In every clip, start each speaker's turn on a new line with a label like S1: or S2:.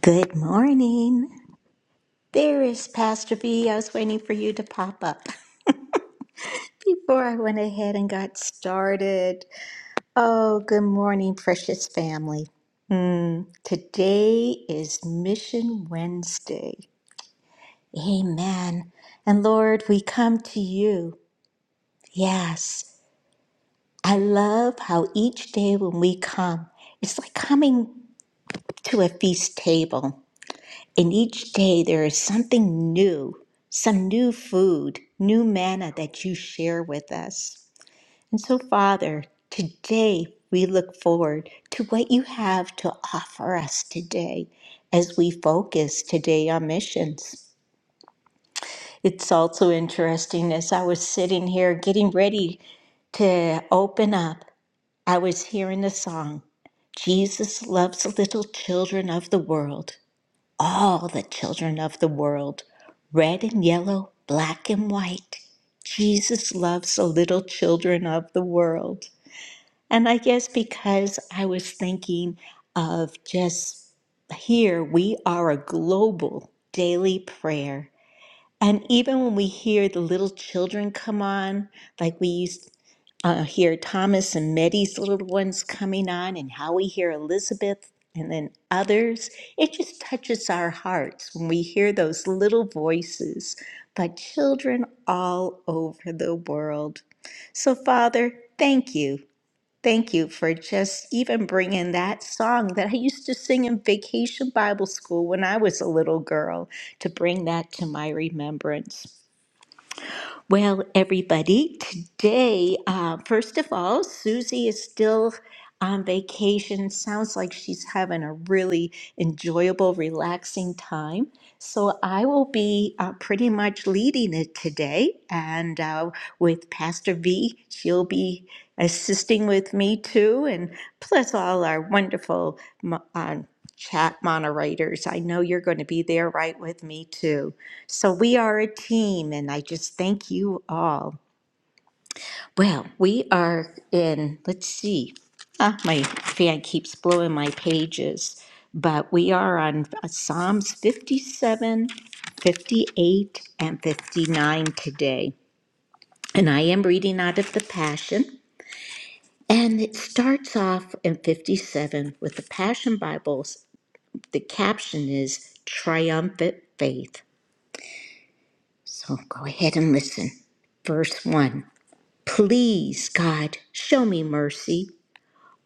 S1: Good morning. There is Pastor B. I was waiting for you to pop up before I went ahead and got started. Oh, good morning, precious family. Mm, today is Mission Wednesday. Amen. And Lord, we come to you. Yes, I love how each day when we come, it's like coming to a feast table. And each day there is something new, some new food, new manna that you share with us. And so, Father, today we look forward to what you have to offer us today as we focus today on missions. It's also interesting as I was sitting here getting ready to open up, I was hearing the song, Jesus loves little children of the world all the children of the world, red and yellow, black and white. Jesus loves the little children of the world. And I guess because I was thinking of just here, we are a global daily prayer. And even when we hear the little children come on, like we used uh, hear Thomas and Meddy's little ones coming on, and how we hear Elizabeth and then others. It just touches our hearts when we hear those little voices by children all over the world. So, Father, thank you. Thank you for just even bringing that song that I used to sing in vacation Bible school when I was a little girl to bring that to my remembrance. Well, everybody, today, uh, first of all, Susie is still on vacation. Sounds like she's having a really enjoyable, relaxing time. So I will be uh, pretty much leading it today. And uh, with Pastor V, she'll be assisting with me too. And plus, all our wonderful chat moderators. I know you're going to be there right with me too. So we are a team, and I just thank you all. Well, we are in, let's see, ah, my fan keeps blowing my pages, but we are on uh, Psalms 57, 58, and 59 today. And I am reading out of the Passion. And it starts off in 57 with the Passion Bibles The caption is Triumphant Faith. So go ahead and listen. Verse 1 Please, God, show me mercy.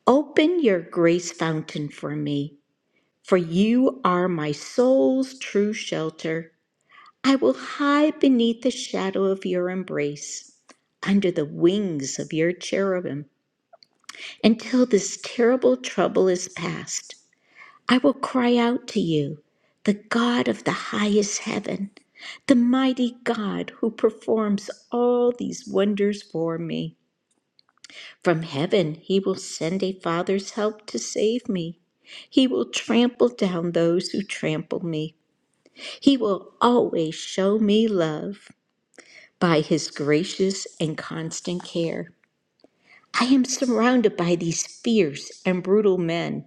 S1: Open your grace fountain for me, for you are my soul's true shelter. I will hide beneath the shadow of your embrace, under the wings of your cherubim, until this terrible trouble is past. I will cry out to you, the God of the highest heaven, the mighty God who performs all these wonders for me. From heaven he will send a father's help to save me. He will trample down those who trample me. He will always show me love by his gracious and constant care. I am surrounded by these fierce and brutal men.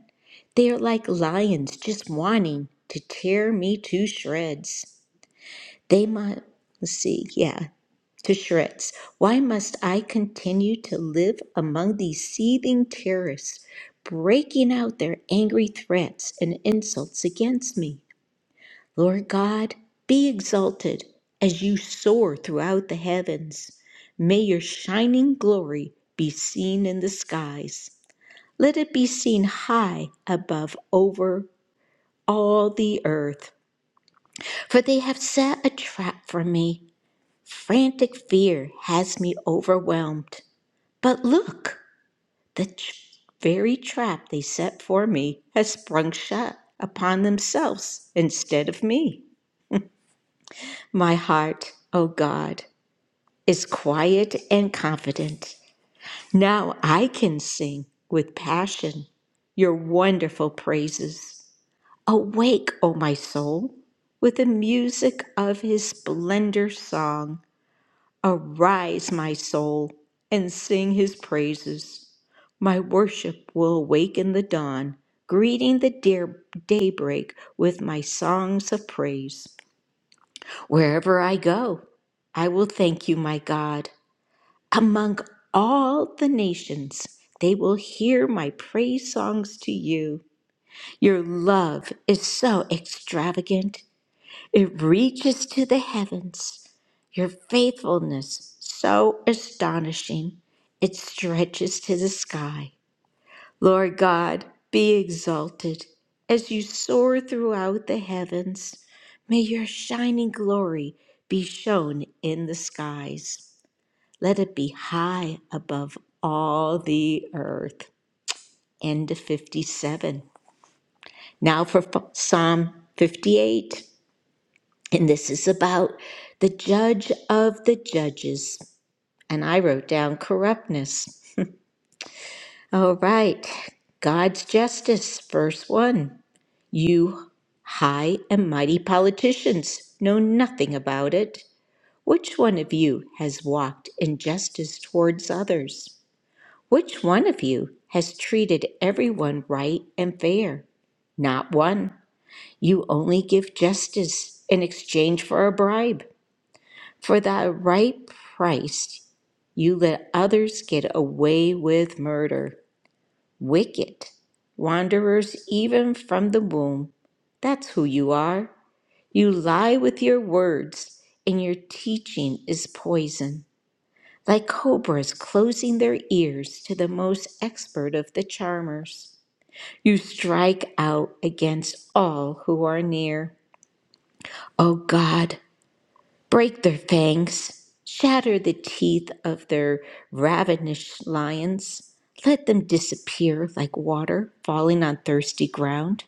S1: They are like lions just wanting to tear me to shreds. They must, let's see, yeah, to shreds. Why must I continue to live among these seething terrorists, breaking out their angry threats and insults against me? Lord God, be exalted as you soar throughout the heavens. May your shining glory be seen in the skies. Let it be seen high above over all the earth. For they have set a trap for me. Frantic fear has me overwhelmed. But look, the tr- very trap they set for me has sprung shut upon themselves instead of me. My heart, O God, is quiet and confident. Now I can sing with passion your wonderful praises. Awake, O my soul, with the music of his splendor song. Arise, my soul, and sing his praises. My worship will awaken the dawn, greeting the dear daybreak with my songs of praise. Wherever I go, I will thank you, my God. Among all the nations, they will hear my praise songs to you. Your love is so extravagant, it reaches to the heavens. Your faithfulness, so astonishing, it stretches to the sky. Lord God, be exalted as you soar throughout the heavens. May your shining glory be shown in the skies. Let it be high above all the earth. End of 57. Now for Ph- Psalm 58. And this is about the judge of the judges. And I wrote down corruptness. All right. God's justice, verse 1. You high and mighty politicians know nothing about it. Which one of you has walked in justice towards others? Which one of you has treated everyone right and fair? Not one. You only give justice in exchange for a bribe. For the right price, you let others get away with murder. Wicked. Wanderers even from the womb. That's who you are. You lie with your words, and your teaching is poison, like cobras closing their ears to the most expert of the charmers. You strike out against all who are near. O God, break their fangs, shatter the teeth of their ravenous lions, let them disappear like water falling on thirsty ground.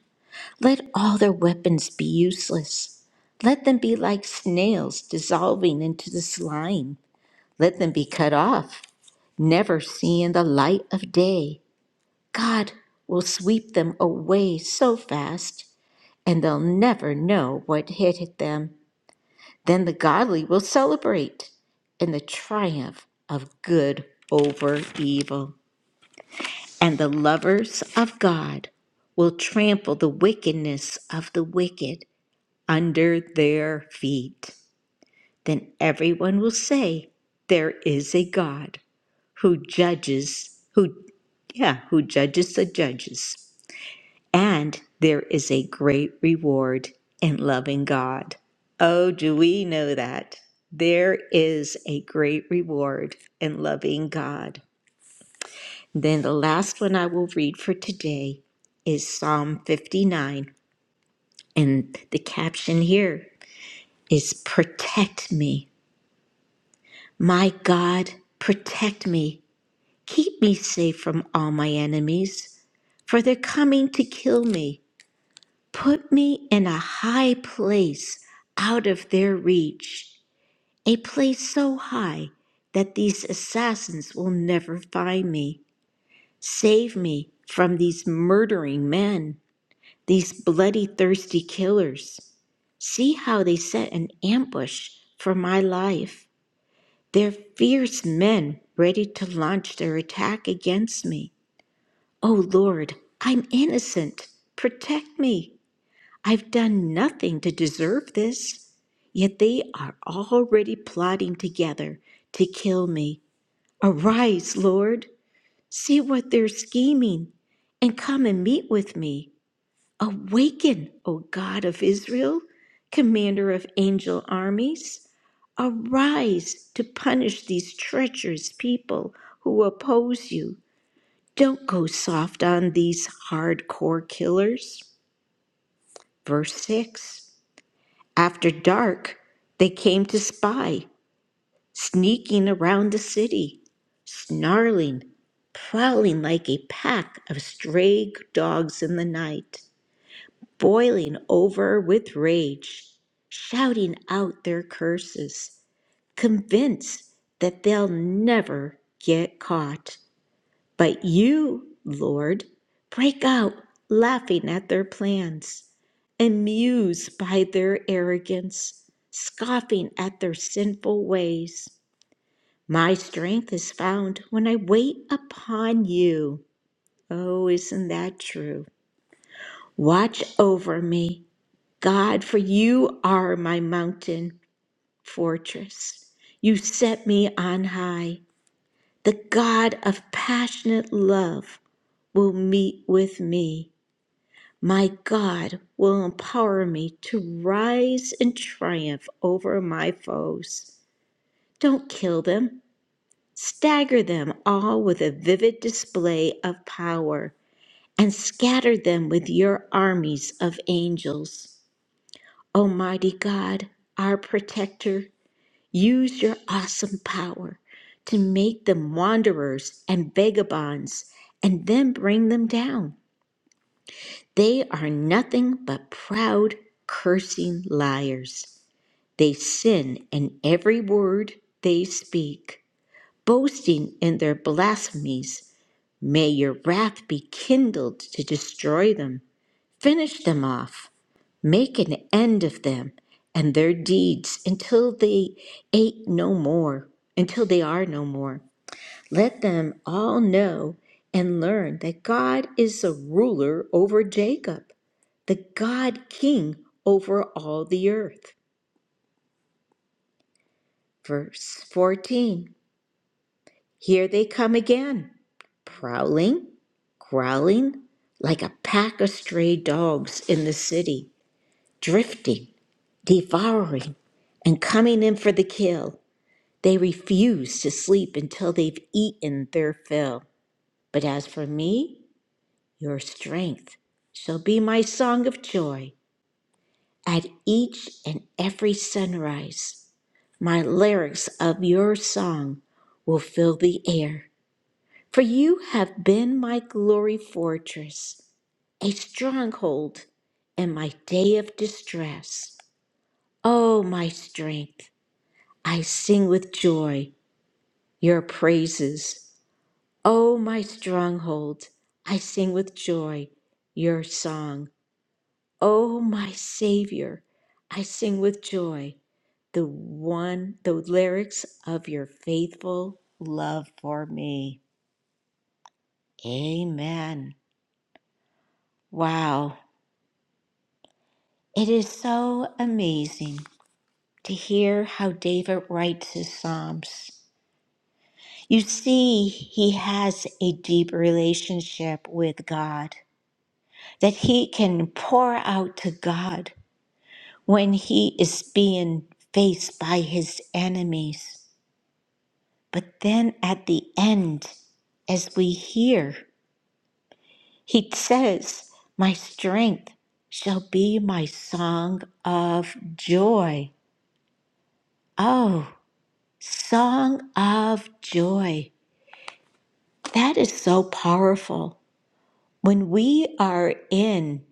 S1: Let all their weapons be useless. Let them be like snails dissolving into the slime. Let them be cut off, never seeing the light of day. God will sweep them away so fast, and they'll never know what hit them. Then the godly will celebrate in the triumph of good over evil, and the lovers of God will trample the wickedness of the wicked. under their feet. Then everyone will say, There is a God who judges, who, yeah, who judges the judges. And there is a great reward in loving God. Oh, do we know that? There is a great reward in loving God. Then the last one I will read for today is Psalm 59. And the caption here is Protect me My God, protect me. Keep me safe from all my enemies, for they're coming to kill me. Put me in a high place out of their reach, a place so high that these assassins will never find me. Save me from these murdering men, these bloody, thirsty killers. See how they set an ambush for my life. They're fierce men ready to launch their attack against me. O Lord, I'm innocent. Protect me. I've done nothing to deserve this. Yet they are already plotting together to kill me. Arise, Lord. See what they're scheming and come and meet with me. Awaken, O God of Israel, commander of angel armies. Arise to punish these treacherous people who oppose you. Don't go soft on these hardcore killers. Verse 6 After dark, they came to spy, sneaking around the city, snarling, prowling like a pack of stray dogs in the night. boiling over with rage, shouting out their curses, convinced that they'll never get caught. But you, Lord, break out laughing at their plans, amused by their arrogance, scoffing at their sinful ways. My strength is found when I wait upon you. Oh, isn't that true? Watch over me God, for you are my mountain fortress. You set me on high. The God of passionate love will meet with me. My God will empower me to rise and triumph over my foes. Don't kill them. Stagger them all with a vivid display of power and scatter them with your armies of angels. Almighty God, our protector, Use your awesome power to make them wanderers and vagabonds and then bring them down. They are nothing but proud, cursing liars. They sin in every word they speak, boasting in their blasphemies. May your wrath be kindled to destroy them. Finish them off, make an end of them and their deeds until they ate no more, until they are no more. Let them all know and learn that God is the ruler over Jacob, the God King over all the earth. Verse 14 Here they come again, prowling, growling like a pack of stray dogs in the city. drifting, devouring, and coming in for the kill. They refuse to sleep until they've eaten their fill. But as for me, your strength shall be my song of joy at each and every sunrise. My lyrics of your song will fill the air, for you have been my glory fortress, a stronghold in my day of distress. O my strength, I sing with joy your praises. O my stronghold, I sing with joy your song. O my Savior, I sing with joy the one the lyrics of your faithful love for me. Amen. Wow. It is so amazing to hear how David writes his psalms. You see, he has a deep relationship with God that he can pour out to God when he is being faced by his enemies. But then at the end, as we hear, he says, My strength shall be my song of joy. Oh, song of joy. That is so powerful. When we are in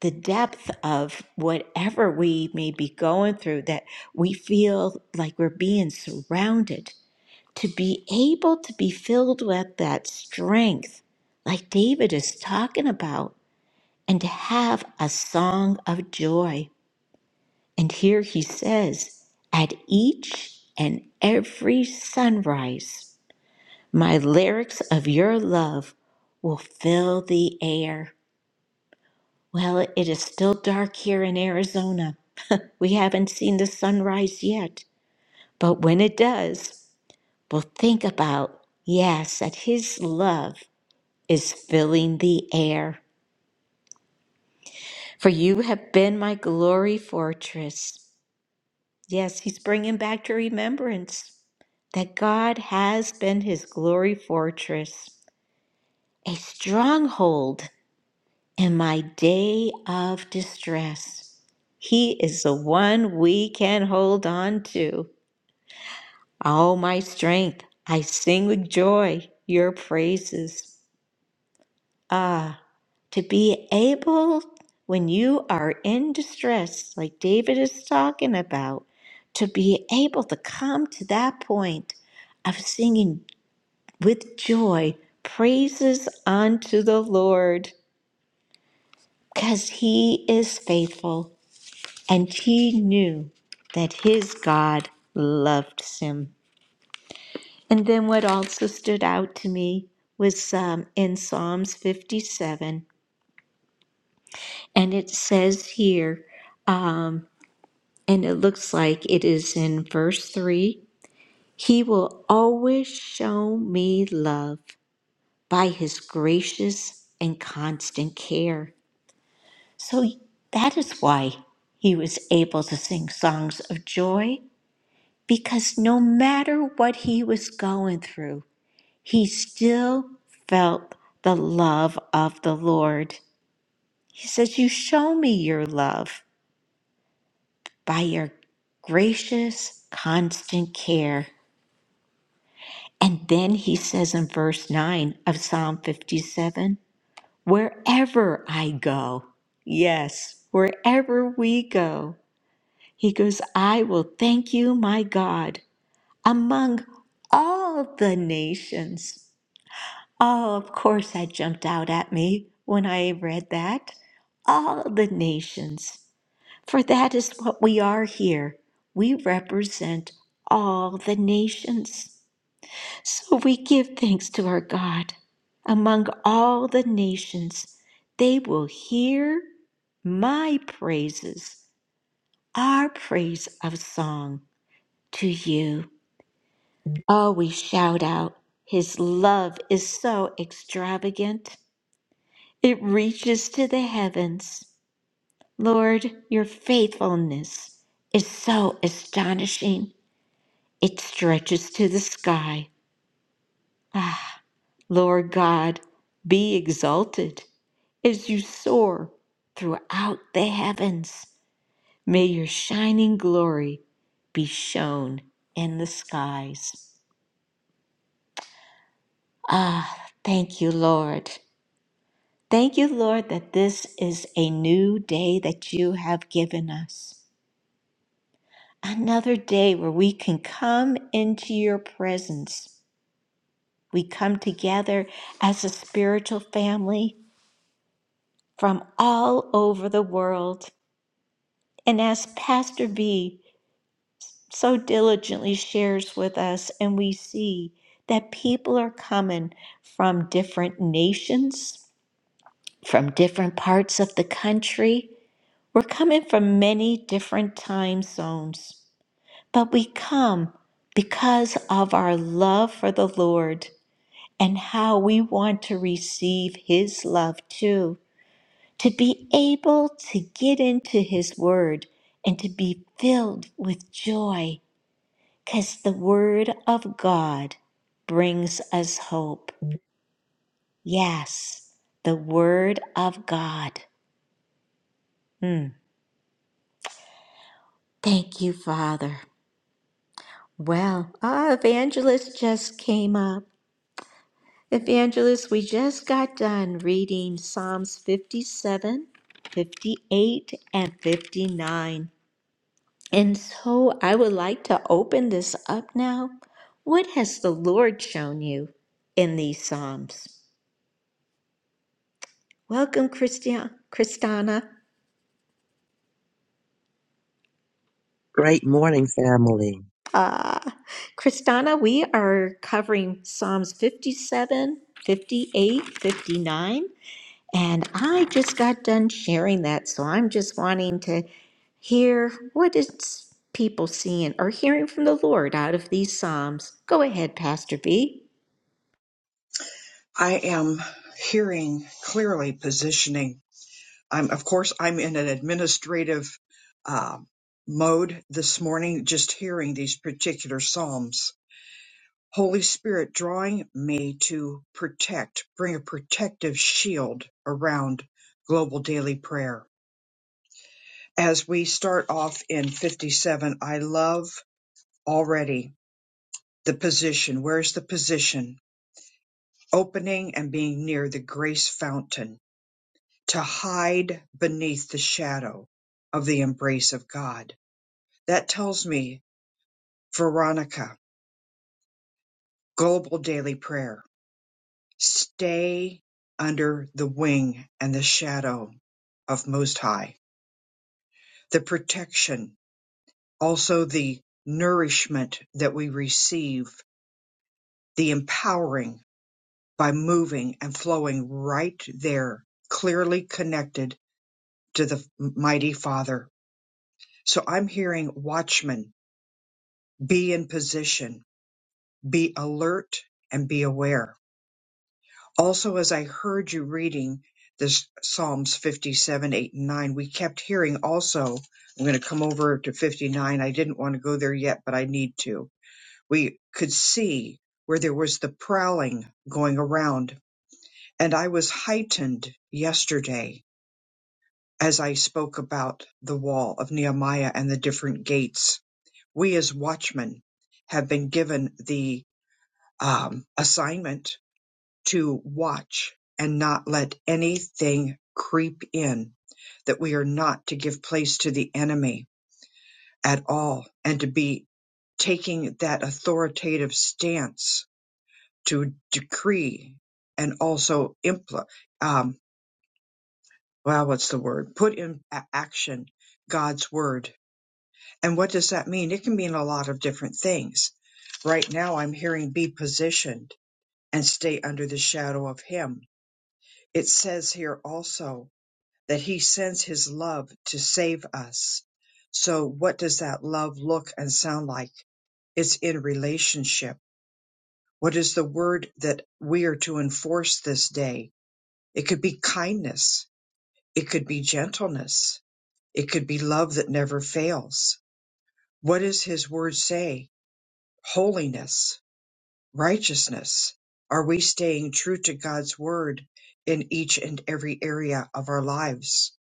S1: the depth of whatever we may be going through that we feel like we're being surrounded to be able to be filled with that strength like David is talking about and to have a song of joy and here he says at each and every sunrise my lyrics of your love will fill the air well it is still dark here in Arizona We haven't seen the sunrise yet, but when it does, we'll think about, yes, that His love is filling the air. For you have been my glory fortress. Yes, He's bringing back to remembrance that God has been His glory fortress, a stronghold in my day of distress. He is the one we can hold on to. All my strength, I sing with joy your praises. Ah, to be able, when you are in distress, like David is talking about, to be able to come to that point of singing with joy praises unto the Lord, because he is faithful and he knew that his God loved him. And then what also stood out to me was um, in Psalms 57, and it says here, um, and it looks like it is in verse 3 He will always show me love by his gracious and constant care. So that is why he was able to sing songs of joy because no matter what he was going through, he still felt the love of the Lord. He says, You show me your love by your gracious, constant care. And then he says in verse 9 of Psalm 57 Wherever I go, yes, wherever we go, he goes, I will thank you, my God, among all the nations. Oh, of course, that jumped out at me when I read that. All the nations, for that is what we are here. We represent all the nations. So we give thanks to our God. Among all the nations, they will hear my praises, our praise of song to you. Oh, we shout out, His love is so extravagant. It reaches to the heavens. Lord, your faithfulness is so astonishing. It stretches to the sky. Ah, Lord God, be exalted as you soar throughout the heavens. May your shining glory be shown in the skies. Ah, thank you, Lord. Thank you, Lord, that this is a new day that you have given us. another day where we can come into your presence. We come together as a spiritual family from all over the world. And as Pastor B so diligently shares with us, and we see that people are coming from different nations, from different parts of the country. We're coming from many different time zones. But we come because of our love for the Lord and how we want to receive His love too, to be able to get into His Word and to be filled with joy, because the Word of God brings us hope. Yes, the Word of God. Hmm. Thank you, Father. Well, ah, evangelist just came up. Evangelist, we just got done reading Psalms 57, 58, and 59. And so I would like to open this up now. What has the Lord shown you in these Psalms? Welcome, Christian, Christana.
S2: Great morning, family.
S1: Ah, Christana, we are covering Psalms 57, 58, fifty-nine. And I just got done sharing that, so I'm just wanting to hear what is people seeing or hearing from the Lord out of these psalms. Go ahead, Pastor B.
S3: I am hearing clearly positioning. I'm, of course, I'm in an administrative uh, mode this morning, just hearing these particular Psalms. Holy Spirit drawing me to protect, bring a protective shield around global daily prayer. As we start off in 57, I love already the position. Where's the position? Opening and being near the grace fountain to hide beneath the shadow of the embrace of God. That tells me, Veronica, global daily prayer, stay under the wing and the shadow of Most High, the protection, also the nourishment that we receive, the empowering by moving and flowing right there, clearly connected to the mighty Father. So I'm hearing watchmen be in position be alert and be aware. Also, as I heard you reading this Psalms 57, 8, and 9, we kept hearing also, I'm going to come over to 59. I didn't want to go there yet, but I need to. We could see where there was the prowling going around. And I was heightened yesterday as I spoke about the wall of Nehemiah and the different gates. We as watchmen have been given the um, assignment to watch and not let anything creep in, that we are not to give place to the enemy at all, and to be taking that authoritative stance to decree and also implement, um, well, what's the word? Put in a- action God's word. And what does that mean? It can mean a lot of different things. Right now, I'm hearing be positioned and stay under the shadow of Him. It says here also that he sends his love to save us. So what does that love look and sound like? It's in relationship. What is the word that we are to enforce this day? It could be kindness. It could be gentleness. It could be love that never fails. What does his word say? Holiness, righteousness. Are we staying true to God's word in each and every area of our lives?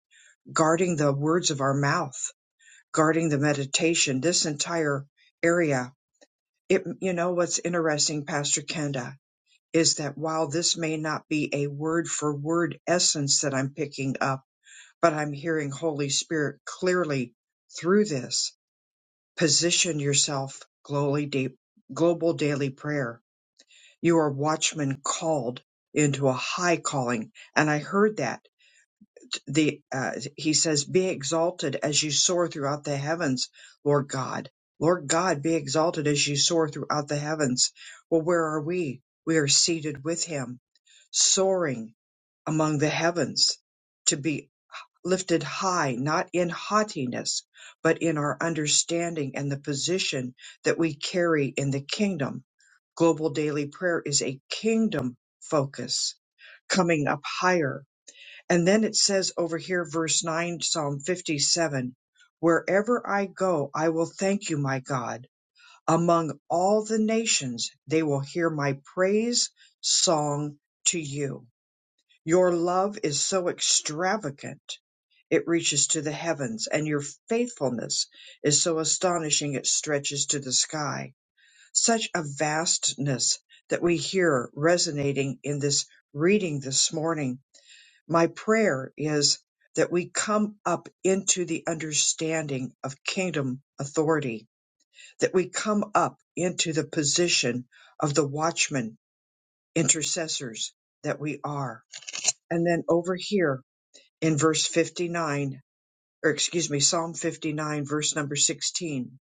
S3: Guarding the words of our mouth guarding the meditation, this entire area. It, you know, what's interesting, Pastor Kenda, is that while this may not be a word for word essence that I'm picking up, but I'm hearing Holy Spirit clearly through this. Position yourself globally, da- global daily prayer. You are watchmen called into a high calling. And I heard that the uh, he says be exalted as you soar throughout the heavens lord god lord god be exalted as you soar throughout the heavens well where are we we are seated with him soaring among the heavens to be lifted high not in haughtiness but in our understanding and the position that we carry in the kingdom global daily prayer is a kingdom focus coming up higher and then it says over here, verse 9, Psalm 57 Wherever I go, I will thank you, my God. Among all the nations, they will hear my praise song to you. Your love is so extravagant, it reaches to the heavens, and your faithfulness is so astonishing, it stretches to the sky. Such a vastness that we hear resonating in this reading this morning my prayer is that we come up into the understanding of kingdom authority, that we come up into the position of the watchmen, intercessors that we are. And then over here in verse 59, or excuse me, Psalm 59, verse number 16.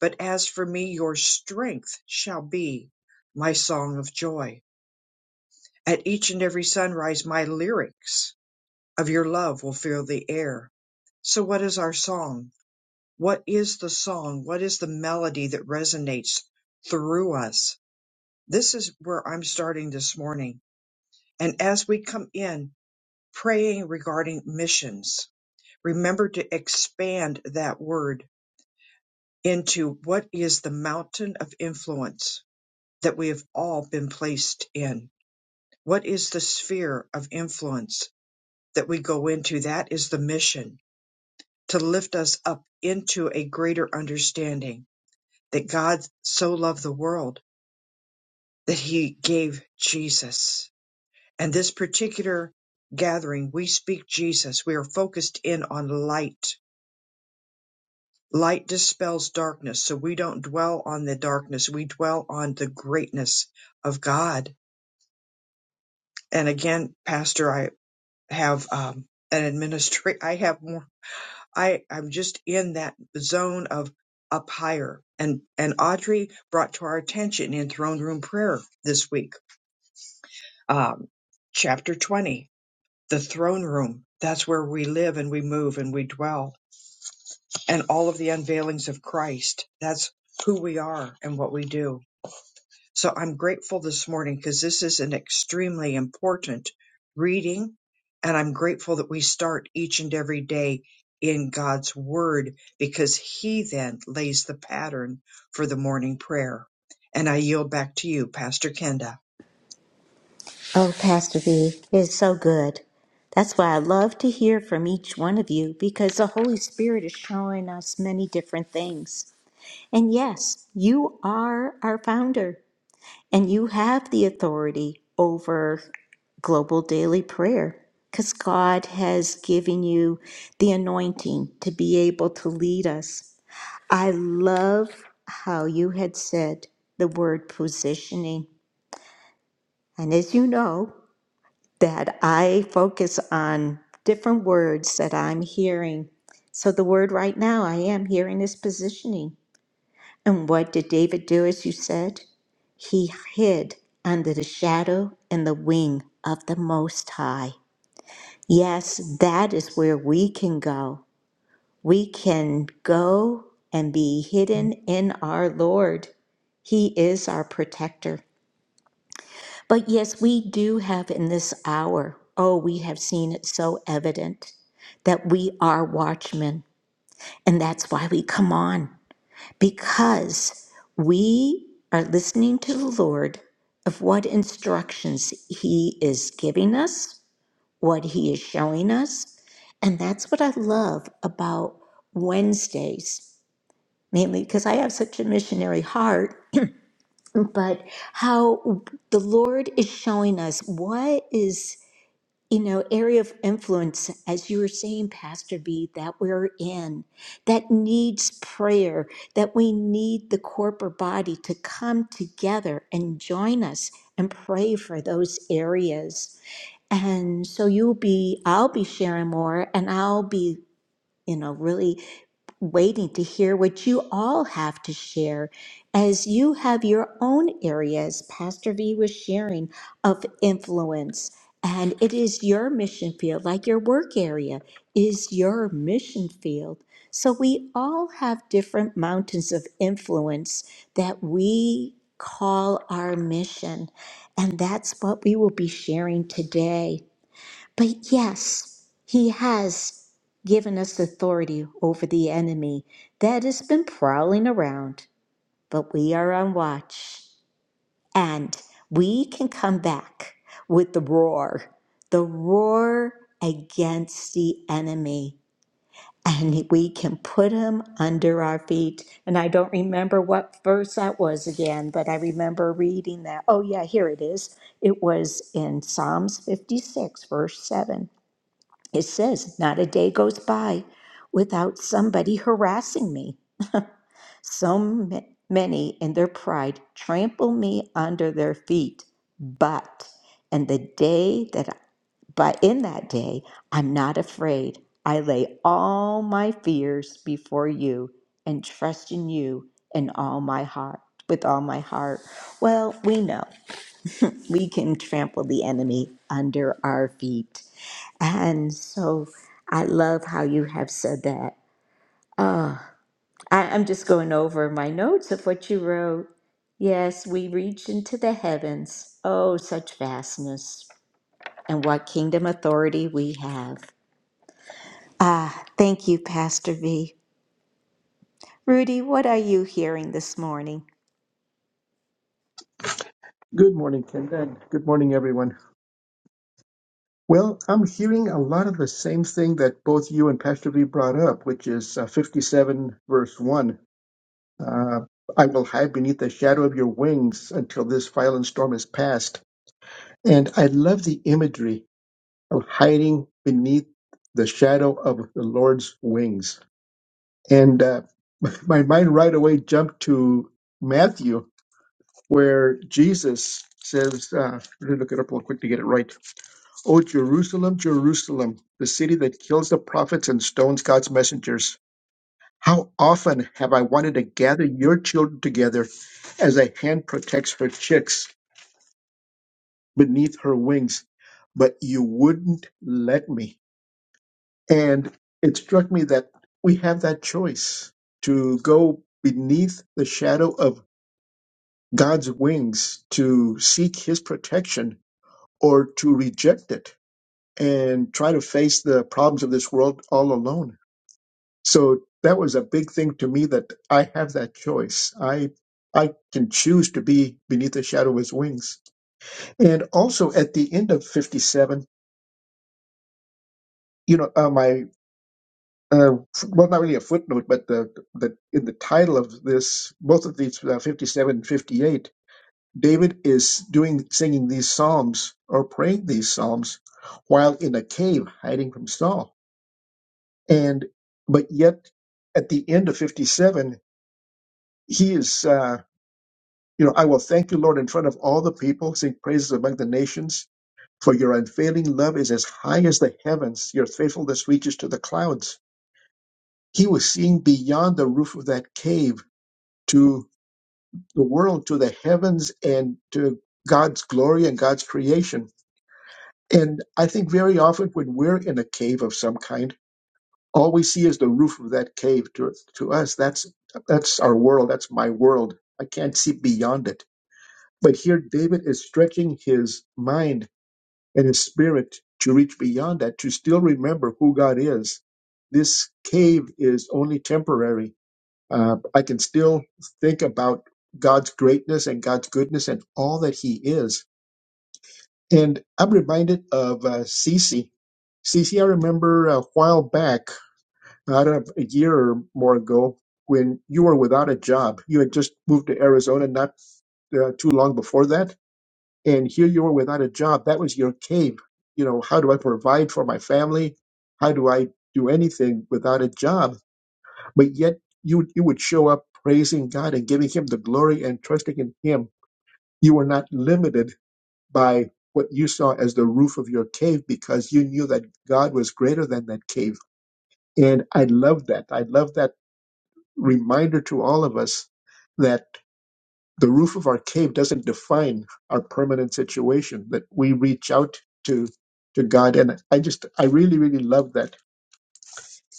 S3: But as for me, your strength shall be my song of joy. At each and every sunrise, my lyrics of your love will fill the air. So, what is our song? What is the song? What is the melody that resonates through us? This is where I'm starting this morning. And as we come in, praying regarding missions, remember to expand that word into what is the mountain of influence that we have all been placed in? What is the sphere of influence that we go into? That is the mission to lift us up into a greater understanding that God so loved the world that he gave Jesus. And this particular gathering, we speak Jesus. We are focused in on light. Light dispels darkness, so we don't dwell on the darkness. We dwell on the greatness of God. And again, Pastor, I have um, an administrator. I have more. I I'm just in that zone of up higher. And and Audrey brought to our attention in throne room prayer this week, um, chapter 20, the throne room. That's where we live and we move and we dwell, and all of the unveilings of Christ. That's who we are and what we do So I'm grateful this morning because this is an extremely important reading. And I'm grateful that we start each and every day in God's word because he then lays the pattern for the morning prayer. And I yield back to you, Pastor Kenda.
S1: Oh, Pastor V, it's so good. That's why I love to hear from each one of you because the Holy Spirit is showing us many different things. And yes, you are our founder. And you have the authority over global daily prayer because God has given you the anointing to be able to lead us. I love how you had said the word positioning. And as you know, that I focus on different words that I'm hearing. So the word right now I am hearing is positioning. And what did David do, as you said? He hid under the shadow and the wing of the Most High. Yes, that is where we can go. We can go and be hidden in our Lord. He is our protector. But yes, we do have in this hour, oh, we have seen it so evident that we are watchmen. And that's why we come on. because we are listening to the Lord of what instructions He is giving us, what He is showing us. And that's what I love about Wednesdays, mainly because I have such a missionary heart, but how the Lord is showing us what is you know, area of influence, as you were saying, Pastor B, that we're in, that needs prayer, that we need the corporate body to come together and join us and pray for those areas. And so you'll be, I'll be sharing more and I'll be, you know, really waiting to hear what you all have to share as you have your own areas Pastor V was sharing of influence. And it is your mission field, like your work area is your mission field. So we all have different mountains of influence that we call our mission. And that's what we will be sharing today. But yes, he has given us authority over the enemy that has been prowling around, but we are on watch. And we can come back with the roar, the roar against the enemy. And we can put him under our feet. And I don't remember what verse that was again, but I remember reading that. Oh, yeah, here it is. It was in Psalms 56, verse 7. It says, not a day goes by without somebody harassing me. So ma- many in their pride trample me under their feet. But, and the day that, but in that day, I'm not afraid. I lay all my fears before you and trust in you in all my heart, with all my heart. Well, we know we can trample the enemy under our feet. And so I love how you have said that. Uh, I, I'm just going over my notes of what you wrote. Yes, we reach into the heavens. Oh, such vastness. And what kingdom authority we have. Ah, thank you, Pastor V. Rudy, what are you hearing this morning?
S4: Good morning, Kendan. Good morning, everyone. Well, I'm hearing a lot of the same thing that both you and Pastor V brought up, which is uh, 57, verse 1. Uh, I will hide beneath the shadow of your wings until this violent storm is past. And I love the imagery of hiding beneath the shadow of the Lord's wings. And uh, my mind right away jumped to Matthew, where Jesus says, uh, let me look it up real quick to get it right O Jerusalem, Jerusalem, the city that kills the prophets and stones God's messengers. How often have I wanted to gather your children together as a hen protects her chicks beneath her wings, but you wouldn't let me. And it struck me that we have that choice to go beneath the shadow of God's wings to seek his protection or to reject it and try to face the problems of this world all alone So that was a big thing to me that I have that choice. I I can choose to be beneath the shadow of his wings. And also at the end of 57, you know, uh, my uh, f- well, not really a footnote, but the, the in the title of this, both of these uh, 57 and 58, David is doing singing these psalms or praying these psalms while in a cave hiding from Saul. And but yet at the end of 57, he is. Uh, You know, I will thank you, Lord, in front of all the people, sing praises among the nations, for your unfailing love is as high as the heavens, your faithfulness reaches to the clouds. He was seeing beyond the roof of that cave to the world, to the heavens, and to God's glory and God's creation. And I think very often when we're in a cave of some kind, all we see is the roof of that cave to, to us. That's that's our world. That's my world. I can't see beyond it. But here David is stretching his mind and his spirit to reach beyond that, to still remember who God is. This cave is only temporary. Uh, I can still think about God's greatness and God's goodness and all that He is. And I'm reminded of uh, Cece. Cece, I remember a while back, out of a year or more ago, when you were without a job. You had just moved to Arizona not uh, too long before that and here you are without a job. That was your cape. You know, how do I provide for my family? How do I do anything without a job? But yet you you would show up praising God and giving Him the glory and trusting in Him. You were not limited by what you saw as the roof of your cave because you knew that God was greater than that cave. And I love that. I love that reminder to all of us that. the roof of our cave doesn't define our permanent situation that we reach out to to god and i just i really really love that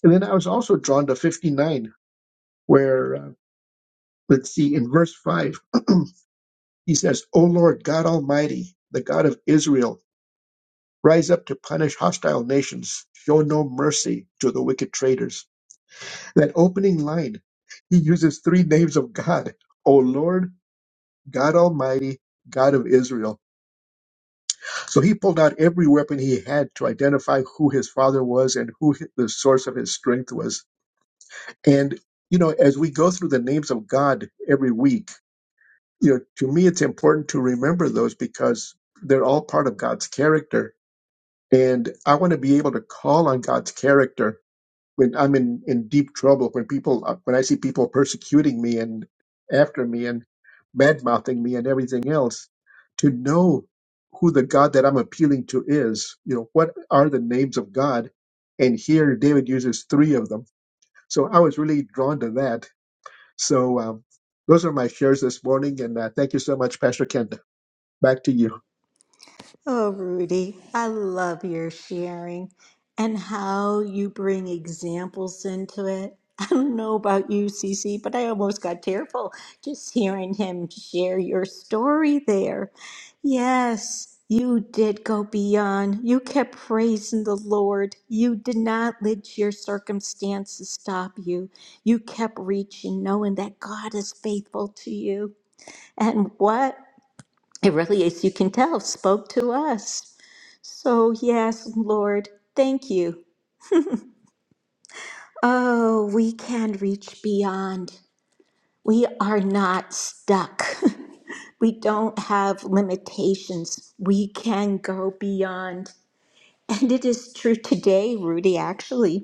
S4: and then i was also drawn to 59 where uh, let's see in verse 5 he says o lord god almighty the god of israel rise up to punish hostile nations show no mercy to the wicked traitors that opening line he uses three names of god o lord god almighty god of israel So he pulled out every weapon he had to identify who his father was and who hi- the source of his strength was. And, you know, as we go through the names of God every week, you know, to me, it's important to remember those because they're all part of God's character. And I want to be able to call on God's character when I'm in in deep trouble, when people uh, when I see people persecuting me and after me and bad mouthing me and everything else, to know who the God that I'm appealing to is, you know, what are the names of God? And here David uses three of them. So I was really drawn to that. So um, those are my shares this morning, and uh, thank you so much, Pastor Kenda. Back to you.
S1: Oh, Rudy, I love your sharing and how you bring examples into it. I don't know about you, Cece, but I almost got tearful just hearing him share your story there. Yes, you did go beyond. You kept praising the Lord. You did not let your circumstances stop you. You kept reaching, knowing that God is faithful to you. And what it really, as you can tell, spoke to us. So, yes, Lord, thank you. Oh, we can reach beyond. We are not stuck. we don't have limitations. We can go beyond. And it is true today, Rudy, actually.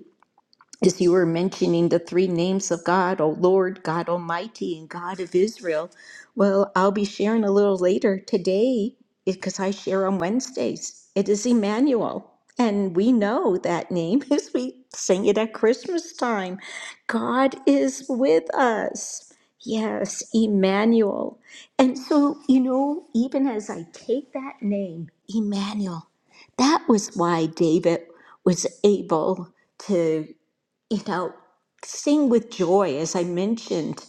S1: as you were mentioning the three names of God, O Lord, God Almighty, and God of Israel. Well, I'll be sharing a little later today because I share on Wednesdays. It is Emmanuel. And we know that name as we sing it at Christmas time. God is with us. Yes, Emmanuel. And so, you know, even as I take that name, Emmanuel, that was why David was able to you know, sing with joy, as I mentioned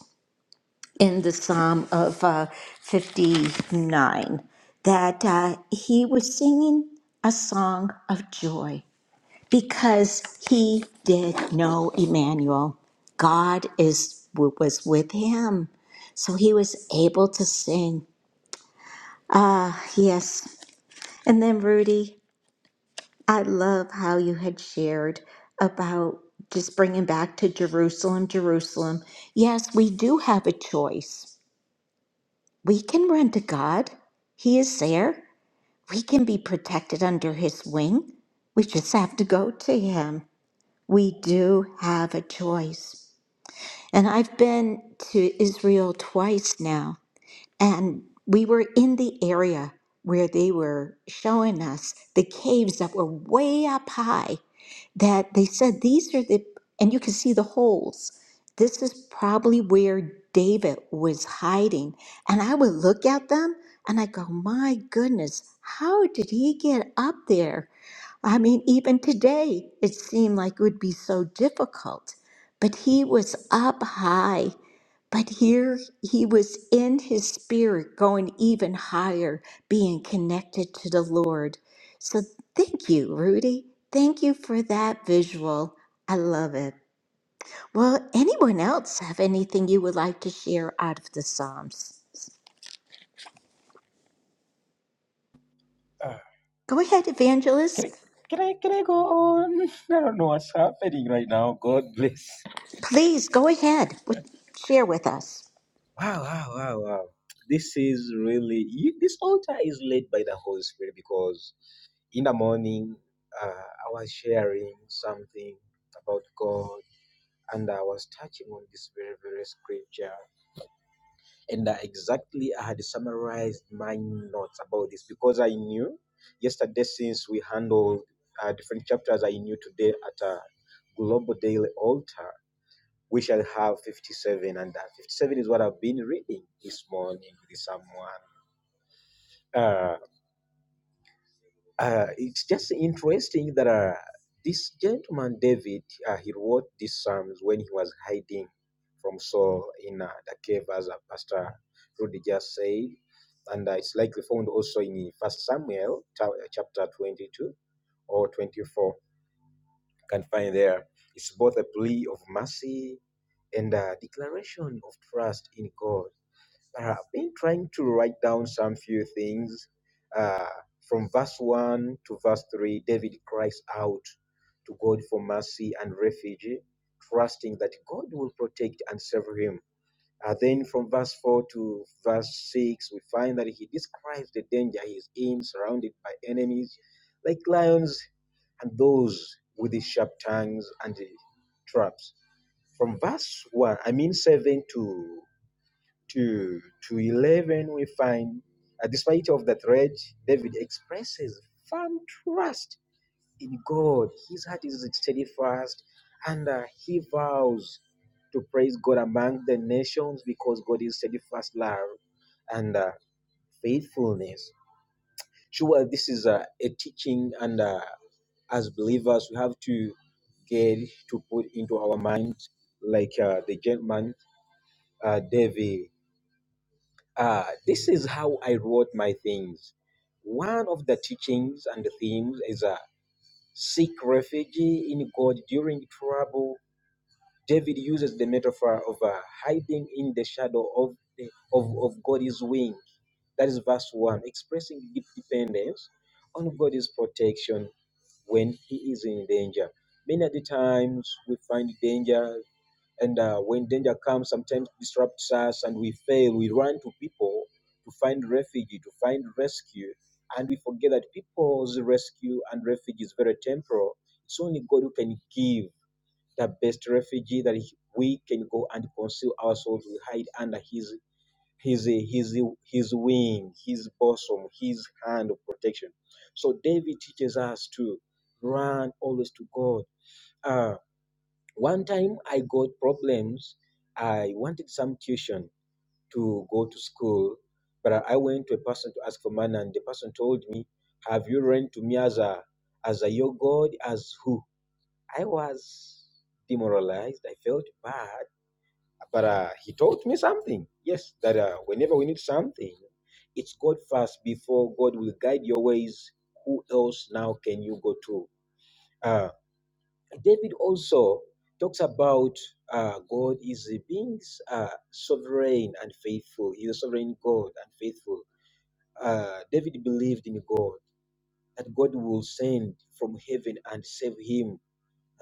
S1: in the Psalm of uh, 59, that uh, he was singing a song of joy because he did know Emmanuel. God is was with him, so he was able to sing. Ah, yes. And then Rudy. I love how you had shared about just bringing back to Jerusalem, Jerusalem. Yes, we do have a choice. We can run to God, He is there. We can be protected under His wing. We just have to go to Him. We do have a choice. And I've been to Israel twice now, and we were in the area where they were showing us the caves that were way up high that they said these are the and you can see the holes this is probably where david was hiding and i would look at them and i go my goodness how did he get up there i mean even today it seemed like it would be so difficult but he was up high but here he was in his spirit going even higher, being connected to the Lord. So thank you, Rudy. Thank you for that visual. I love it. Well, anyone else have anything you would like to share out of the Psalms?
S5: Uh,
S1: Go ahead,
S5: can
S1: evangelist.
S5: I can I can I go on? I don't know what's happening right now. God bless.
S1: Please go ahead. Share with us.
S5: Wow, wow, wow, wow. This is really you, this altar is led by the Holy Spirit because in the morning uh, I was sharing something about God and I was touching on this very very scripture and uh, exactly I had summarized my notes about this because I knew yesterday since we handled uh, different chapters, I knew today at a global daily altar we shall have 57 and uh, 57 is what I've been reading this morning with someone. Uh, uh, it's just interesting that uh, this gentleman David uh, he wrote these psalms when he was hiding from Saul in uh, the cave, as uh, Pastor Rudy just said, and uh, it's likely found also in First Samuel cha- chapter twenty-two or twenty-four. You can find there. It's both a plea of mercy and a declaration of trust in God. I have been trying to write down some few things. Uh, from verse 1 to verse 3, David cries out to God for mercy and refuge, trusting that God will protect and save him. Uh, then from verse 4 to verse 6, we find that he describes the danger he's in, surrounded by enemies like lions and those with the sharp tongues and the traps. From verse 1, I mean 7 to to to 11 we find uh, despite of that rage david expresses firm trust in god his heart is steadfast and uh, he vows to praise god among the nations because god is steadfast love and uh, faithfulness sure this is uh, a teaching and uh, as believers we have to get to put into our minds like uh, the gentleman uh, david Uh, this is how I wrote my things. One of the teachings and the themes is a seek refuge in God during trouble. David uses the metaphor of uh, hiding in the shadow of, the, of, of God's wing. That is verse 1, expressing deep dependence on God's protection when he is in danger. Many of the times we find danger and uh, when danger comes, sometimes disrupts us and we fail. We run to people to find refuge, to find rescue. And we forget that people's rescue and refuge is very temporal. It's only God who can give the best refuge that he- we can go and conceal ourselves. We hide under His His His His wing, His bosom, His hand of protection. So David teaches us to run always to God. Uh, one time I got problems. I wanted some tuition to go to school, but I went to a person to ask for money, and the person told me, "Have you run to me as a as a your god as who?" I was demoralized. I felt bad, but uh, he taught me something. Yes, that uh, whenever we need something, it's God first before God will guide your ways. Who else now can you go to? Uh, David also talks about uh, God is a being uh, sovereign and faithful. He's a sovereign God and faithful. Uh, David believed in God, that God will send from heaven and save him.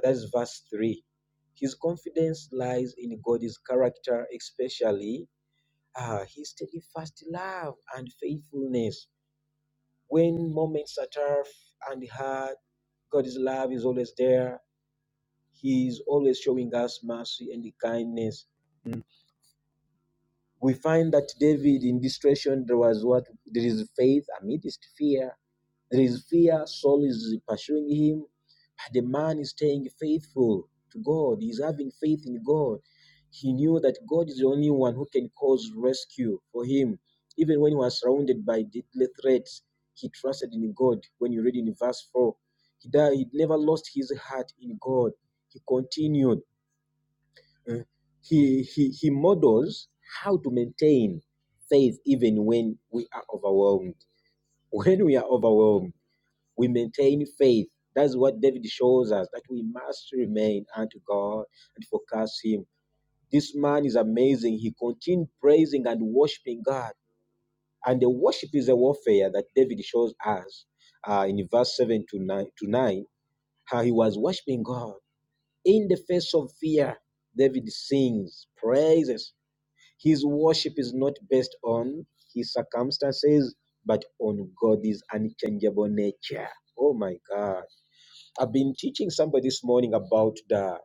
S5: That's verse 3. His confidence lies in God's character, especially uh, his steadfast love and faithfulness. When moments are tough and hard, God's love is always there He is always showing us mercy and kindness. We find that David in distraction there was what there is faith amidst fear. There is fear, Saul is pursuing him, but the man is staying faithful to God. He's having faith in God. He knew that God is the only one who can cause rescue for him. Even when he was surrounded by deadly threats, he trusted in God. When you read in verse 4, he, died, he never lost his heart in God. He continued Uh, he, he, he models how to maintain faith even when we are overwhelmed. When we are overwhelmed, we maintain faith. That's what David shows us that we must remain unto God and focus Him. This man is amazing. He continued praising and worshiping God. And the worship is a warfare that David shows us uh, in verse 7 to 9, to 9, how he was worshiping God in the face of fear. David sings praises His worship is not based on his circumstances, but on God's unchangeable nature. Oh my God. I've been teaching somebody this morning about the,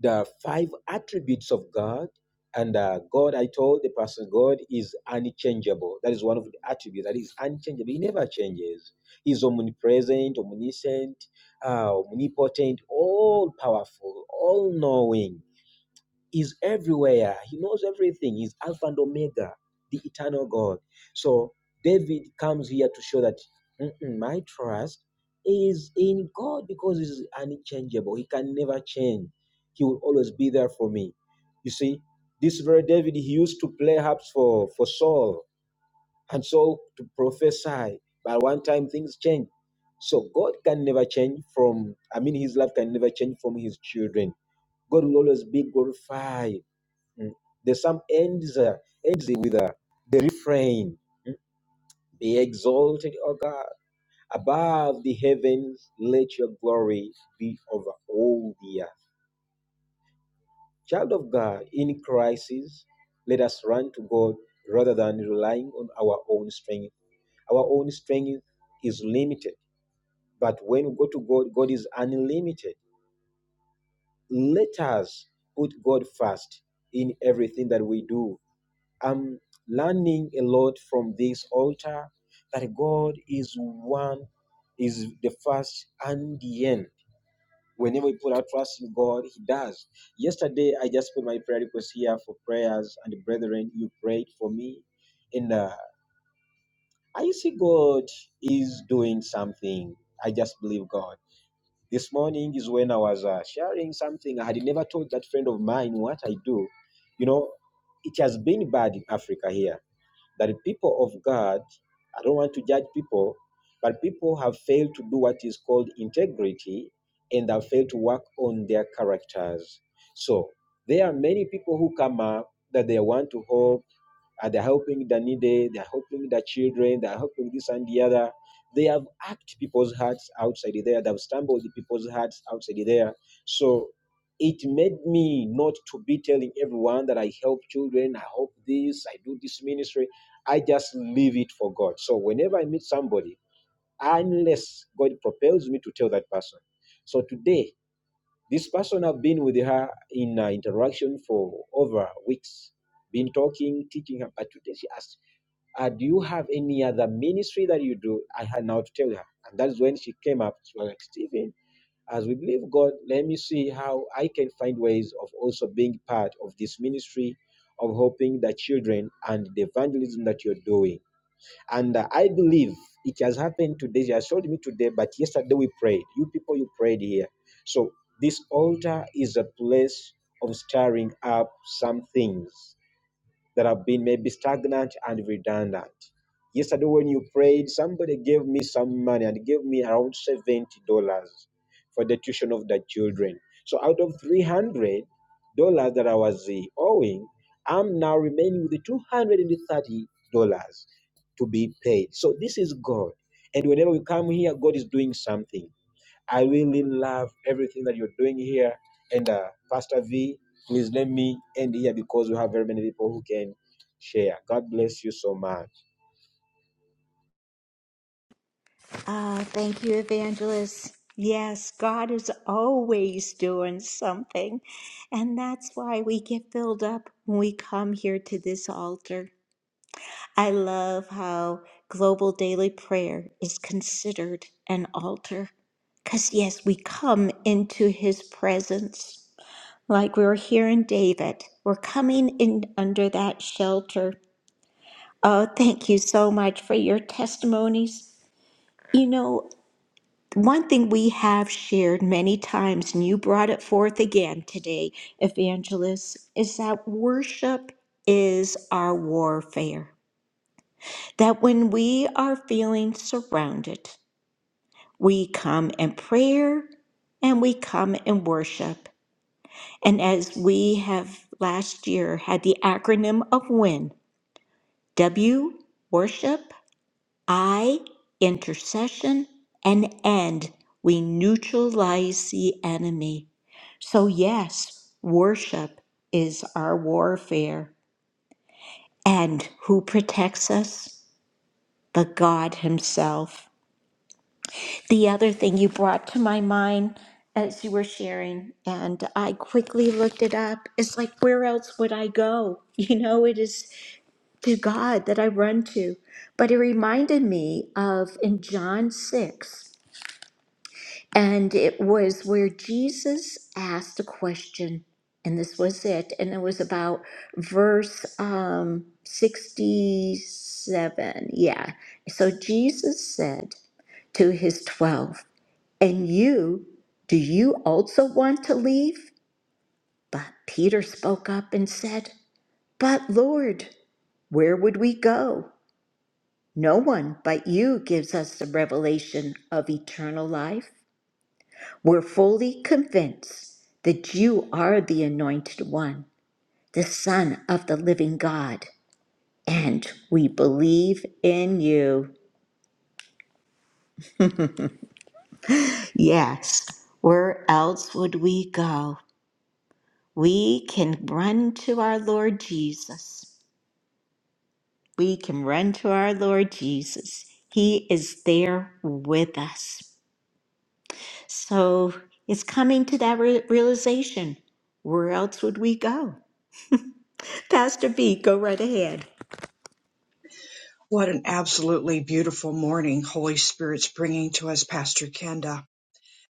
S5: the five attributes of God. And uh, God, I told the person, God is unchangeable. That is one of the attributes that is unchangeable. He never changes. He's omnipresent, omniscient, uh, omnipotent, all powerful, all knowing is everywhere. He knows everything. He's Alpha and Omega, the eternal God. So David comes here to show that "Mm-mm, my trust is in God because He's unchangeable. He can never change. He will always be there for me. You see, this very David, he used to play harps for, for Saul and Saul to prophesy. But one time things changed. So God can never change from, I mean, his love can never change from his children. God will always be glorified Mm. The psalm ends, uh, ends with uh, the refrain Mm. Be exalted, O God, above the heavens, let your glory be over all the earth. Child of God, in crisis, let us run to God rather than relying on our own strength. Our own strength is limited, but when we go to God, God is unlimited. Let us put God first in everything that we do I'm learning a lot from this altar that God is one, is the first and the end. Whenever we put our trust in God, He does. Yesterday, I just put my prayer request here for prayers, and brethren, you prayed for me. And uh, I see God is doing something. I just believe God. This morning is when I was uh, sharing something. I had never told that friend of mine what I do. You know, it has been bad in Africa here that the people of God, I don't want to judge people, but people have failed to do what is called integrity and have failed to work on their characters. So there are many people who come up that they want to hold uh, they're helping the needy, they're helping the children, they're helping this and the other. They have hacked people's hearts outside there, they've stumbled people's hearts outside there. So it made me not to be telling everyone that I help children, I help this, I do this ministry. I just leave it for God. So whenever I meet somebody, unless God propels me to tell that person. So today, this person have been with her in uh, interaction for over weeks, been talking, teaching her. But today she asked, uh, "Do you have any other ministry that you do?" I had now to tell her, and that's when she came up. She was like, "Stephen, as we believe God, let me see how I can find ways of also being part of this ministry of helping the children and the evangelism that you're doing." And uh, I believe it has happened today. She has showed me today, but yesterday we prayed. You people, you prayed here. So this altar is a place of stirring up some things that have been maybe stagnant and redundant. Yesterday, when you prayed, somebody gave me some money and gave me around $70 for the tuition of the children. So out of $300 that I was uh, owing, I'm now remaining with $230 to be paid. So this is God. And whenever we come here, God is doing something. I really love everything that you're doing here. And uh, Pastor V, please let me end here because we have very many people who can share. God bless you so much.
S1: Ah, thank you, Evangelist. Yes, God is always doing something. And that's why we get filled up when we come here to this altar. I love how global daily prayer is considered an altar. Because, yes, we come into his presence. Like we were here in David, we're coming in under that shelter. Oh, thank you so much for your testimonies. You know, one thing we have shared many times, and you brought it forth again today, Evangelist, is that worship is our warfare. That when we are feeling surrounded, we come in prayer and we come in worship. And as we have last year had the acronym of WIN, W, worship, I, intercession, and end, we neutralize the enemy. So, yes, worship is our warfare. And who protects us? The God Himself. The other thing you brought to my mind as you were sharing, and I quickly looked it up, is like, where else would I go? You know, it is to God that I run to. But it reminded me of in John 6. And it was where Jesus asked a question, and this was it, and it was about verse um, 67. Yeah. So Jesus said to his 12, And you, do you also want to leave? But Peter spoke up and said, But Lord, where would we go? No one but you gives us the revelation of eternal life. We're fully convinced that you are the Anointed One, the Son of the Living God, and we believe in you. Yes, where else would we go? We can run to our Lord Jesus. We can run to our Lord Jesus. He is there with us. So it's coming to that re- realization. Where else would we go? Pastor B, go right ahead.
S3: What an absolutely beautiful morning Holy Spirit's bringing to us, Pastor Kenda.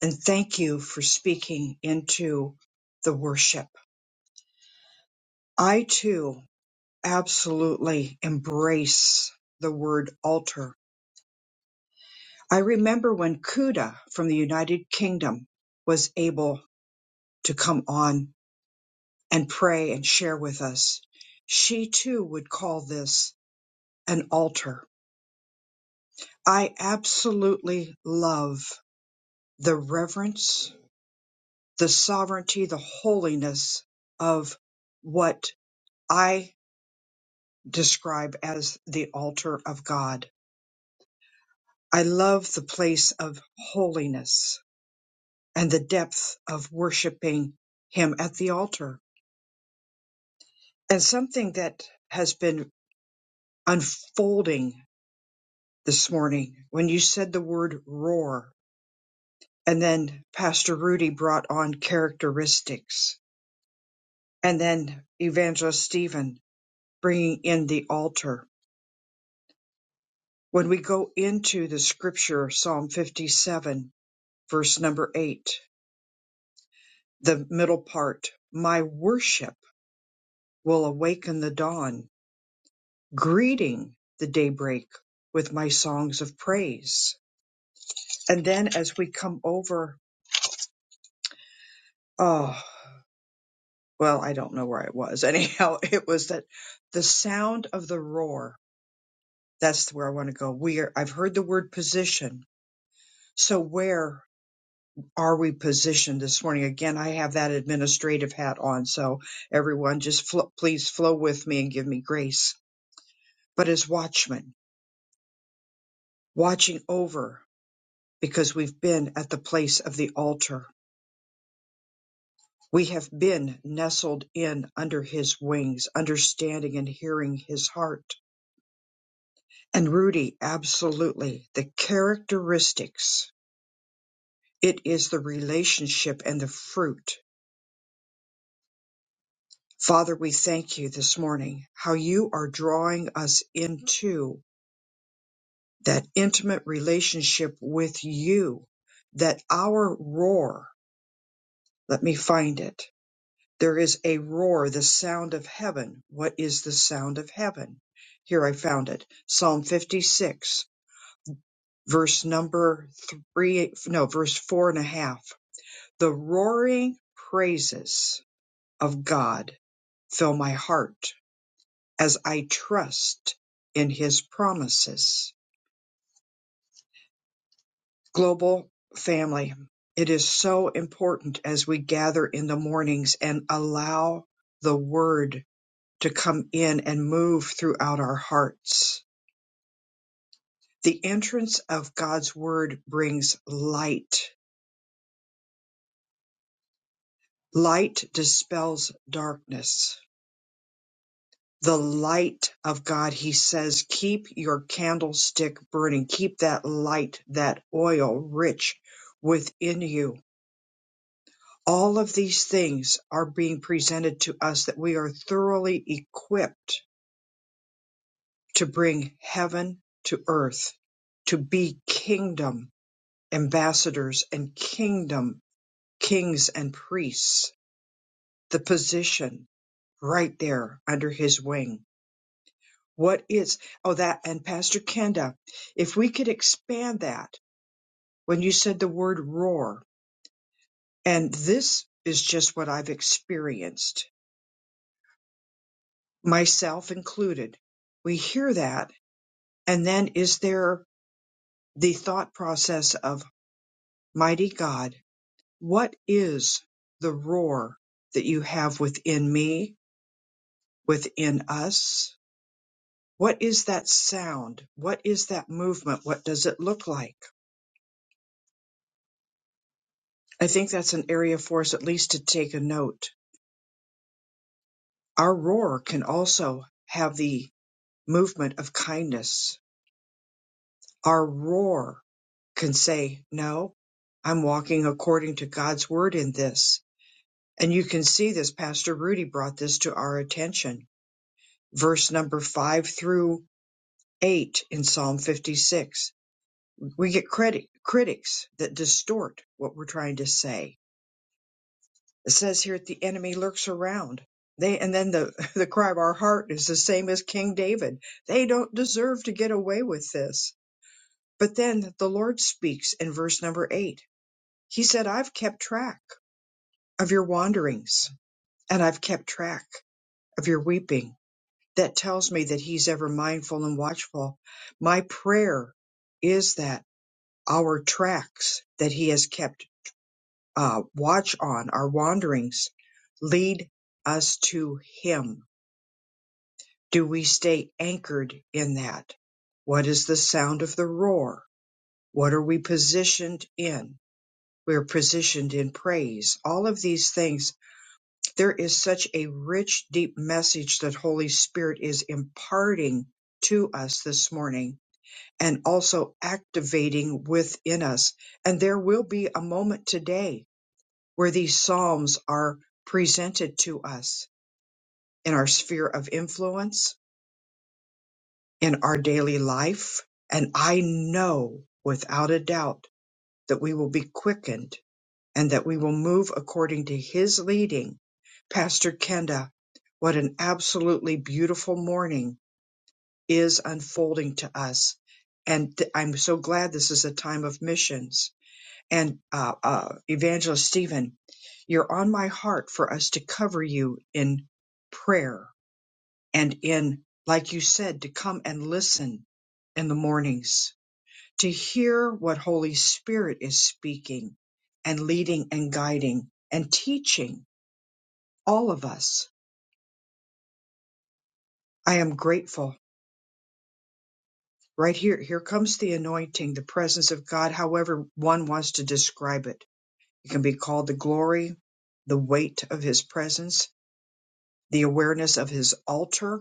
S3: And thank you for speaking into the worship. I too absolutely embrace the word altar. I remember when Kuda from the United Kingdom was able to come on and pray and share with us. She too would call this an altar. I absolutely love the reverence, the sovereignty, the holiness of what I describe as the altar of God. I love the place of holiness and the depth of worshiping Him at the altar. And something that has been unfolding this morning when you said the word roar, and then Pastor Rudy brought on characteristics, and then Evangelist Stephen bringing in the altar. When we go into the scripture, Psalm 57, verse number 8, the middle part, my worship will awaken the dawn greeting the daybreak with my songs of praise. And then as we come over, oh, well, I don't know where I was. Anyhow, it was that the sound of the roar. That's where I want to go. We are, I've heard the word position. So where are we positioned this morning? Again, I have that administrative hat on. So everyone just fl- please flow with me and give me grace. But as watchmen, watching over because we've been at the place of the altar We have been nestled in under his wings, understanding and hearing his heart. And Rudy, absolutely, the characteristics. It is the relationship and the fruit. Father, we thank you this morning how you are drawing us into that intimate relationship with you, that our roar, let me find it, There is a roar, the sound of heaven. What is the sound of heaven? Here I found it. Psalm 56, verse number three, no, verse four and a half. The roaring praises of God fill my heart as I trust in his promises. Global family, it is so important as we gather in the mornings and allow the word to come in and move throughout our hearts. The entrance of God's word brings light. Light dispels darkness. The light of God, he says, keep your candlestick burning. Keep that light, that oil rich within you. All of these things are being presented to us that we are thoroughly equipped to bring heaven to earth, to be kingdom ambassadors and kingdom kings and priests the position right there under his wing what is oh that and pastor kenda if we could expand that when you said the word roar and this is just what i've experienced myself included we hear that and then is there the thought process of mighty god what is the roar that you have within me within us. What is that sound? What is that movement? What does it look like? I think that's an area for us at least to take a note. Our roar can also have the movement of kindness. Our roar can say, No, I'm walking according to God's word in this. And you can see this, Pastor Rudy brought this to our attention. Verse number five through eight in Psalm 56 We get criti- critics that distort what we're trying to say. It says here that the enemy lurks around. They and then the the cry of our heart is the same as King David. They don't deserve to get away with this. But then the Lord speaks in verse number 8. He said, "I've kept track of your wanderings, and I've kept track of your weeping." That tells me that he's ever mindful and watchful. My prayer is that our tracks that he has kept uh, watch on our wanderings lead us to Him? Do we stay anchored in that? What is the sound of the roar? What are we positioned in? We are positioned in praise. All of these things. There is such a rich, deep message that Holy Spirit is imparting to us this morning and also activating within us. And there will be a moment today where these psalms are presented to us in our sphere of influence, in our daily life. And I know without a doubt that we will be quickened and that we will move according to his leading. Pastor Kenda, what an absolutely beautiful morning is unfolding to us. And th- I'm so glad this is a time of missions. And uh, uh, Evangelist Stephen, you're on my heart for us to cover you in prayer and in, like you said, to come and listen in the mornings, to hear what Holy Spirit is speaking and leading and guiding and teaching all of us. I am grateful. Right here, here comes the anointing, the presence of God, however one wants to describe it. It can be called the glory, the weight of his presence, the awareness of his altar,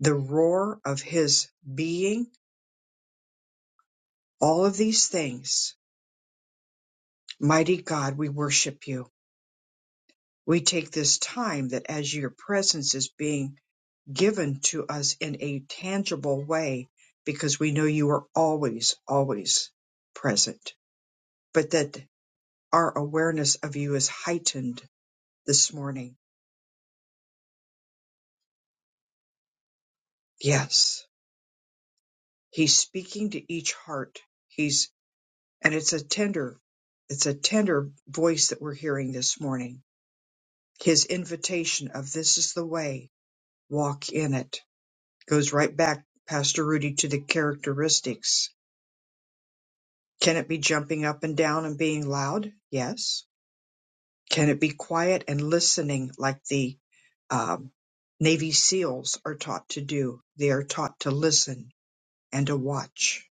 S3: the roar of his being, all of these things. Mighty God, we worship you. We take this time that as your presence is being given to us in a tangible way, because we know you are always, always present, but that our awareness of you is heightened this morning. Yes, he's speaking to each heart. He's, and it's a tender, it's a tender voice that we're hearing this morning His invitation of this is the way, walk in it, goes right back, Pastor Rudy, to the characteristics. Can it be jumping up and down and being loud? Yes. Can it be quiet and listening like the um, Navy SEALs are taught to do? They are taught to listen and to watch.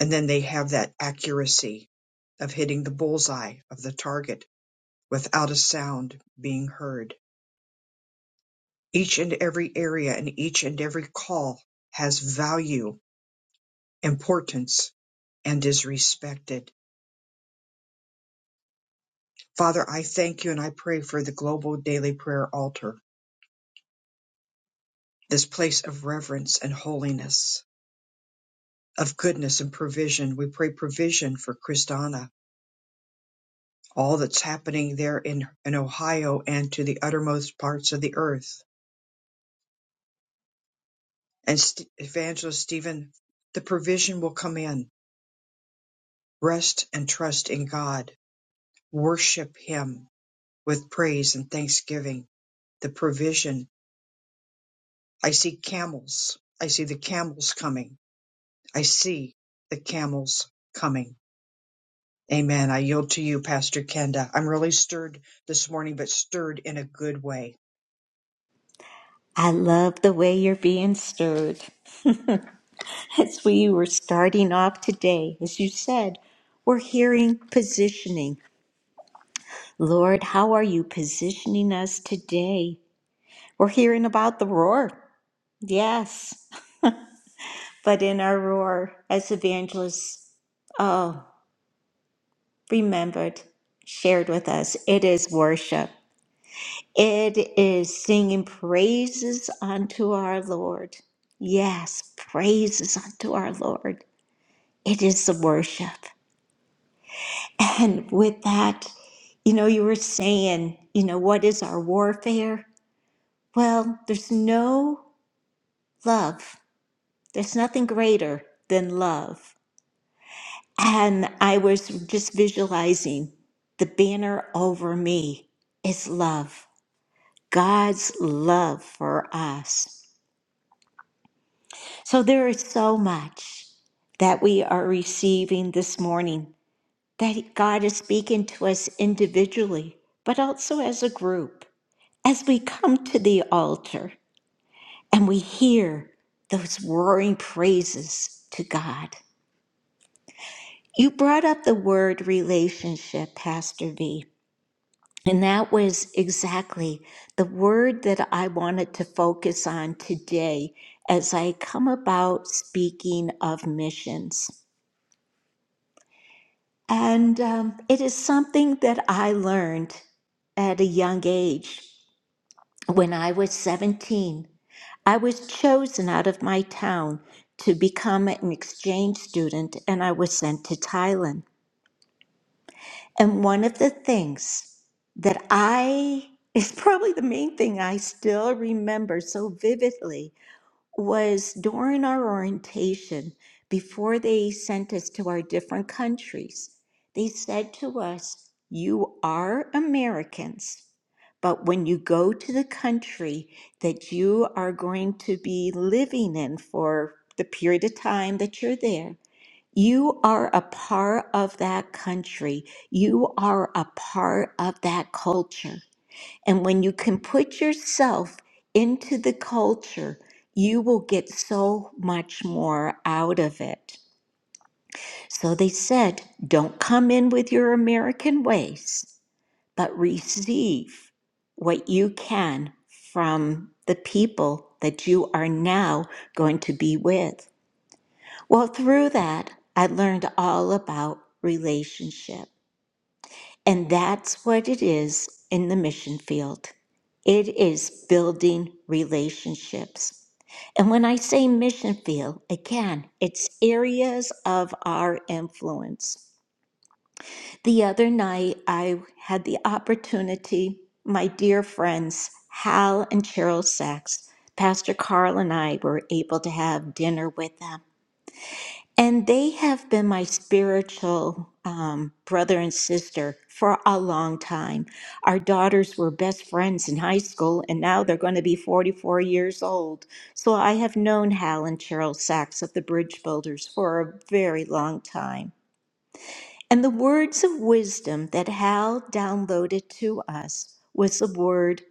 S3: And then they have that accuracy of hitting the bullseye of the target without a sound being heard Each and every area and each and every call has value, importance, and is respected. Father, I thank you and I pray for the global daily prayer altar, this place of reverence and holiness, of goodness and provision. We pray provision for Christana, all that's happening there in, in Ohio and to the uttermost parts of the earth. And St- Evangelist Stephen, the provision will come in. Rest and trust in God. Worship Him with praise and thanksgiving, the provision. I see camels. I see the camels coming. I see the camels coming. Amen. I yield to you, Pastor Kenda. I'm really stirred this morning, but stirred in a good way.
S1: I love the way you're being stirred. as we were starting off today, as you said, we're hearing positioning. Lord, how are you positioning us today? We're hearing about the roar. Yes. But in our roar, as evangelists, oh, remembered, shared with us, it is worship. It is singing praises unto our Lord. Yes, praises unto our Lord. It is the worship. And with that, you know, you were saying, you know, what is our warfare? Well, there's no love, there's nothing greater than love. And I was just visualizing the banner over me is love, God's love for us. So there is so much that we are receiving this morning that God is speaking to us individually, but also as a group. As we come to the altar and we hear those roaring praises to God. You brought up the word relationship, Pastor V, and that was exactly the word that I wanted to focus on today as I come about speaking of missions. And um, it is something that I learned at a young age When I was 17, I was chosen out of my town to become an exchange student, and I was sent to Thailand. And one of the things that I is probably the main thing I still remember so vividly was during our orientation, before they sent us to our different countries, they said to us, You are Americans, but when you go to the country that you are going to be living in for the period of time that you're there, you are a part of that country. You are a part of that culture. And when you can put yourself into the culture, you will get so much more out of it. So they said, don't come in with your American ways, but receive what you can from the people that you are now going to be with. Well, through that, I learned all about relationship. And that's what it is in the mission field. It is building relationships. And when I say mission field, again, it's areas of our influence. The other night, I had the opportunity, my dear friends, Hal and Cheryl Sachs, Pastor Carl and I were able to have dinner with them. And they have been my spiritual um, brother and sister for a long time. Our daughters were best friends in high school, and now they're going to be 44 years old. So I have known Hal and Cheryl Sachs of the Bridge Builders for a very long time. And the words of wisdom that Hal downloaded to us was the word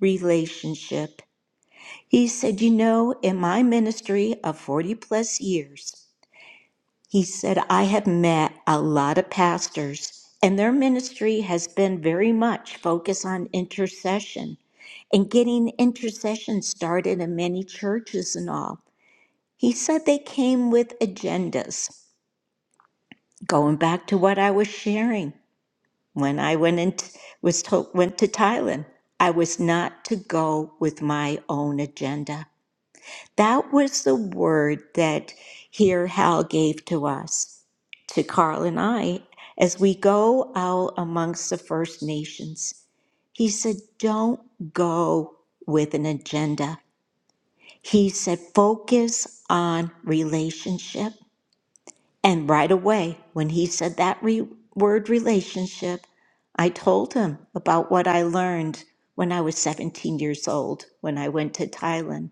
S1: relationship. He said, You know, in my ministry of 40 plus years, he said, I have met a lot of pastors, and their ministry has been very much focused on intercession and getting intercession started in many churches and all. He said they came with agendas. Going back to what I was sharing when I went into, was told, went to Thailand, I was not to go with my own agenda. That was the word that here Hal gave to us, to Carl and I, as we go out amongst the First Nations. He said, Don't go with an agenda. He said, Focus on relationship. And right away, when he said that re- word relationship, I told him about what I learned when I was 17 years old when I went to Thailand.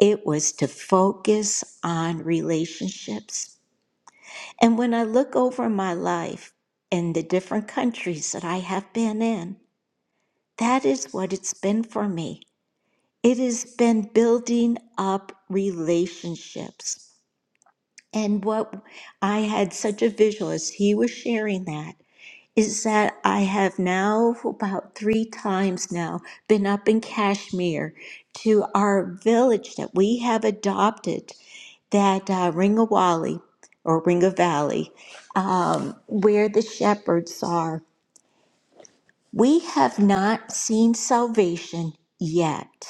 S1: It was to focus on relationships. And when I look over my life and the different countries that I have been in, that is what it's been for me. It has been building up relationships. And what I had such a visual as he was sharing that. is that I have now about three times now been up in Kashmir to our village that we have adopted, that uh, Ringawali or Ringa Valley, um, where the shepherds are. We have not seen salvation yet,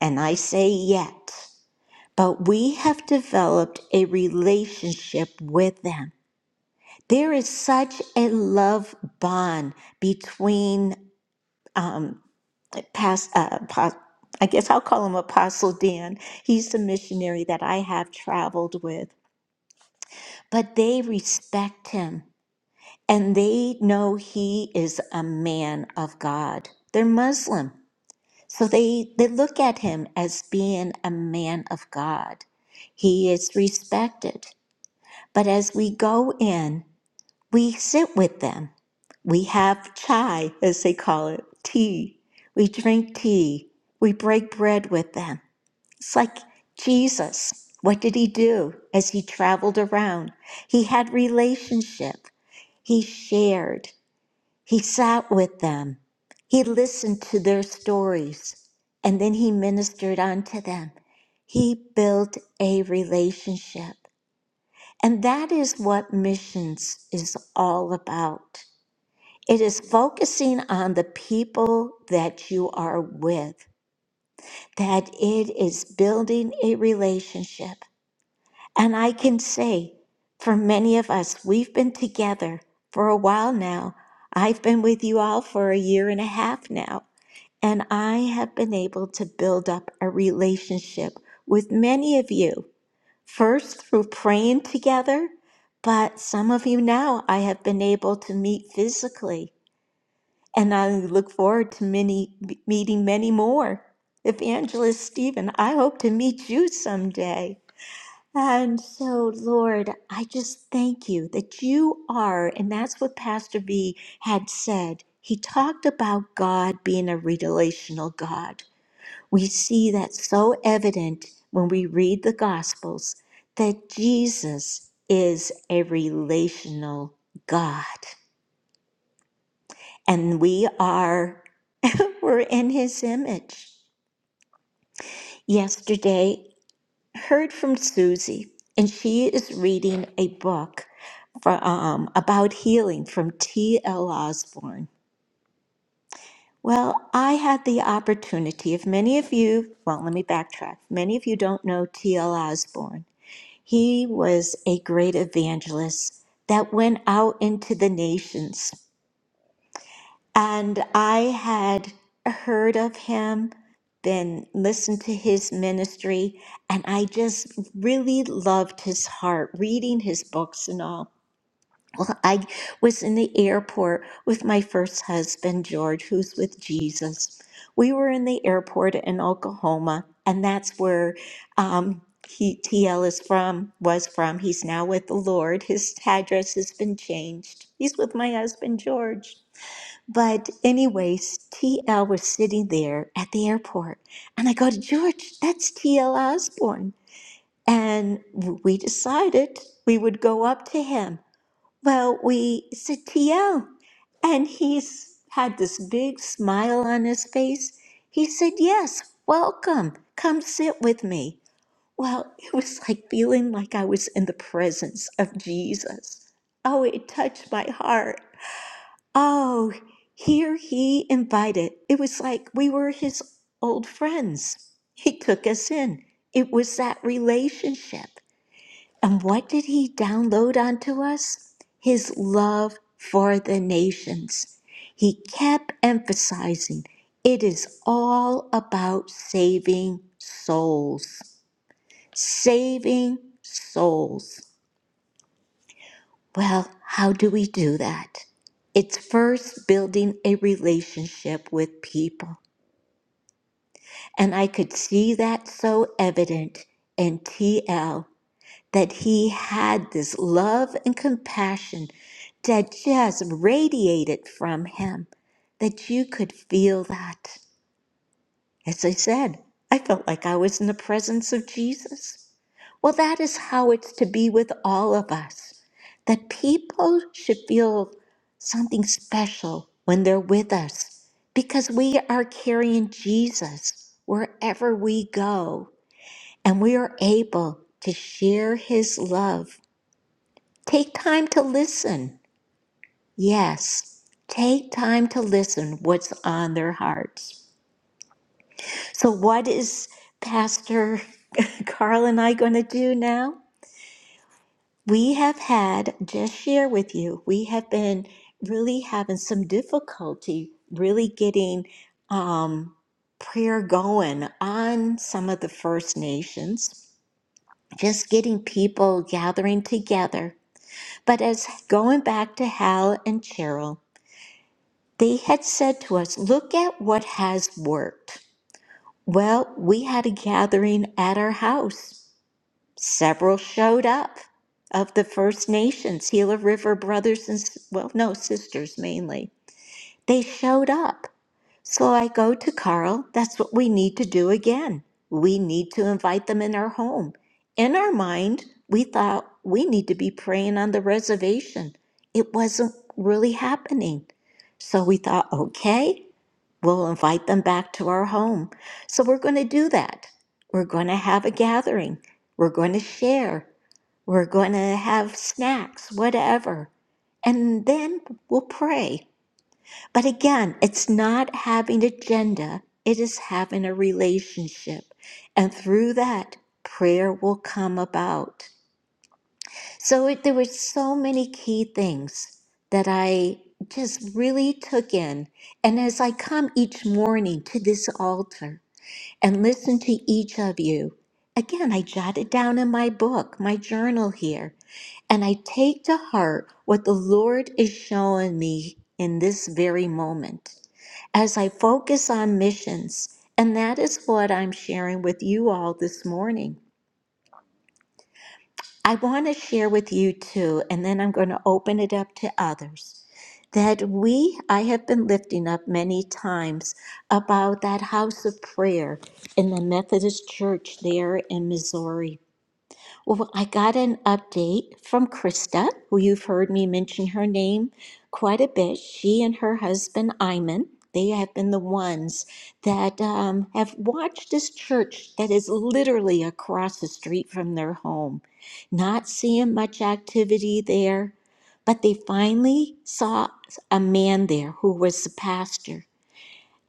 S1: and I say yet, but we have developed a relationship with them. There is such a love bond between um, past, uh, pos- I guess I'll call him Apostle Dan. He's the missionary that I have traveled with, but they respect him and they know he is a man of God. They're Muslim, so they, they look at him as being a man of God. He is respected. But as we go in, We sit with them. We have chai, as they call it, tea. We drink tea. We break bread with them. It's like Jesus. What did he do as he traveled around? He had relationship. He shared. He sat with them. He listened to their stories. And then he ministered unto them. He built a relationship. And that is what missions is all about. It is focusing on the people that you are with, that it is building a relationship. And I can say, for many of us, we've been together for a while now. I've been with you all for a year and a half now, and I have been able to build up a relationship with many of you, first through praying together, but some of you now I have been able to meet physically and I look forward to many meeting many more. Evangelist Stephen, I hope to meet you someday. And so, Lord, I just thank you that you are, and that's what Pastor B had said. He talked about God being a relational God. We see that so evident when we read the Gospels that Jesus is a relational God. And we are We're in his image. Yesterday, heard from Susie, and she is reading a book for, um, about healing from T.L. Osborne. Well, I had the opportunity, if many of you, well, let me backtrack. Many of you don't know T.L. Osborne. He was a great evangelist that went out into the nations And I had heard of him, been listened to his ministry, and I just really loved his heart, reading his books and all. I was in the airport with my first husband, George, who's with Jesus. We were in the airport in Oklahoma, and that's where um, he, TL is from, was from. He's now with the Lord. His address has been changed. He's with my husband, George. But anyways, TL was sitting there at the airport, and I go to George. That's TL Osborne, and w- we decided we would go up to him. Well, we said TL, and he's had this big smile on his face. He said, "Yes, welcome. Come sit with me." Well, it was like feeling like I was in the presence of Jesus. Oh, it touched my heart. Oh, here he invited. It was like we were his old friends. He took us in. It was that relationship. And what did he download onto us? His love for the nations. He kept emphasizing it is all about saving souls. Saving souls. Well, how do we do that? It's first building a relationship with people. And I could see that so evident in TL that he had this love and compassion that just radiated from him, that you could feel that. As I said, I felt like I was in the presence of Jesus. Well, that is how it's to be with all of us that people should feel something special when they're with us because we are carrying Jesus wherever we go and we are able to share his love. Take time to listen. Yes, take time to listen what's on their hearts. So, what is Pastor Carl and I going to do now? We have had, just share with you, we have been really having some difficulty really getting um, prayer going on some of the First Nations, just getting people gathering together. But as going back to Hal and Cheryl, they had said to us, look at what has worked. Well, we had a gathering at our house. several showed up of the First Nations, Gila River brothers and, s- well, no, sisters mainly. They showed up. So I go to Carl, that's what we need to do again. We need to invite them in our home. In our mind, we thought we need to be praying on the reservation. It wasn't really happening. So we thought, okay, we'll invite them back to our home. So we're going to do that. We're going to have a gathering. We're going to share. We're going to have snacks, whatever. And then we'll pray. But again, it's not having agenda, it is having a relationship. And through that, prayer will come about. So it, there were so many key things that I just really took in. And as I come each morning to this altar and listen to each of you, again, I jotted down in my book, my journal here and I take to heart what the Lord is showing me in this very moment as I focus on missions. And that is what I'm sharing with you all this morning. I want to share with you too, and then I'm going to open it up to others. That we, I have been lifting up many times about that house of prayer in the Methodist Church there in Missouri. Well, I got an update from Krista, who you've heard me mention her name quite a bit. She and her husband, Iman, they have been the ones that um, have watched this church that is literally across the street from their home, not seeing much activity there. But they finally saw a man there who was the pastor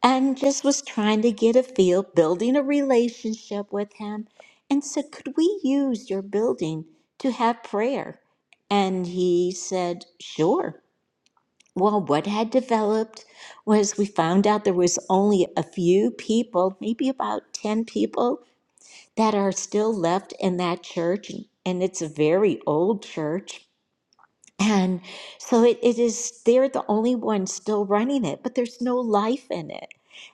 S1: and just was trying to get a feel, building a relationship with him, and said, Could we use your building to have prayer? And he said, Sure. Well, what had developed was we found out there was only a few people, maybe about 10 people, that are still left in that church. And it's a very old church and so it, it is, they're the only ones still running it, but there's no life in it.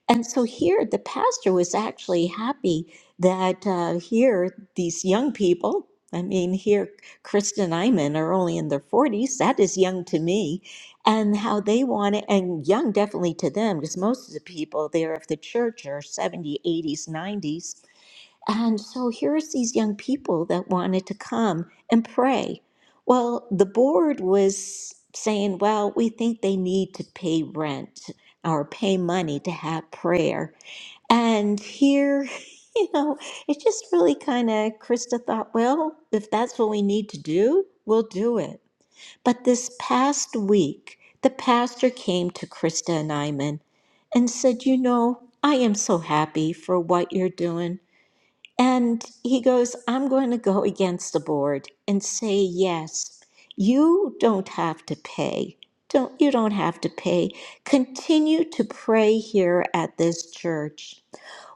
S1: And so here, the pastor was actually happy that uh, here, these young people, I mean, here, Kristen and Iman are only in their 40s. That is young to me. And how they want it, and young definitely to them, because most of the people there of the church are 70, 80s, 90s and so here's these young people that wanted to come and pray. Well, the board was saying, well, we think they need to pay rent or pay money to have prayer. And here, you know, it just really kind of, Krista thought, well, if that's what we need to do, we'll do it. But this past week, the pastor came to Krista and Iman and said, you know, I am so happy for what you're doing. And he goes, I'm going to go against the board and say yes. You don't have to pay. Don't you don't have to pay. Continue to pray here at this church.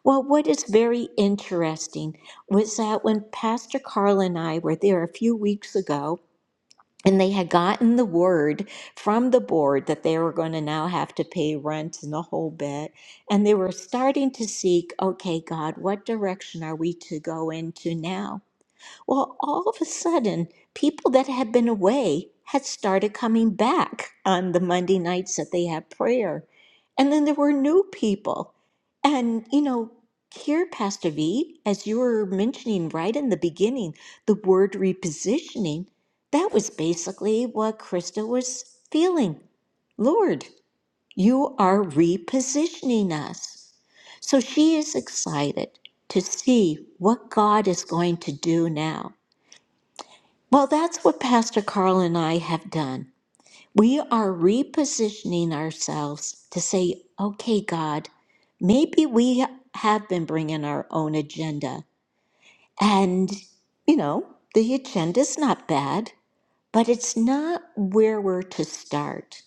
S1: Well, what is very interesting was that when Pastor Carl and I were there a few weeks ago, and they had gotten the word from the board that they were going to now have to pay rent and the whole bit. And they were starting to seek, okay, God, what direction are we to go into now? Well, all of a sudden, people that had been away had started coming back on the Monday nights that they had prayer. And then there were new people. And, you know, here, Pastor V, as you were mentioning right in the beginning, the word repositioning, that was basically what Krista was feeling. Lord, you are repositioning us. So she is excited to see what God is going to do now. Well, that's what Pastor Carl and I have done. We are repositioning ourselves to say, okay, God, maybe we have been bringing our own agenda. And, you know, the agenda's not bad, but it's not where we're to start.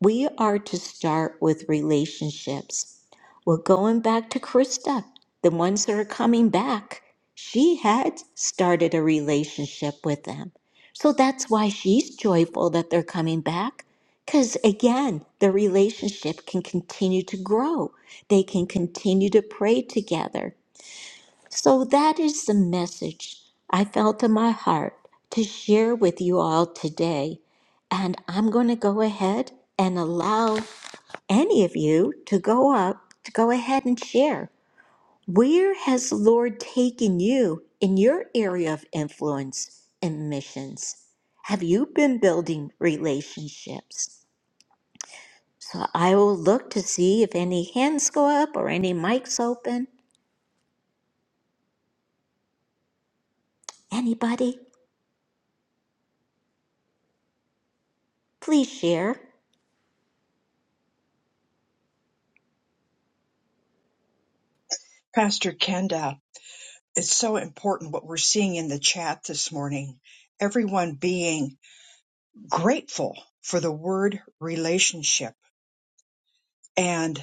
S1: We are to start with relationships. Well, going back to Krista, the ones that are coming back, she had started a relationship with them. So that's why she's joyful that they're coming back. Because again, the relationship can continue to grow. They can continue to pray together. So that is the message I felt in my heart to share with you all today. And I'm going to go ahead and allow any of you to go up to go ahead and share. Where has the Lord taken you in your area of influence and missions? Have you been building relationships? So I will look to see if any hands go up or any mics open. Anybody, please share.
S3: Pastor Kenda, it's so important what we're seeing in the chat this morning. Everyone being grateful for the word relationship. And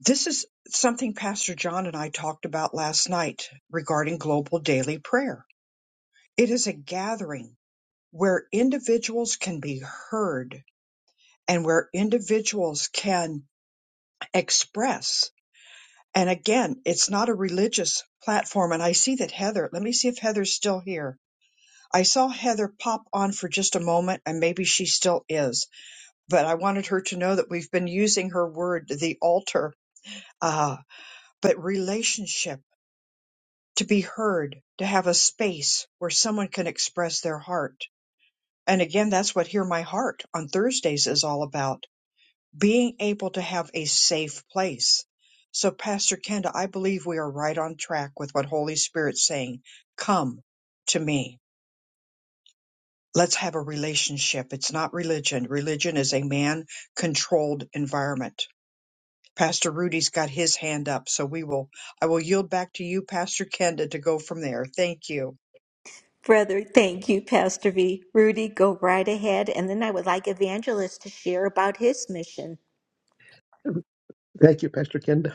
S3: this is something Pastor John and I talked about last night regarding global daily prayer It is a gathering where individuals can be heard and where individuals can express. And again, it's not a religious platform. And I see that Heather, let me see if Heather's still here. I saw Heather pop on for just a moment and maybe she still is, but I wanted her to know that we've been using her word, the altar, uh, but relationship to be heard, to have a space where someone can express their heart And again, that's what Hear My Heart on Thursdays is all about being able to have a safe place. So, Pastor Kenda, I believe we are right on track with what Holy Spirit's saying. Come to me. Let's have a relationship. It's not religion. Religion is a man controlled environment. Pastor Rudy's got his hand up, so we will, I will yield back to you, Pastor Kenda, to go from there. Thank you.
S1: Brother, thank you, Pastor V. Rudy, go right ahead. And then I would like Evangelist to share about his mission.
S4: Thank you, Pastor Kenda.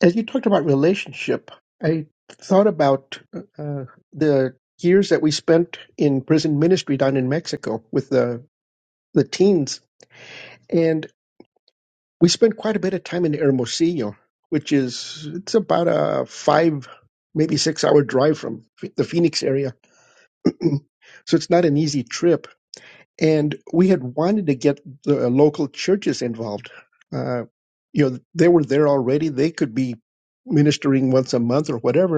S4: As you talked about relationship, I thought about uh, uh, the years that we spent in prison ministry down in Mexico with the the teens, and we spent quite a bit of time in Hermosillo, which is it's about a five, maybe six hour drive from Ph- the Phoenix area, so it's not an easy trip. And we had wanted to get the local churches involved. Uh, you know, they were there already; they could be ministering once a month or whatever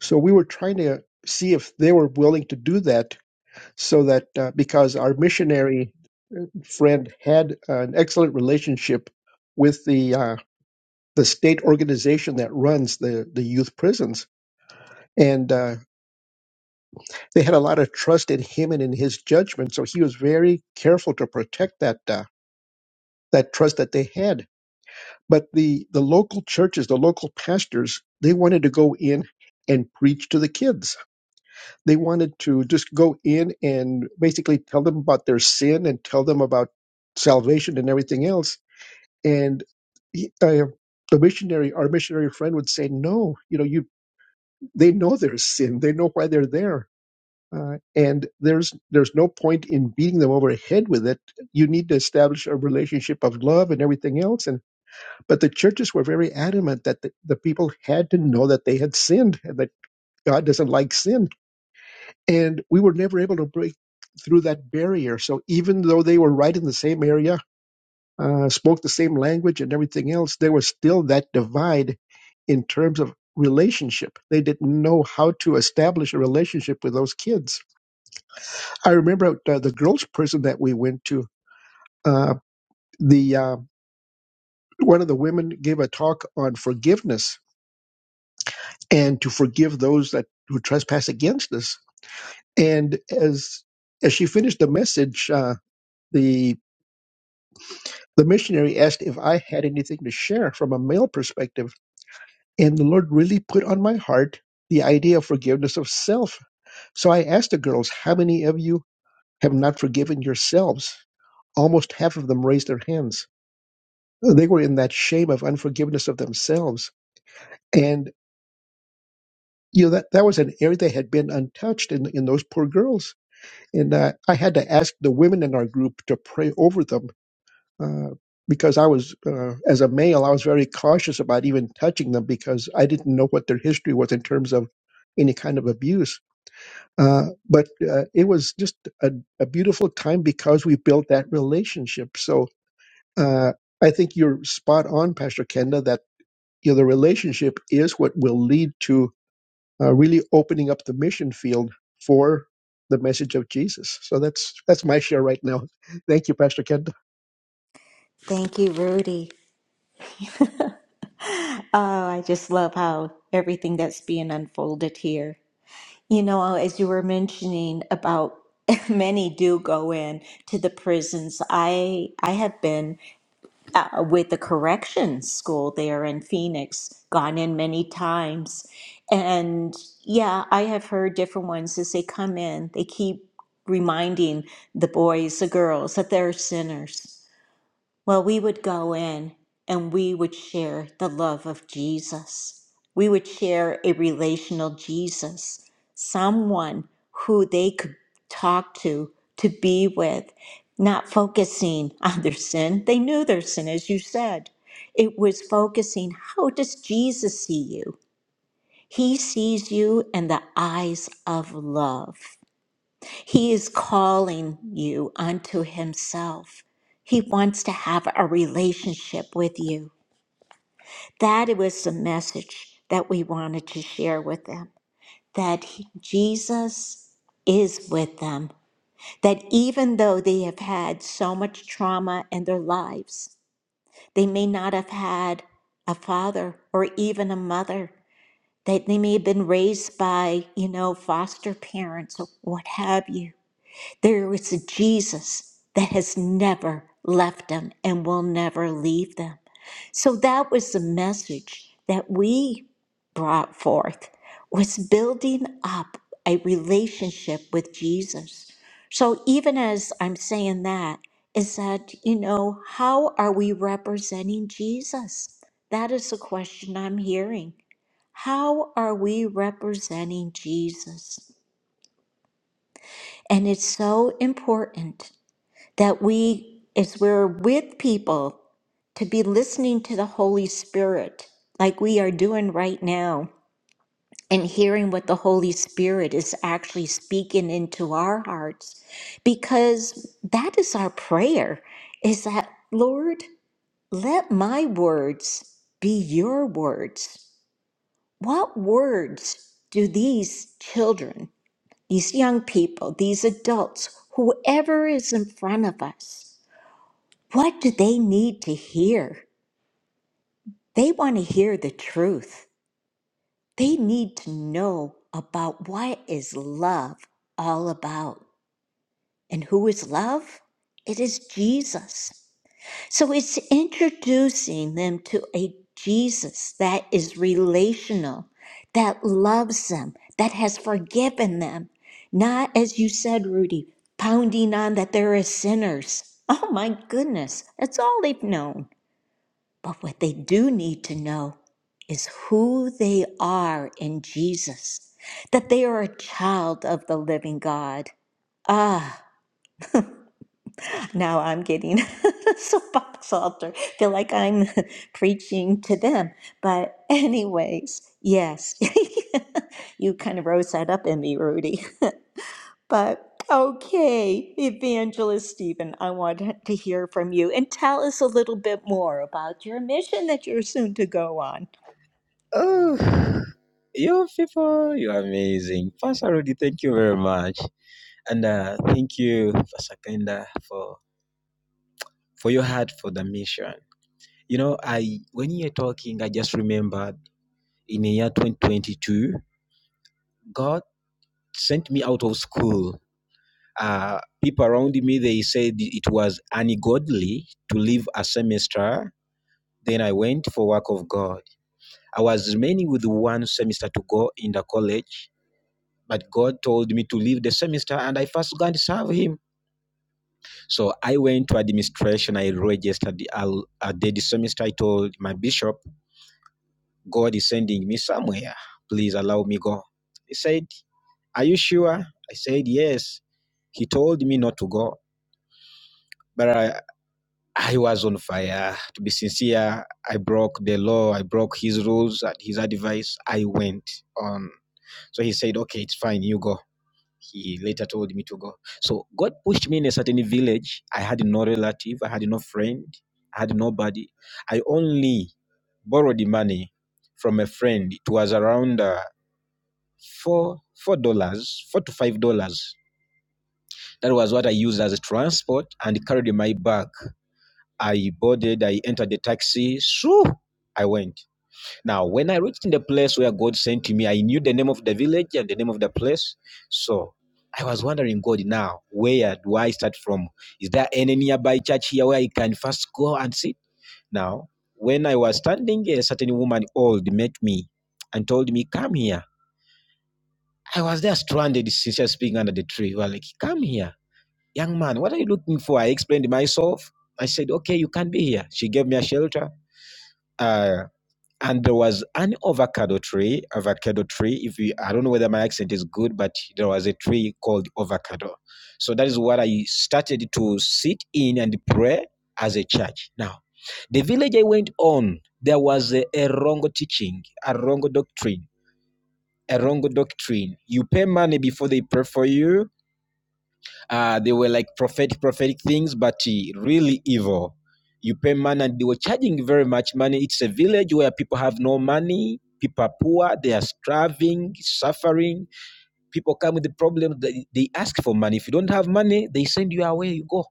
S4: So we were trying to see if they were willing to do that so that uh, because our missionary friend had an excellent relationship with the uh, the state organization that runs the, the youth prisons. And uh, they had a lot of trust in him and in his judgment. So he was very careful to protect that uh, that trust that they had. But the, the local churches, the local pastors, they wanted to go in and preach to the kids They wanted to just go in and basically tell them about their sin and tell them about salvation and everything else. And he, uh, the missionary, our missionary friend, would say, "No, you know, you they know their sin. They know why they're there." Uh, and there's there's no point in beating them over the head with it. You need to establish a relationship of love and everything else. And but the churches were very adamant that the, the people had to know that they had sinned and that God doesn't like sin and we were never able to break through that barrier. So even though they were right in the same area, uh, spoke the same language and everything else, there was still that divide in terms of relationship. They didn't know how to establish a relationship with those kids. I remember uh, the girls' prison that we went to. Uh, the uh, one of the women gave a talk on forgiveness and to forgive those that who trespass against us. And as as she finished the message, uh, the The missionary asked if I had anything to share from a male perspective, and the Lord really put on my heart the idea of forgiveness of self. So I asked the girls, How many of you have not forgiven yourselves? Almost half of them raised their hands. They were in that shame of unforgiveness of themselves. And you know that, that was an area that had been untouched in in those poor girls, and uh, I had to ask the women in our group to pray over them uh, because I was, uh, as a male, I was very cautious about even touching them because I didn't know what their history was in terms of any kind of abuse. Uh, but uh, it was just a, a beautiful time because we built that relationship. So uh, I think you're spot on, Pastor Kenda, that you know, the relationship is what will lead to uh, really opening up the mission field for the message of Jesus. So that's that's my share right now. Thank you, Pastor Kenda.
S1: Thank you, Rudy. oh, I just love how everything that's being unfolded here. You know, as you were mentioning about many do go in to the prisons. I I have been uh, with the correction school there in Phoenix, gone in many times. And yeah, I have heard different ones as they come in, they keep reminding the boys, the girls that they're sinners well, we would go in and we would share the love of Jesus. We would share a relational Jesus, someone who they could talk to, to be with, not focusing on their sin. They knew their sin, as you said. It was focusing, how does Jesus see you? He sees you in the eyes of love. He is calling you unto Himself. He wants to have a relationship with you. That was the message that we wanted to share with them that he- Jesus is with them. That even though they have had so much trauma in their lives, they may not have had a father or even a mother, that they may have been raised by, you know, foster parents or what have you There is a Jesus that has never left them and will never leave them. So that was the message that we brought forth was building up a relationship with Jesus. So even as I'm saying that is that you know how are we representing Jesus? That is the question I'm hearing. How are we representing Jesus? And it's so important that we, as we're with people, to be listening to the Holy Spirit like we are doing right now and hearing what the Holy Spirit is actually speaking into our hearts because that is our prayer is that Lord let my words be your words what words do these children these young people these adults whoever is in front of us what do they need to hear? They want to hear the truth. They need to know about what is love all about. And who is love? It is Jesus. So it's introducing them to a Jesus that is relational, that loves them, that has forgiven them. Not, as you said, Rudy, pounding on that they're sinners. Oh my goodness, that's all they've known. But what they do need to know is who they are in Jesus, that they are a child of the living God. Ah, now I'm getting soapbox altar. Feel like I'm preaching to them. But, anyways, yes, you kind of rose that up in me, Rudy. But okay, Evangelist Stephen, I want to hear from you and tell us a little bit more about your mission that you're soon to go on.
S5: Oh, you people, you're amazing. Pastor Rudy, thank you very much. And uh, thank you, Pastor Kenda, for, for your heart for the mission. You know, I when you're talking, I just remembered in the year 2022, God. sent me out of school. Uh, people around me they said it was ungodly to leave a semester. Then I went for work of God. I was remaining with one semester to go in the college, but God told me to leave the semester and I first go and serve Him. So I went to administration. I registered. I, I did the semester. I told my bishop, God is sending me somewhere. Please allow me go. He said, Are you sure? I said, Yes. He told me not to go. But I, I was on fire. To be sincere, I broke the law. I broke his rules and his advice. I went on. So he said, okay, it's fine. You go. He later told me to go. So God pushed me in a certain village. I had no relative. I had no friend. I had nobody. I only borrowed the money from a friend. It was around uh, four, four dollars, four to five dollars. That was what I used as a transport and carried my bag I boarded, I entered the taxi. So I went. Now, when I reached in the place where God sent to me, I knew the name of the village and the name of the place. So I was wondering, God, now where do I start from? Is there any nearby church here where I can first go and sit? Now, when I was standing, a certain woman old met me and told me, Come here. I was there stranded, sincerely speaking, under the tree. Well, like, come here, young man, what are you looking for? I explained myself. I said, Okay, you can be here. She gave me a shelter. uh, and there was an avocado tree. Avocado tree. If you, I don't know whether my accent is good, but there was a tree called avocado. So that is what I started to sit in and pray as a church. Now, the village I went on, there was a, a wrong teaching, a wrong doctrine, a wrong doctrine. You pay money before they pray for you uh, they were like prophetic, prophetic things, but eh, really evil. You pay money, and they were charging very much money. It's a village where people have no money. People are poor. They are starving, suffering. People come with the problem. They, they ask for money. If you don't have money, they send you away. You go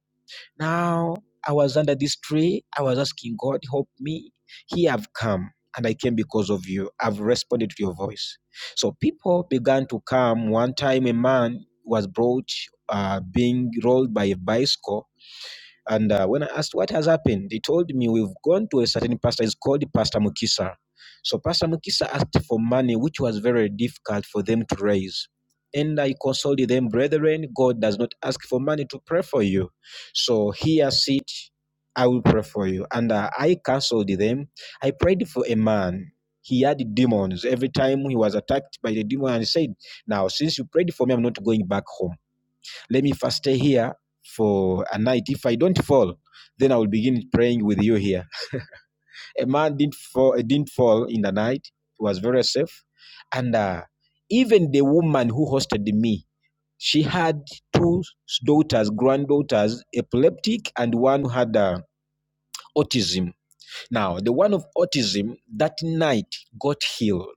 S5: now I was under this tree. I was asking God, help me. Here I've come, and I came because of you. I've responded to your voice. So people began to come. One time, a man was brought, uh, being rolled by a bicycle and uh, when I asked what has happened, they told me we've gone to a certain pastor. It's called Pastor Mukisa. So Pastor Mukisa asked for money, which was very difficult for them to raise. And I consoled them, brethren, God does not ask for money to pray for you. So here, sit, I will pray for you. And uh, I counseled them. I prayed for a man. He had demons. Every time he was attacked by the demon, and he said, Now, since you prayed for me, I'm not going back home. Let me first stay here for a night. If I don't fall, then I will begin praying with you here. A man didn't fall, eh, didn't fall in the night. He was very safe. And uh, even the woman who hosted me, she had two daughters, granddaughters, epileptic, and one who had uh, autism. Now, the one of autism that night got healed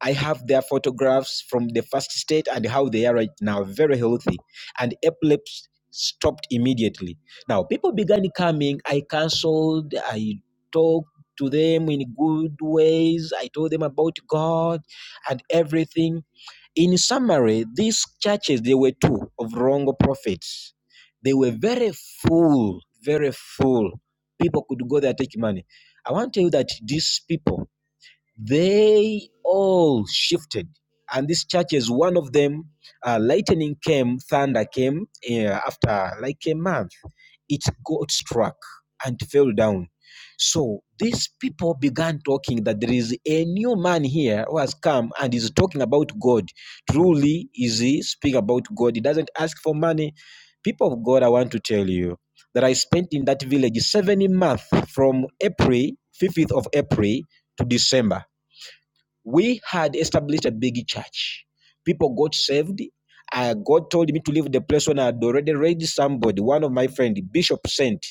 S5: I have their photographs from the first state and how they are right now, very healthy. And epilepsy stopped immediately. Now, people began coming. I canceled. I talked to them in good ways. I told them about God and everything. In summary, these churches, they were two of wrong prophets. They were very full, very full. People could go there, take money. I want to tell you that these people, they all shifted. And these churches, one of them, uh, lightning came, thunder came uh, after like a month. It got struck and fell down. So these people began talking that there is a new man here who has come and is talking about God. Truly, is he speaking about God? He doesn't ask for money. People of God, I want to tell you that I spent in that village seven months from April, 5th of April to December we had established a big church. People got saved. Uh, God told me to leave the place when I had already raised somebody. One of my friend, Bishop, sent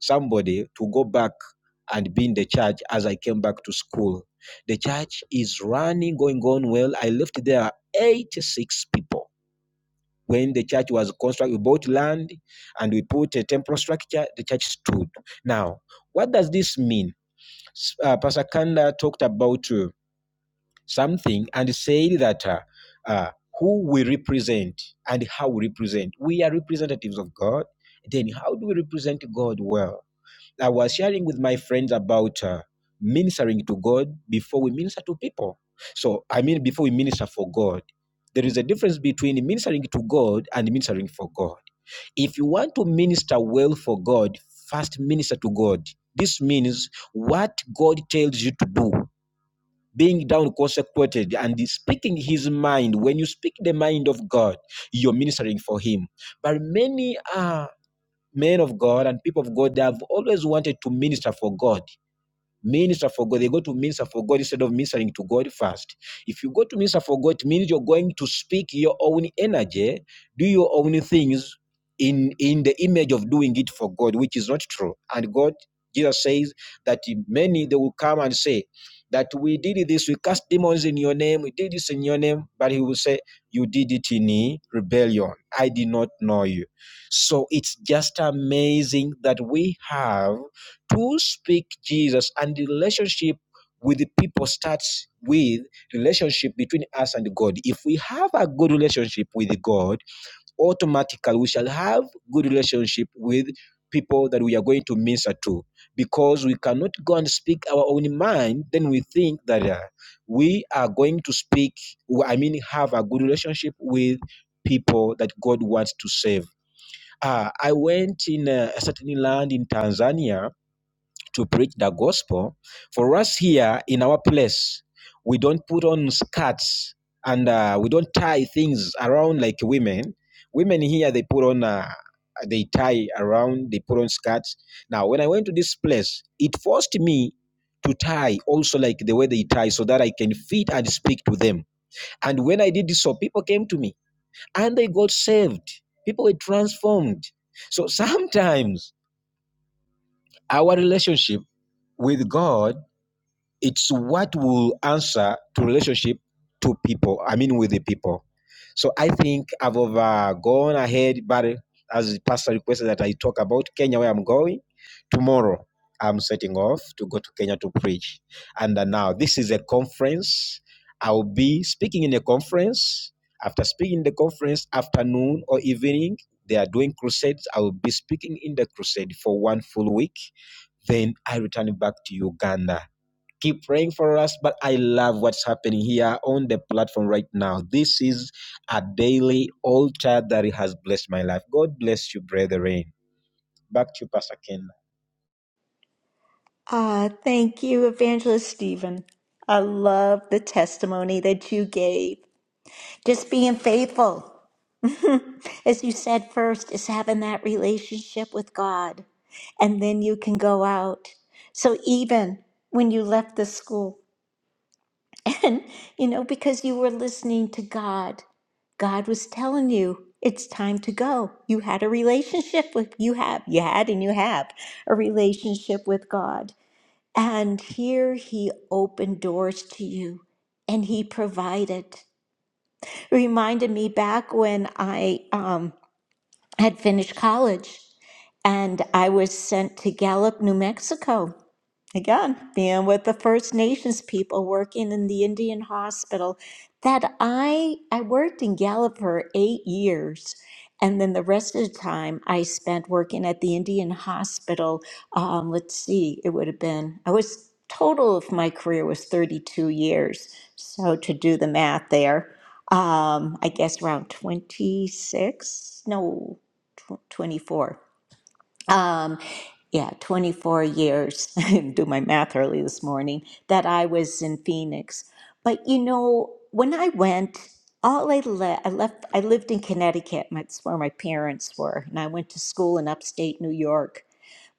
S5: somebody to go back and be in the church as I came back to school. The church is running, going on well. I left there 86 people. When the church was constructed, we bought land and we put a temporal structure, the church stood. Now, what does this mean? Uh, Pastor Kanda talked about. uh, something and said that uh, uh, who we represent and how we represent. We are representatives of God. Then how do we represent God well? I was sharing with my friends about uh, ministering to God before we minister to people. So I mean, before we minister for God. There is a difference between ministering to God and ministering for God. If you want to minister well for God, first minister to God. This means what God tells you to do being down consecrated and speaking his mind when you speak the mind of god you're ministering for him but many are men of god and people of god they have always wanted to minister for god Minister for God. They go to minister for God instead of ministering to God first. If you go to minister for God, it means you're going to speak your own energy, do your own things in in the image of doing it for God, which is not true. And God, Jesus says that many they will come and say that we did this, we cast demons in your name, we did this in your name, but he will say, You did it in rebellion. I did not know you. So it's just amazing that we have to speak Jesus. And the relationship with the people starts with relationship between us and God. If we have a good relationship with God, automatically we shall have good relationship with people that we are going to minister to because we cannot go and speak our own mind then we think that uh, we are going to speak i mean have a good relationship with people that god wants to save uh, i went in a, a certain land in tanzania to preach the gospel. For us here in our place, we don't put on skirts and uh, we don't tie things around like women. Women here, they put on, uh, they tie around, they put on skirts. Now, when I went to this place, it forced me to tie also like the way they tie so that I can fit and speak to them. And when I did this, so people came to me and they got saved. People were transformed. So sometimes our relationship with God it's what will answer to relationship to people i mean with the people so i think i've over gone ahead but as the pastor requested that i talk about kenya where i'm going tomorrow i'm setting off to go to kenya to preach and uh, now this is a conference i'll be speaking in a conference after speaking in the conference afternoon or evening they are doing crusades i will be speaking in the crusade for one full week then i return back to uganda keep praying for us. But I love what's happening here on the platform right now. This is a daily altar that has blessed my life. God bless you, brethren. Back to Pastor Ken.
S1: Ah, thank you, Evangelist Stephen. I love the testimony that you gave. Just being faithful, as you said first, is having that relationship with God. And then you can go out. So even when you left the school, And, you know, because you were listening to God, God was telling you it's time to go. You had a relationship with, you have, you had and you have a relationship with God. And here he opened doors to you and he provided. Reminded me back when I um, had finished college and I was sent to Gallup, New Mexico again, being with the First Nations people working in the Indian hospital, that I I worked in Gallup for eight years. And then the rest of the time I spent working at the Indian hospital. Um, let's see, it would have been, I was total of my career was 32 years. So to do the math there, um, I guess around 26, no, tw- 24 um, yeah, 24 years, I didn't do my math early this morning, that I was in Phoenix. But you know, when I went, all I, le- I left, I lived in Connecticut, that's where my parents were, and I went to school in upstate New York.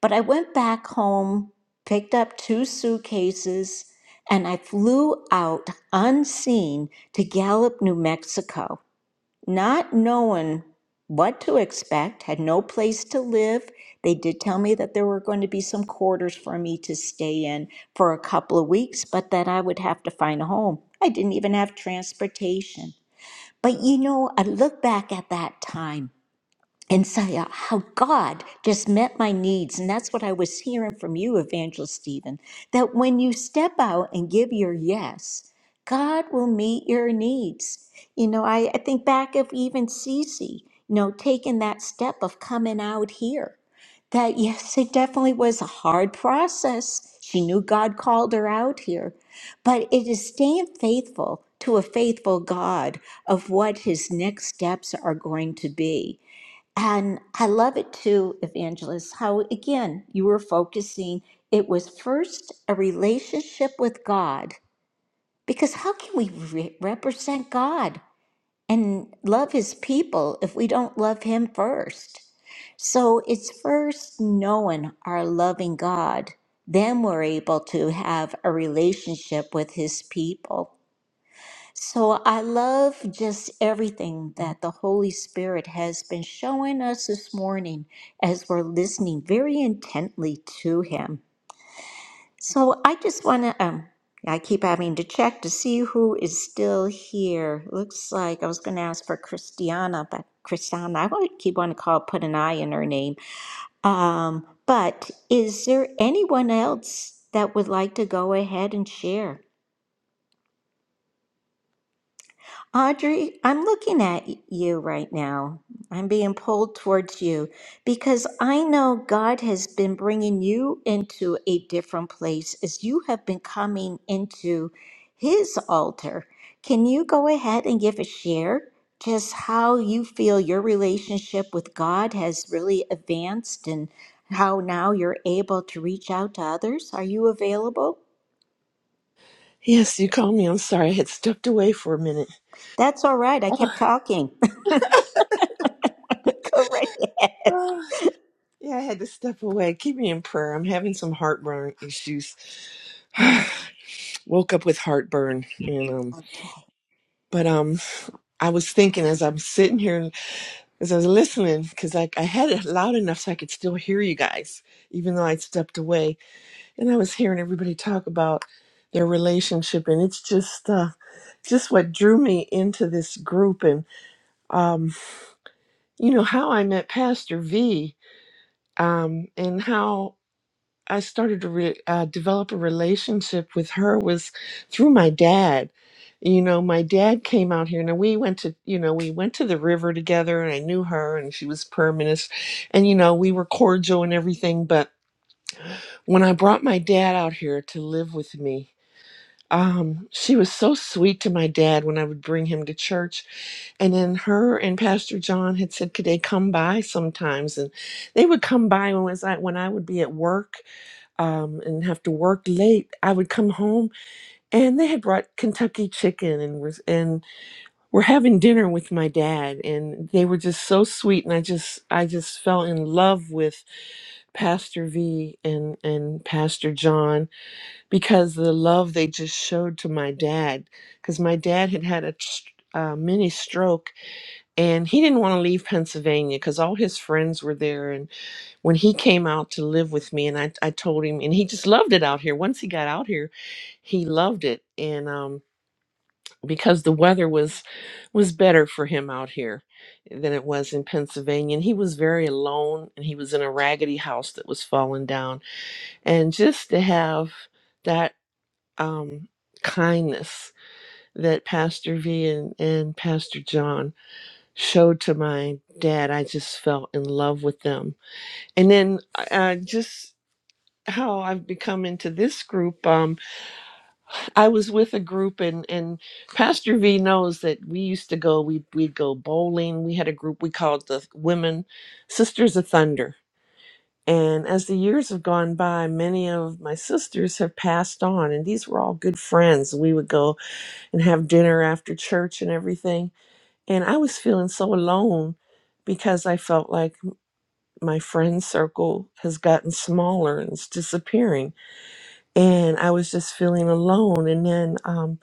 S1: But I went back home, picked up two suitcases, and I flew out unseen to Gallup, New Mexico not knowing what to expect, had no place to live. They did tell me that there were going to be some quarters for me to stay in for a couple of weeks, but that I would have to find a home. I didn't even have transportation. But you know, I look back at that time and saw how God just met my needs. And that's what I was hearing from you, Evangelist Stephen, that when you step out and give your yes, God will meet your needs. You know, I, I think back of even Cece, you know, taking that step of coming out here. That yes, it definitely was a hard process. She knew God called her out here, but it is staying faithful to a faithful God of what his next steps are going to be. And I love it too, Evangelist, how again you were focusing. It was first a relationship with God, because how can we re- represent God and love his people if we don't love him first? So it's first knowing our loving God, then we're able to have a relationship with his people. So I love just everything that the Holy Spirit has been showing us this morning as we're listening very intently to Him. So I just want to, um, I keep having to check to see who is still here. Looks like I was going to ask for Christiana, but Christiana, I would keep wanting to call, put an I in her name. Um, but is there anyone else that would like to go ahead and share? Audrey, I'm looking at y- you right now. I'm being pulled towards you because I know God has been bringing you into a different place as you have been coming into His altar. Can you go ahead and give a share just how you feel your relationship with God has really advanced and how now you're able to reach out to others? Are you available?
S6: Yes, you called me. I'm sorry. I had stepped away for a minute.
S1: That's all right. I
S6: Oh,
S1: kept talking. go right ahead.
S6: oh, yeah, I had to step away. Keep me in prayer. I'm having some heartburn issues.
S1: Hmm,
S6: Woke up with heartburn and um
S1: Okay.
S6: but um I was thinking as I'm sitting here as I was listening because I, I had it loud enough so I could still hear you guys even though I'd stepped away and I was hearing everybody talk about their relationship and it's just uh just what drew me into this group and um you know how I met Pastor V um, and how I started to re- uh, develop a relationship with her was through my dad. You know, my dad came out here, and we went to you know we went to the river together, and I knew her, and she was prayer minister, and you know we were cordial and everything. But when I brought my dad out here to live with me, um, she was so sweet to my dad when I would bring him to church. And then her and Pastor John had said, could they come by sometimes? And they would come by when was I when I would be at work um, and have to work late. I would come home, and they had brought Kentucky chicken and was and were having dinner with my dad, and they were just so sweet. And I just I just fell in love with Pastor V and and Pastor John because the love they just showed to my dad because my dad had had a tr- uh, mini stroke and he didn't want to leave pennsylvania because all his friends were there and when he came out to live with me and I, I told him and he just loved it out here once he got out here he loved it and um, because the weather was was better for him out here than it was in pennsylvania and he was very alone and he was in a raggedy house that was falling down and just to have that um, kindness that Pastor V and, and Pastor John showed to my dad. I just fell in love with them. And then uh, just how I've become into this group. Um, I was with a group, and, and Pastor V knows that we used to go, we'd, we'd go bowling. We had a group we called the Women Sisters of Thunder. And as the years have gone by, many of my sisters have passed on, and these were all good friends. We would go and have dinner after church and everything. And I was feeling so alone because I felt like my friend circle has gotten smaller and it's disappearing. And I was just feeling alone. And then um,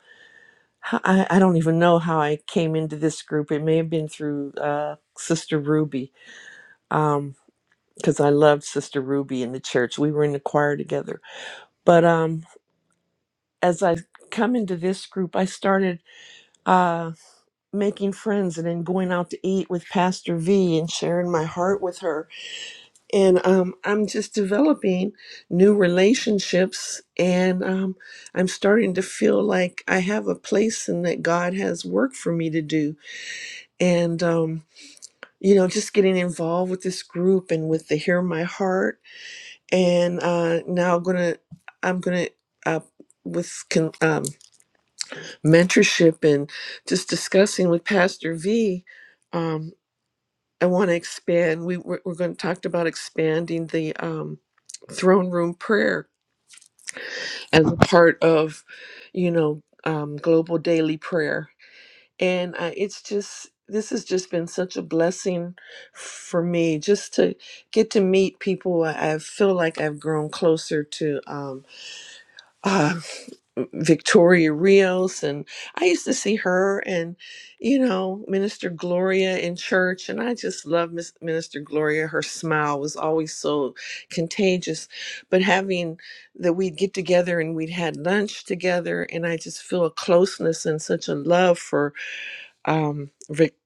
S6: h- I, I don't even know how I came into this group. It may have been through uh, Sister Ruby. Um, because I loved Sister Ruby in the church. We were in the choir together. But um, as I come into this group, I started. uh, making friends and then going out to eat with Pastor V and sharing my heart with her. And um, I'm just developing new relationships and um, I'm starting to feel like I have a place and that God has work for me to do. And, um, you know, just getting involved with this group and with the Hear My Heart. And uh, now I'm going to, I'm going to, uh, with con- um, mentorship and just discussing with Pastor V. um, I want to expand. We we're, we're going to talk about expanding the um, throne room prayer as a part of, you know, um, global daily prayer. And uh, it's just this has just been such a blessing for me, just to get to meet people. I I feel like I've grown closer to. Um, uh, Victoria Rios and I used to see her and you know Minister Gloria in church and I just loved Miss Minister Gloria her smile was always so contagious but having that we'd get together and we'd had lunch together and I just feel a closeness and such a love for um Vic-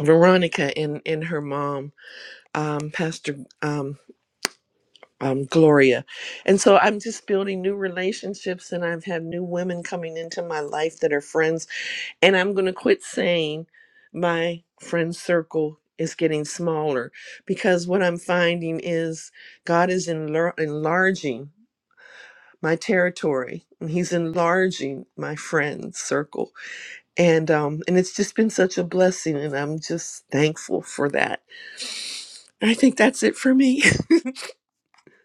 S6: Veronica and and her mom um Pastor um um, Gloria. And so I'm just building new relationships, and I've had new women coming into my life that are friends. And I'm going to quit saying my friend circle is getting smaller because what I'm finding is God is enlar- enlarging my territory and he's enlarging my friend circle and um and it's just been such a blessing and i'm just thankful for that i think that's it for me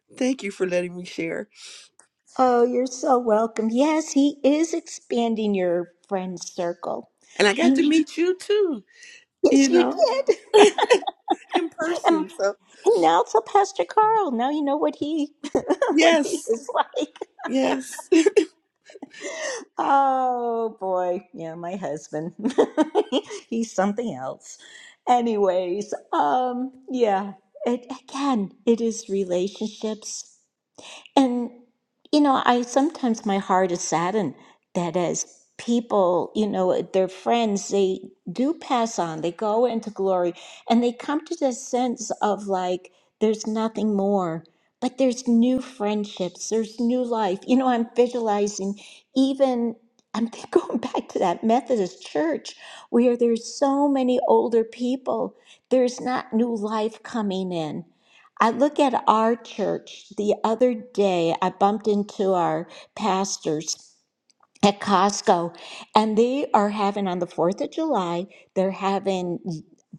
S6: thank you for letting me share
S1: Oh, you're so welcome. Yes, he is expanding your friend circle.
S6: and i
S1: I
S6: got
S1: know.
S6: to meet you too you
S1: Yes, you
S6: know,
S1: did.
S6: in
S1: Um,
S6: person. So
S1: and now so Pastor Carl. Now you know what he what he
S6: yes,
S1: is like.
S6: yes.
S1: Oh boy, yeah, my husband. He's something else. Anyways, um, yeah. It again, it is relationships. And, you know, I sometimes my heart is saddened that as people, you know, their friends, they do pass on, they go into glory, and they come to this sense of like, there's nothing more. But there's new friendships, there's new life. You know, I'm visualizing even, I'm going back to that Methodist church where there's so many older people. There's not new life coming in I look at our church the other day. I bumped into our pastors at Costco, and they are having on the 4th of July, they're having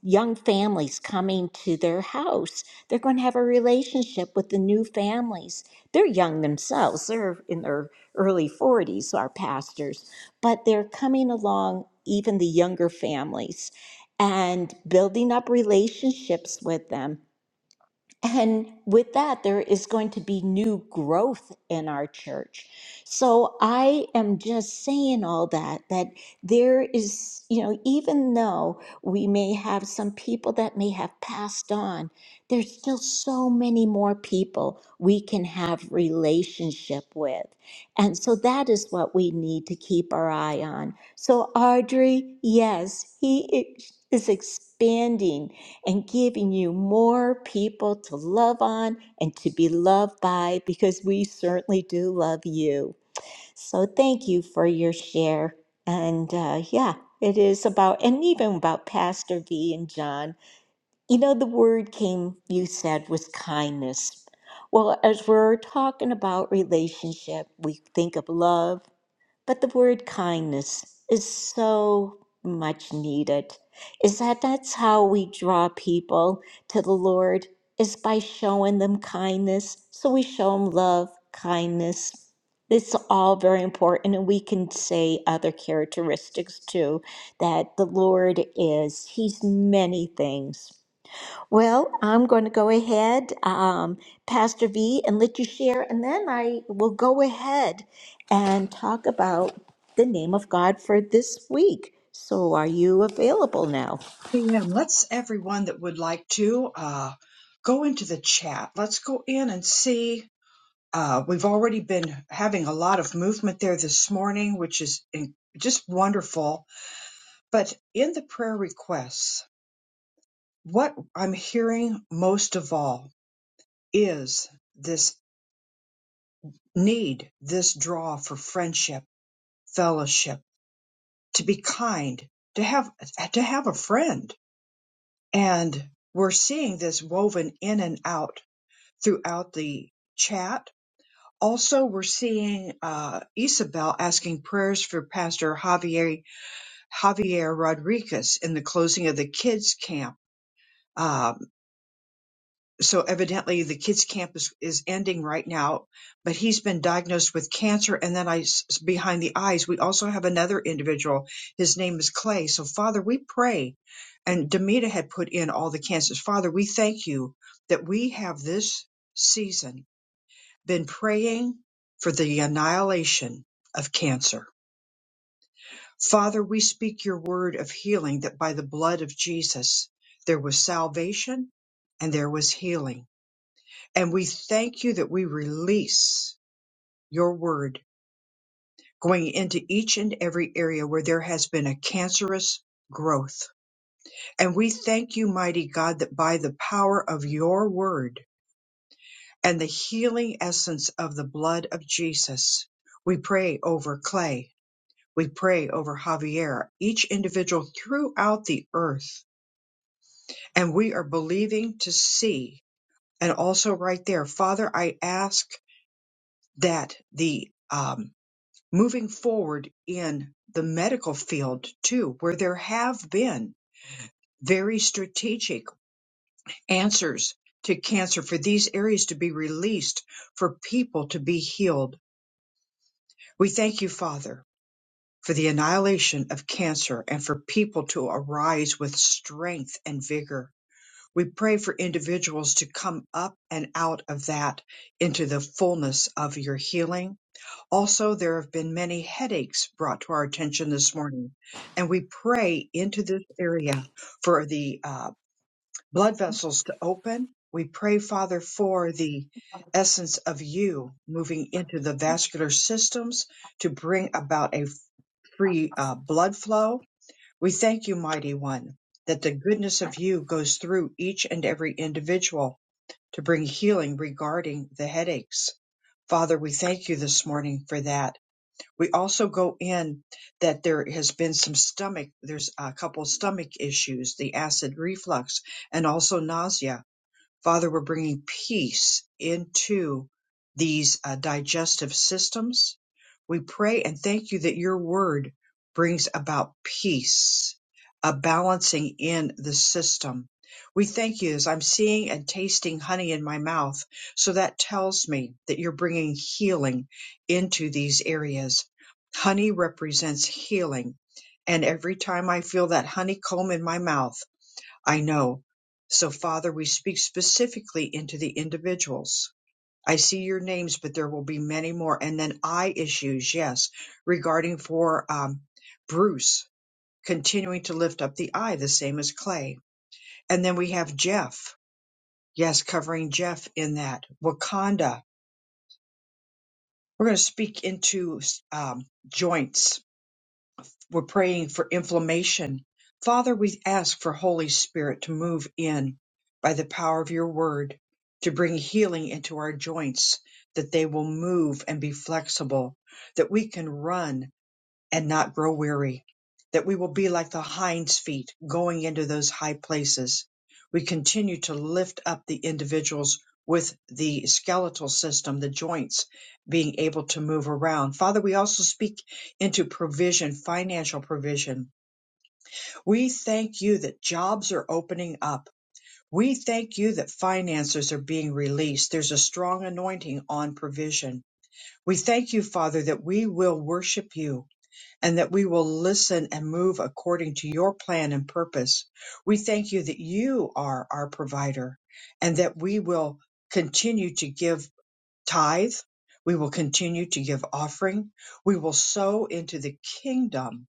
S1: young families coming to their house. They're going to have a relationship with the new families. They're young themselves, they're in their early 40s, our pastors, but they're coming along, even the younger families, and building up relationships with them. And with that, there is going to be new growth in our church. So I am just saying all that, that there is, you know, even though we may have some people that may have passed on, there's still so many more people we can have relationship with. And so that is what we need to keep our eye on. So Audrey, yes, he is expanding and giving you more people to love on and to be loved by because we certainly do love you. So thank you for your share. And uh, yeah, it is about, and even about Pastor V and John. You know, the word came, you said, was kindness. Well, as we're talking about relationship, we think of love, but the word kindness is so much needed. Is that that's how we draw people to the Lord is by showing them kindness. So we show them love, kindness. It's all very important, and we can say other characteristics too that the Lord is, He's many things. Well, I'm going to go ahead, um, Pastor V, and let you share, and then I will go ahead and talk about the name of God for this week. So, are you available now?
S3: PM. Let's everyone that would like to uh, go into the chat. Let's go in and see. Uh, we've already been having a lot of movement there this morning, which is in, just wonderful. But in the prayer requests, what I'm hearing most of all is this need, this draw for friendship, fellowship, to be kind, to have to have a friend, and we're seeing this woven in and out throughout the chat. Also, we're seeing uh, Isabel asking prayers for Pastor Javier Javier Rodriguez in the closing of the kids camp. Um, so evidently, the kids camp is, is ending right now, but he's been diagnosed with cancer. And then I s- s- behind the eyes, we also have another individual. His name is Clay. So Father, we pray. And Demita had put in all the cancers. Father, we thank you that we have this season been praying for the annihilation of cancer. Father, we speak your word of healing that by the blood of Jesus there was salvation and there was healing. And we thank you that we release your word going into each and every area where there has been a cancerous growth. And we thank you, mighty God, that by the power of your word and the healing essence of the blood of Jesus, we pray over Clay We pray over Javier, each individual throughout the earth, and we are believing to see. And also, right there, Father, I ask that the um, moving forward in the medical field too, where there have been very strategic answers to cancer, for these areas to be released, for people to be healed. We thank you, Father, for the annihilation of cancer and for people to arise with strength and vigor. We pray for individuals to come up and out of that into the fullness of your healing. Also, there have been many headaches brought to our attention this morning, and we pray into this area for the uh, blood vessels to open. We pray, Father, for the essence of you moving into the vascular systems to bring about a free uh, blood flow. We thank you, mighty one, that the goodness of you goes through each and every individual to bring healing regarding the headaches. Father, we thank you this morning for that. We also go in that there has been some stomach, there's a couple stomach issues, the acid reflux, and also nausea Father, we're bringing peace into these uh, digestive systems. We pray and thank you that your word brings about peace, a balancing in the system. We thank you as I'm seeing and tasting honey in my mouth. So that tells me that you're bringing healing into these areas. Honey represents healing. And every time I feel that honeycomb in my mouth, I know. So, Father, we speak specifically into the individuals. I see your names, but there will be many more. And then I issues, yes, regarding for um, Bruce continuing to lift up the eye, the same as Clay. And then we have Jeff, yes, covering Jeff in that. Wakanda, we're going to speak into um, joints We're praying for inflammation. Father, we ask for Holy Spirit to move in by the power of your word to bring healing into our joints, that they will move and be flexible, that we can run and not grow weary, that we will be like the hind's feet going into those high places. We continue to lift up the individuals with the skeletal system, the joints being able to move around. Father, we also speak into provision, financial provision. We thank you that jobs are opening up. We thank you that finances are being released. There's a strong anointing on provision. We thank you, Father, that we will worship you and that we will listen and move according to your plan and purpose. We thank you that you are our provider and that we will continue to give tithe. We will continue to give offering. We will sow into the kingdom.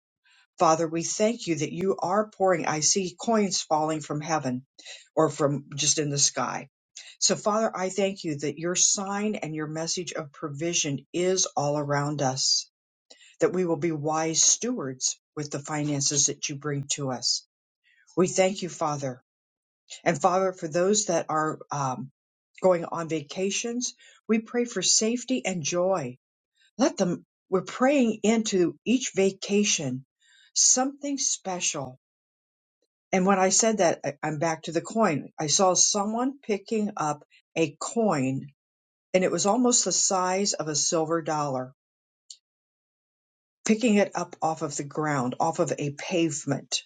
S3: Father, we thank you that you are pouring. I see coins falling from heaven or from just in the sky. So, Father, I thank you that your sign and your message of provision is all around us that we will be wise stewards with the finances that you bring to us. We thank you, Father. And Father, for those that are um, going on vacations, we pray for safety and joy. Let them, we're praying into each vacation something special. And when I said that, I, I'm back to the coin. I saw someone picking up a coin, and it was almost the size of a silver dollar, picking it up off of the ground, off of a pavement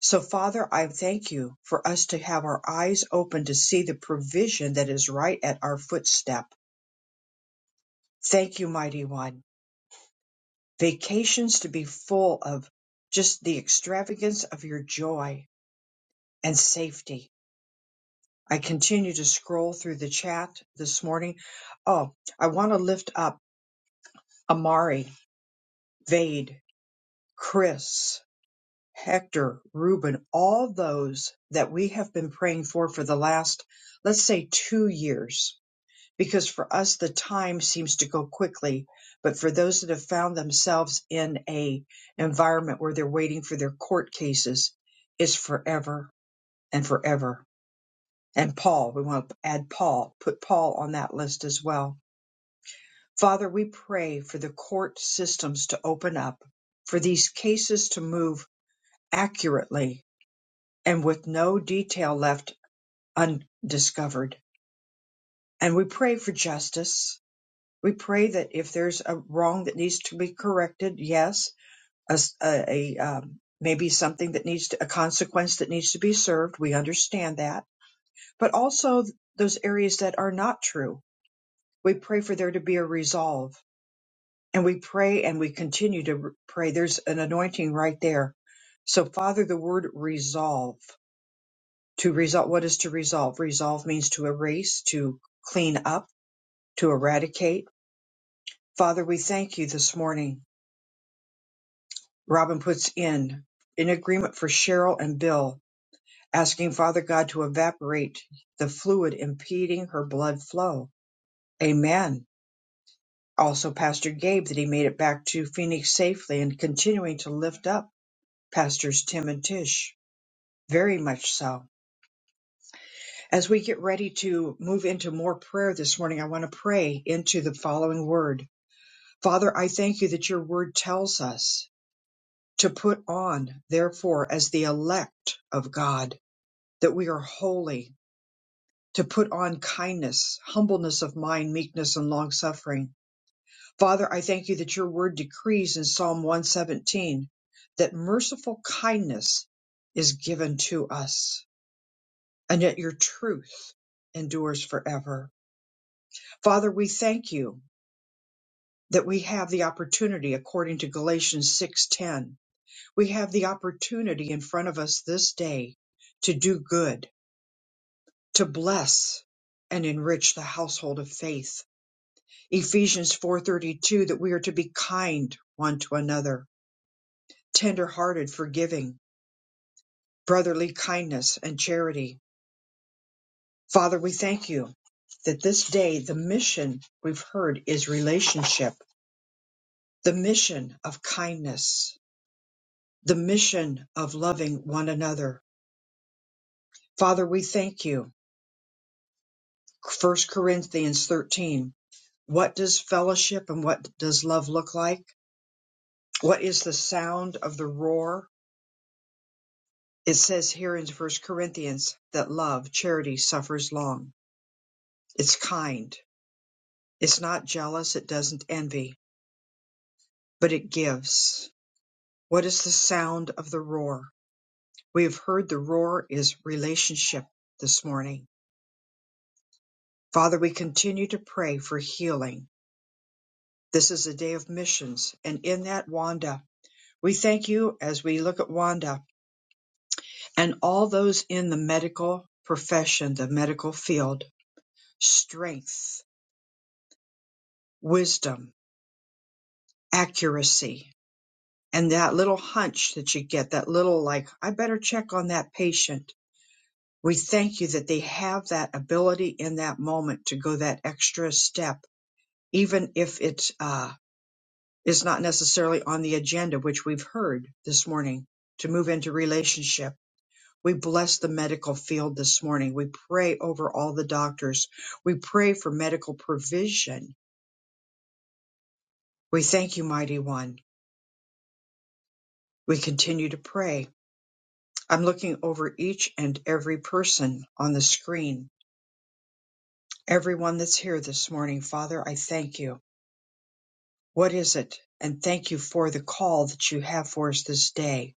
S3: So, Father, I thank you for us to have our eyes open to see the provision that is right at our footstep. Thank you, Mighty One. Vacations to be full of just the extravagance of your joy and safety. I continue to scroll through the chat this morning. Oh, I want to lift up Amari, Vade, Chris, Hector, Reuben, all those that we have been praying for for the last, let's say, two years because for us the time seems to go quickly but for those that have found themselves in a environment where they're waiting for their court cases it's forever and forever and paul we want to add paul put paul on that list as well father we pray for the court systems to open up for these cases to move accurately and with no detail left undiscovered and we pray for justice We pray that if there's a wrong that needs to be corrected, yes, a, s- a- a, um, maybe something that needs to, a consequence that needs to be served, we understand that. But also those areas that are not true, we pray for there to be a resolve. And we pray and we continue to r- pray. There's an anointing right there. So, Father, the word resolve, to resolve, what is to resolve? Resolve means to erase, to clean up, to eradicate. Father, we thank you this morning Robin puts in an agreement for Cheryl and Bill, asking Father God to evaporate the fluid impeding her blood flow. Amen. Also, Pastor Gabe, that he made it back to Phoenix safely and continuing to lift up Pastors Tim and Tish. Very much so. As we get ready to move into more prayer this morning, I want to pray into the following word. Father, I thank you that your word tells us to put on, therefore, as the elect of God that we are holy, to put on kindness, humbleness of mind, meekness, and long suffering. Father, I thank you that your word decrees in Psalm 117 that merciful kindness is given to us, and yet your truth endures forever. Father, we thank you that we have the opportunity according to Galatians 6:10. We have the opportunity in front of us this day to do good, to bless and enrich the household of faith Ephesians 4:32 that we are to be kind one to another, tender-hearted, forgiving, brotherly kindness and charity. Father, we thank you that this day the mission we've heard is relationship, the mission of kindness, the mission of loving one another. Father, we thank you. First Corinthians 13. What does fellowship and what does love look like? What is the sound of the roar? It says here in First Corinthians that love, charity, suffers long. It's kind. It's not jealous. It doesn't envy, but it gives. What is the sound of the roar? We have heard the roar is relationship this morning. Father, we continue to pray for healing. This is a day of missions, and in that, Wanda, we thank you as we look at Wanda and all those in the medical profession, the medical field, strength, wisdom, accuracy and that little hunch that you get, that little like, I better check on that patient. We thank you that they have that ability in that moment to go that extra step, even if it uh, is not necessarily on the agenda, which we've heard this morning to move into relationship. We bless the medical field this morning. We pray over all the doctors. We pray for medical provision. We thank you, mighty one. We continue to pray I'm looking over each and every person on the screen, everyone that's here this morning. Father, I thank you. What is it? And thank you for the call that you have for us this day.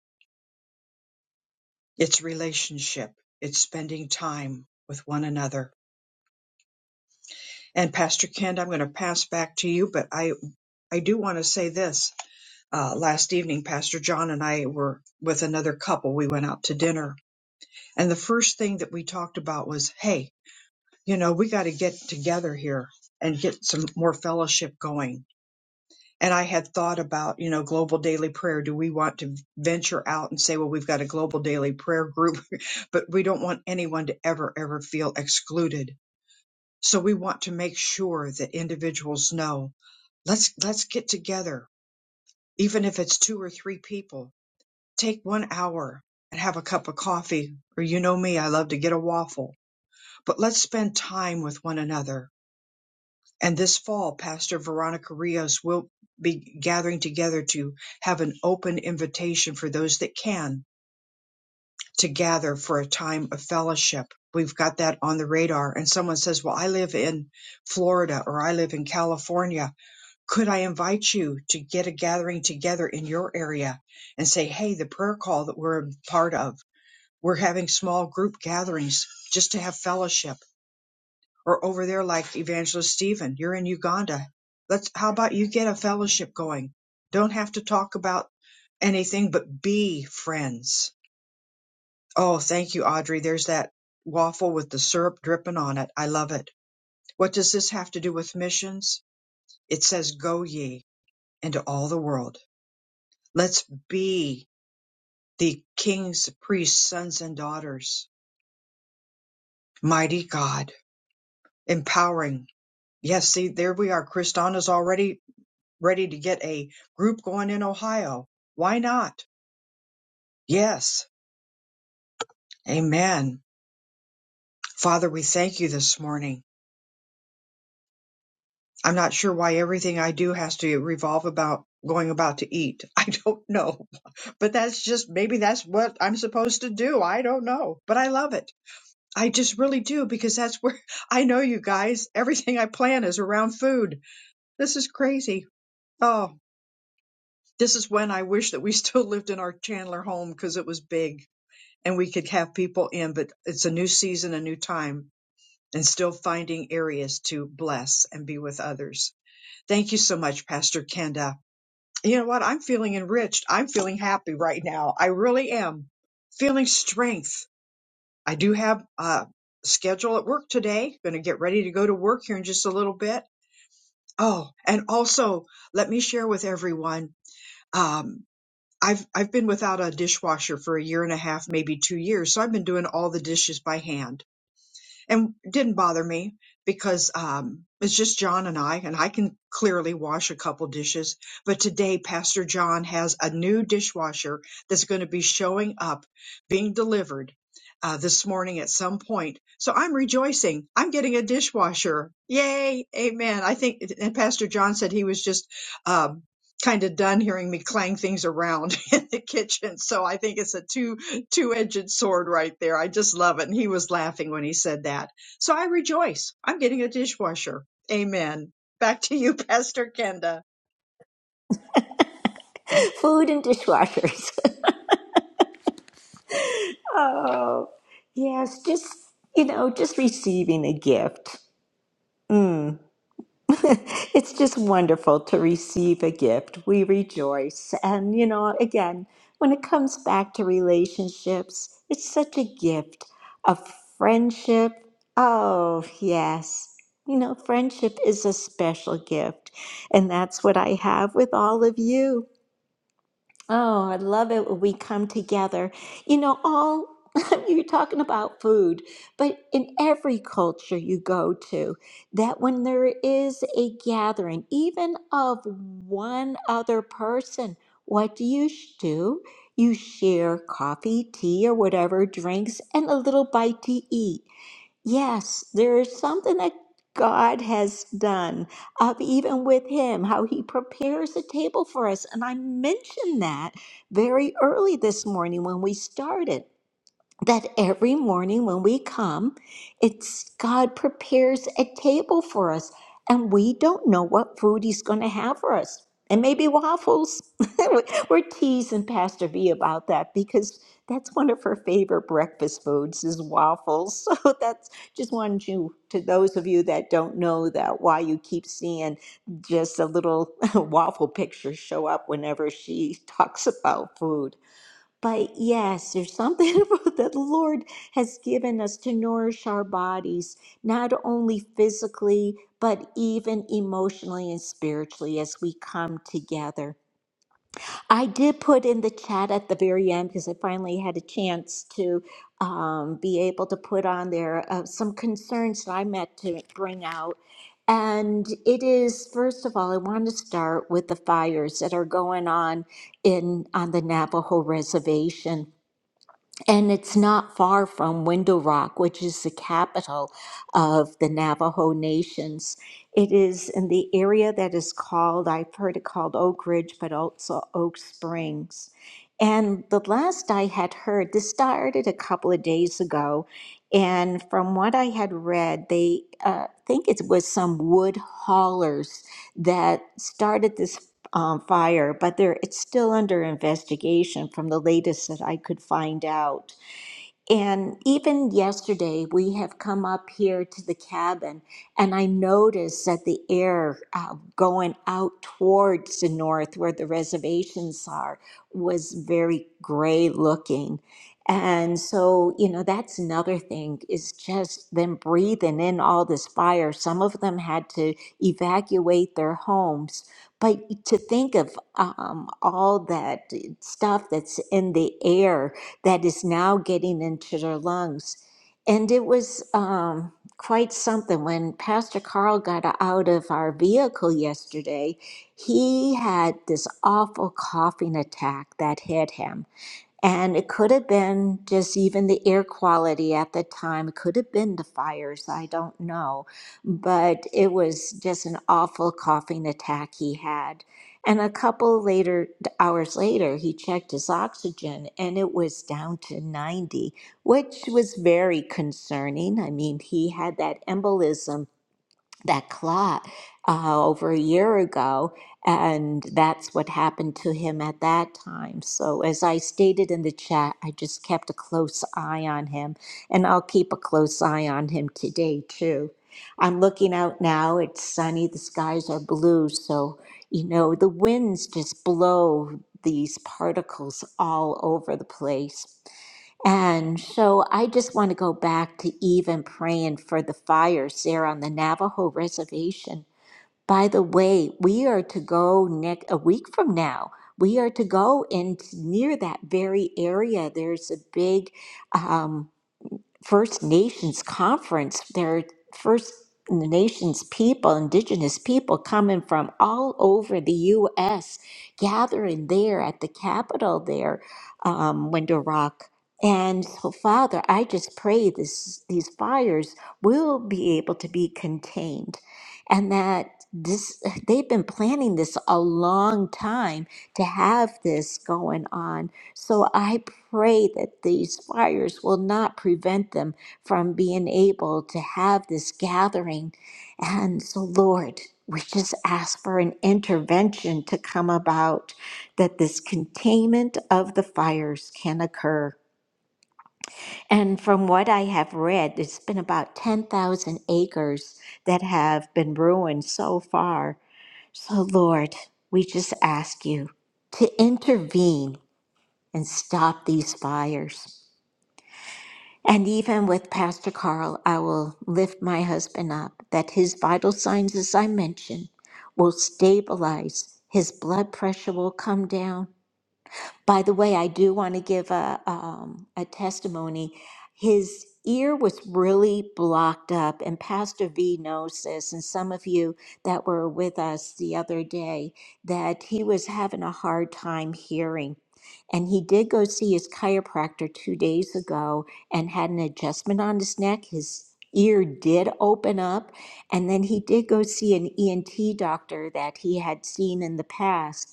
S3: It's relationship, it's spending time with one another. And Pastor Kent, I'm going to pass back to you, but I, I do want to say this. Uh, last evening, Pastor John and I were with another couple. We went out to dinner, and the first thing that we talked about was, hey, you know, we got to get together here and get some more fellowship going. And I had thought about, you know, global daily prayer. Do we want to venture out and say, well, we've got a global daily prayer group, but we don't want anyone to ever, ever feel excluded. So we want to make sure that individuals know, let's, let's get together. Even if it's two or three people, take one hour and have a cup of coffee. Or you know me, I love to get a waffle, but let's spend time with one another And this fall, Pastor Veronica Rios will be gathering together to have an open invitation for those that can to gather for a time of fellowship. We've got that on the radar. And someone says, Well, I live in Florida or I live in California. Could I invite you to get a gathering together in your area and say, Hey, the prayer call that we're a part of, we're having small group gatherings just to have fellowship or over there like evangelist stephen you're in uganda let's how about you get a fellowship going don't have to talk about anything but be friends oh thank you audrey there's that waffle with the syrup dripping on it i love it what does this have to do with missions it says go ye into all the world let's be the king's priests sons and daughters mighty god empowering yes see there we are christana's already ready to get a group going in Ohio. Why not? Yes. Amen. Father, we thank you this morning. I'm not sure why everything I do has to revolve about going about to eat. I don't know. But that's just maybe that's what I'm supposed to do. I don't know. But I love it. I just really do because that's where I know you guys. Everything I plan is around food. This is crazy. Oh, this is when I wish that we still lived in our Chandler home because it was big and we could have people in, but it's a new season, a new time, and still finding areas to bless and be with others. Thank you so much, Pastor Kenda. You know what? I'm feeling enriched. I'm feeling happy right now. I really am feeling strength. I do have a schedule at work today. Going to get ready to go to work here in just a little bit. Oh, and also let me share with everyone. Um, I've I've been without a dishwasher for a year and a half, maybe two years. So I've been doing all the dishes by hand and it didn't bother me because um, it's just John and I, and I can clearly wash a couple dishes. But today, Pastor John has a new dishwasher that's going to be showing up, being delivered uh, this morning at some point. So I'm rejoicing. I'm getting a dishwasher. Yay! Amen. I think, and Pastor John said he was just. Um, Kind of done hearing me clang things around in the kitchen. So I think it's a two two-edged sword right there. I just love it. And he was laughing when he said that. So I rejoice. I'm getting a dishwasher. Amen. Back to you, Pastor Kenda.
S1: Food and dishwashers. oh, yes, just, you know, just receiving a gift. Mm. it's just wonderful to receive a gift. We rejoice. And, you know, again, when it comes back to relationships, it's such a gift of friendship. Oh, yes. You know, friendship is a special gift. And that's what I have with all of you. Oh, I love it when we come together. You know, all you're talking about food, but in every culture you go to, that when there is a gathering, even of one other person, what do you sh- do? You share coffee, tea, or whatever drinks, and a little bite to eat. Yes, there is something that God has done up even with him, how he prepares a table for us. And I mentioned that very early this morning when we started that every morning when we come, it's God prepares a table for us, and we don't know what food He's going to have for us. And maybe waffles. We're teasing Pastor V about that because that's one of her favorite breakfast foods is waffles. So that's just wanted you to those of you that don't know that why you keep seeing just a little waffle picture show up whenever she talks about food. But yes, there's something about that the Lord has given us to nourish our bodies, not only physically, but even emotionally and spiritually as we come together. I did put in the chat at the very end because I finally had a chance to um, be able to put on there uh, some concerns that I meant to bring out. And it is, first of all, I want to start with the fires that are going on in on the Navajo reservation. And it's not far from Window Rock, which is the capital of the Navajo Nations. It is in the area that is called, I've heard it called Oak Ridge, but also Oak Springs. And the last I had heard, this started a couple of days ago. And from what I had read, they uh, think it was some wood haulers that started this um, fire, but there it's still under investigation from the latest that I could find out. And even yesterday, we have come up here to the cabin, and I noticed that the air uh, going out towards the north where the reservations are was very gray looking. And so, you know, that's another thing is just them breathing in all this fire. Some of them had to evacuate their homes. But to think of um, all that stuff that's in the air that is now getting into their lungs. And it was um, quite something. When Pastor Carl got out of our vehicle yesterday, he had this awful coughing attack that hit him. And it could have been just even the air quality at the time. It could have been the fires. I don't know. But it was just an awful coughing attack he had. And a couple later hours later, he checked his oxygen and it was down to 90, which was very concerning. I mean, he had that embolism that clot uh, over a year ago, and that's what happened to him at that time. So, as I stated in the chat, I just kept a close eye on him, and I'll keep a close eye on him today, too. I'm looking out now, it's sunny, the skies are blue, so you know, the winds just blow these particles all over the place. And so I just want to go back to even praying for the fires there on the Navajo reservation. By the way, we are to go next a week from now. We are to go and near that very area. There's a big, um, First Nations conference. There are First Nations people, Indigenous people coming from all over the U.S., gathering there at the Capitol there, um, Window Rock. And so, Father, I just pray this these fires will be able to be contained, and that this they've been planning this a long time to have this going on so I pray that these fires will not prevent them from being able to have this gathering. And so, Lord, we just ask for an intervention to come about that this containment of the fires can occur. And from what I have read, it's been about 10,000 acres that have been ruined so far. So, Lord, we just ask you to intervene and stop these fires. And even with Pastor Carl, I will lift my husband up that his vital signs, as I mentioned, will stabilize. His blood pressure will come down. By the way, I do want to give a, um, a testimony. His ear was really blocked up, and Pastor V knows this, and some of you that were with us the other day, that he was having a hard time hearing. And he did go see his chiropractor two days ago and had an adjustment on his neck. His ear did open up. And then he did go see an ENT doctor that he had seen in the past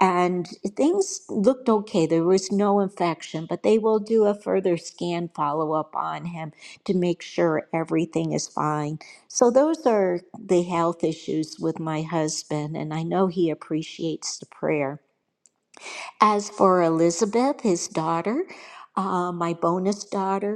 S1: and things looked okay. There was no infection, but they will do a further scan follow up on him to make sure everything is fine. So, those are the health issues with my husband, and I know he appreciates the prayer. As for Elizabeth, his daughter, uh, my bonus daughter,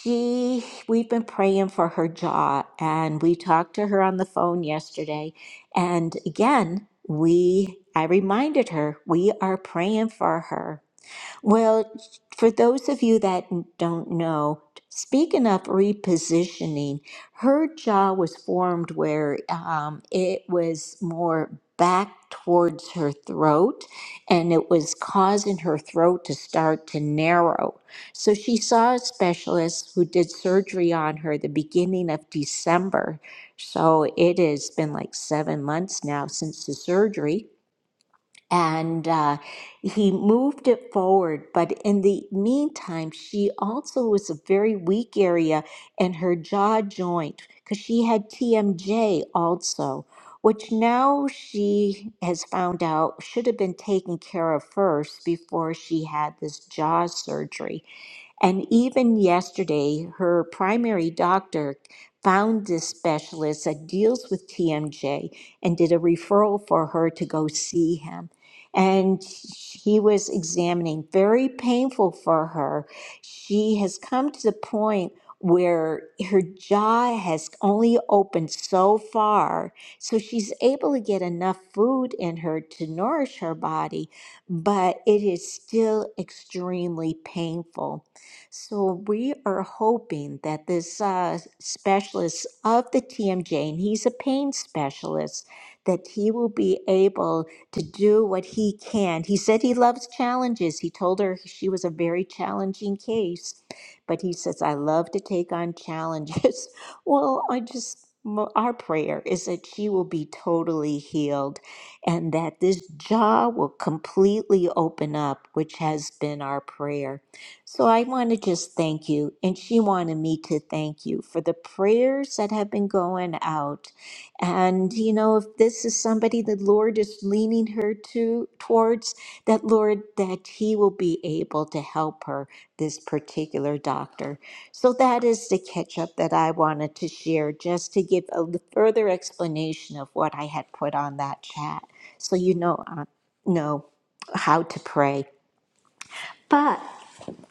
S1: she, we've been praying for her jaw, and we talked to her on the phone yesterday. And again, we, I reminded her, we are praying for her. Well, for those of you that don't know, speaking of repositioning, her jaw was formed where um, it was more back towards her throat and it was causing her throat to start to narrow. So she saw a specialist who did surgery on her the beginning of December. So it has been like seven months now since the surgery and uh, he moved it forward. But in the meantime, she also was a very weak area in her jaw joint because she had TMJ also, which now she has found out should have been taken care of first before she had this jaw surgery. And even yesterday, her primary doctor found this specialist that deals with TMJ and did a referral for her to go see him. And he was examining, very painful for her. She has come to the point where her jaw has only opened so far. So she's able to get enough food in her to nourish her body, but it is still extremely painful. So we are hoping that this uh, specialist of the TMJ, and he's a pain specialist, that he will be able to do what he can. He said he loves challenges. He told her she was a very challenging case, but he says, I love to take on challenges. Well, I just, m- our prayer is that she will be totally healed and that this jaw will completely open up, which has been our prayer. So I want to just thank you. And she wanted me to thank you for the prayers that have been going out. And, you know, if this is somebody the Lord is leaning her to towards, that Lord, that He will be able to help her, this particular doctor. So that is the catch up that I wanted to share, just to give a further explanation of what I had put on that chat. So you know, uh, know how to pray. but.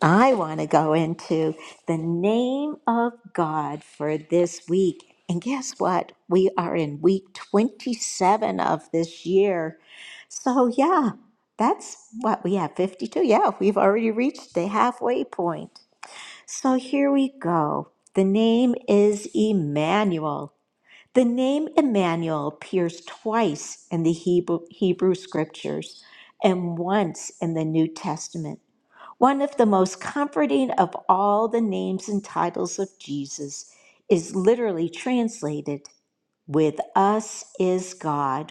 S1: I want to go into the name of God for this week. And guess what? We are in week 27 of this year. So, yeah, that's what we have 52. Yeah, we've already reached the halfway point. So, here we go. The name is Emmanuel. The name Emmanuel appears twice in the Hebrew, Hebrew scriptures and once in the New Testament. One of the most comforting of all the names and titles of Jesus is literally translated, With us is God.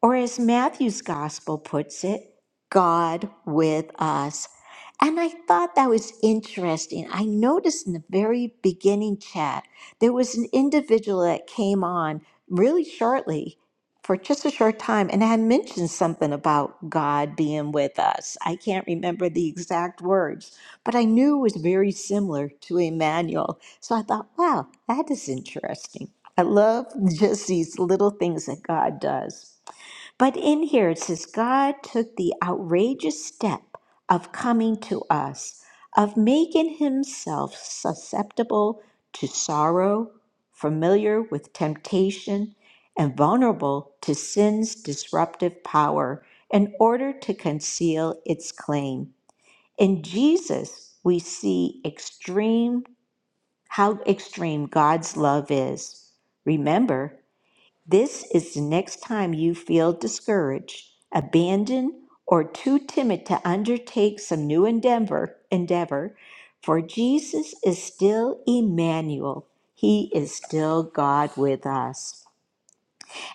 S1: Or as Matthew's gospel puts it, God with us. And I thought that was interesting. I noticed in the very beginning chat, there was an individual that came on really shortly for just a short time and had mentioned something about God being with us. I can't remember the exact words, but I knew it was very similar to Emmanuel. So I thought, wow, that is interesting. I love just these little things that God does. But in here it says, God took the outrageous step of coming to us, of making himself susceptible to sorrow, familiar with temptation, and vulnerable to sin's disruptive power in order to conceal its claim. In Jesus, we see extreme how extreme God's love is. Remember, this is the next time you feel discouraged, abandoned, or too timid to undertake some new endeavor, endeavor, for Jesus is still Emmanuel. He is still God with us.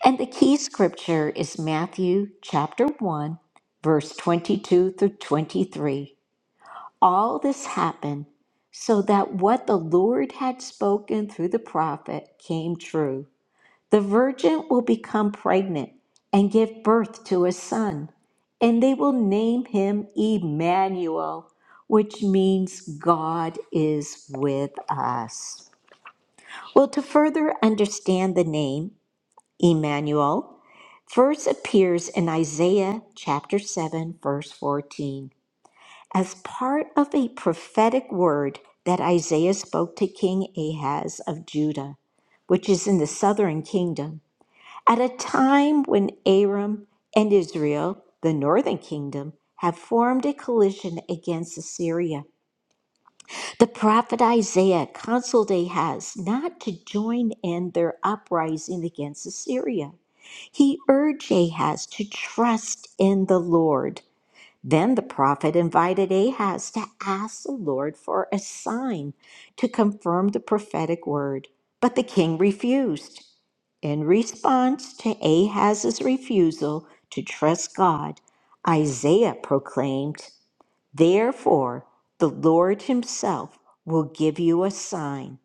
S1: And the key scripture is Matthew chapter 1, verse 22 through 23. All this happened so that what the Lord had spoken through the prophet came true. The virgin will become pregnant and give birth to a son, and they will name him Emmanuel, which means God is with us. Well, to further understand the name Emmanuel, first appears in Isaiah chapter 7, verse 14, as part of a prophetic word that Isaiah spoke to King Ahaz of Judah, which is in the southern kingdom. At a time when Aram and Israel, the northern kingdom, have formed a coalition against Assyria, the prophet Isaiah counseled Ahaz not to join in their uprising against Assyria. He urged Ahaz to trust in the Lord then the prophet invited Ahaz to ask the Lord for a sign to confirm the prophetic word, but the king refused. In response to Ahaz's refusal to trust God, Isaiah proclaimed, Therefore, the Lord himself will give you a sign.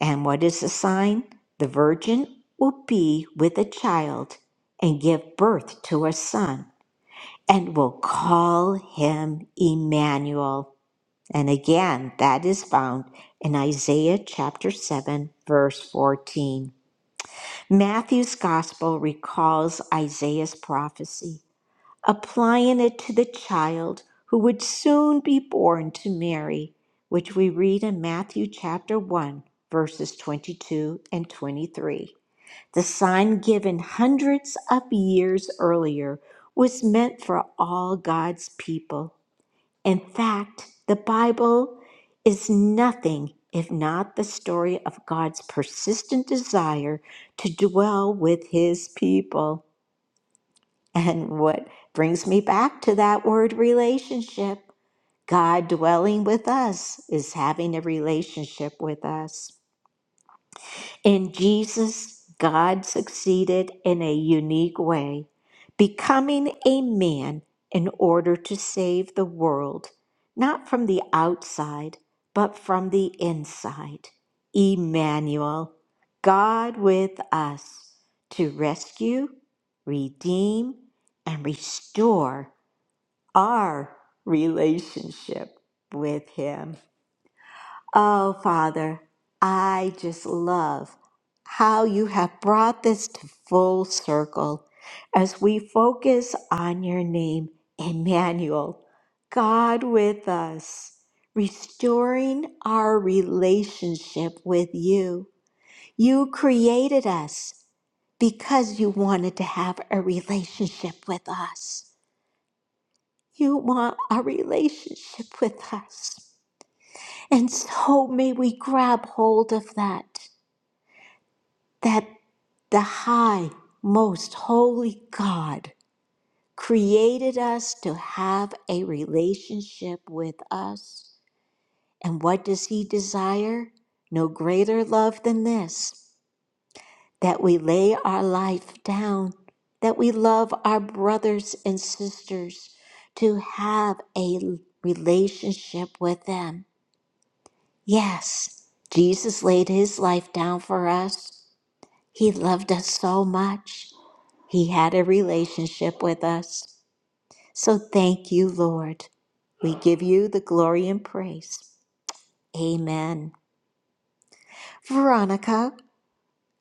S1: And what is the sign? The virgin will be with a child and give birth to a son and will call him Emmanuel. And again, that is found in Isaiah chapter 7, verse 14. Matthew's gospel recalls Isaiah's prophecy, applying it to the child who would soon be born to Mary, which we read in Matthew chapter 1, verses 22 and 23. The sign given hundreds of years earlier was meant for all God's people. In fact, the Bible is nothing if not the story of God's persistent desire to dwell with his people. And what brings me back to that word relationship God dwelling with us is having a relationship with us. In Jesus, God succeeded in a unique way, becoming a man in order to save the world, not from the outside, but from the inside. Emmanuel, God with us, to rescue, redeem, and restore our relationship with Him. Oh, Father, I just love how you have brought this to full circle as we focus on your name, Emmanuel, God with us, restoring our relationship with you. You created us because you wanted to have a relationship with us. You want a relationship with us. And so may we grab hold of that, that the high, most holy God created us to have a relationship with us. And what does he desire? No greater love than this that we lay our life down, that we love our brothers and sisters, to have a relationship with them. Yes, Jesus laid his life down for us. He loved us so much. He had a relationship with us. So thank you, Lord. We give you the glory and praise. Amen. Veronica,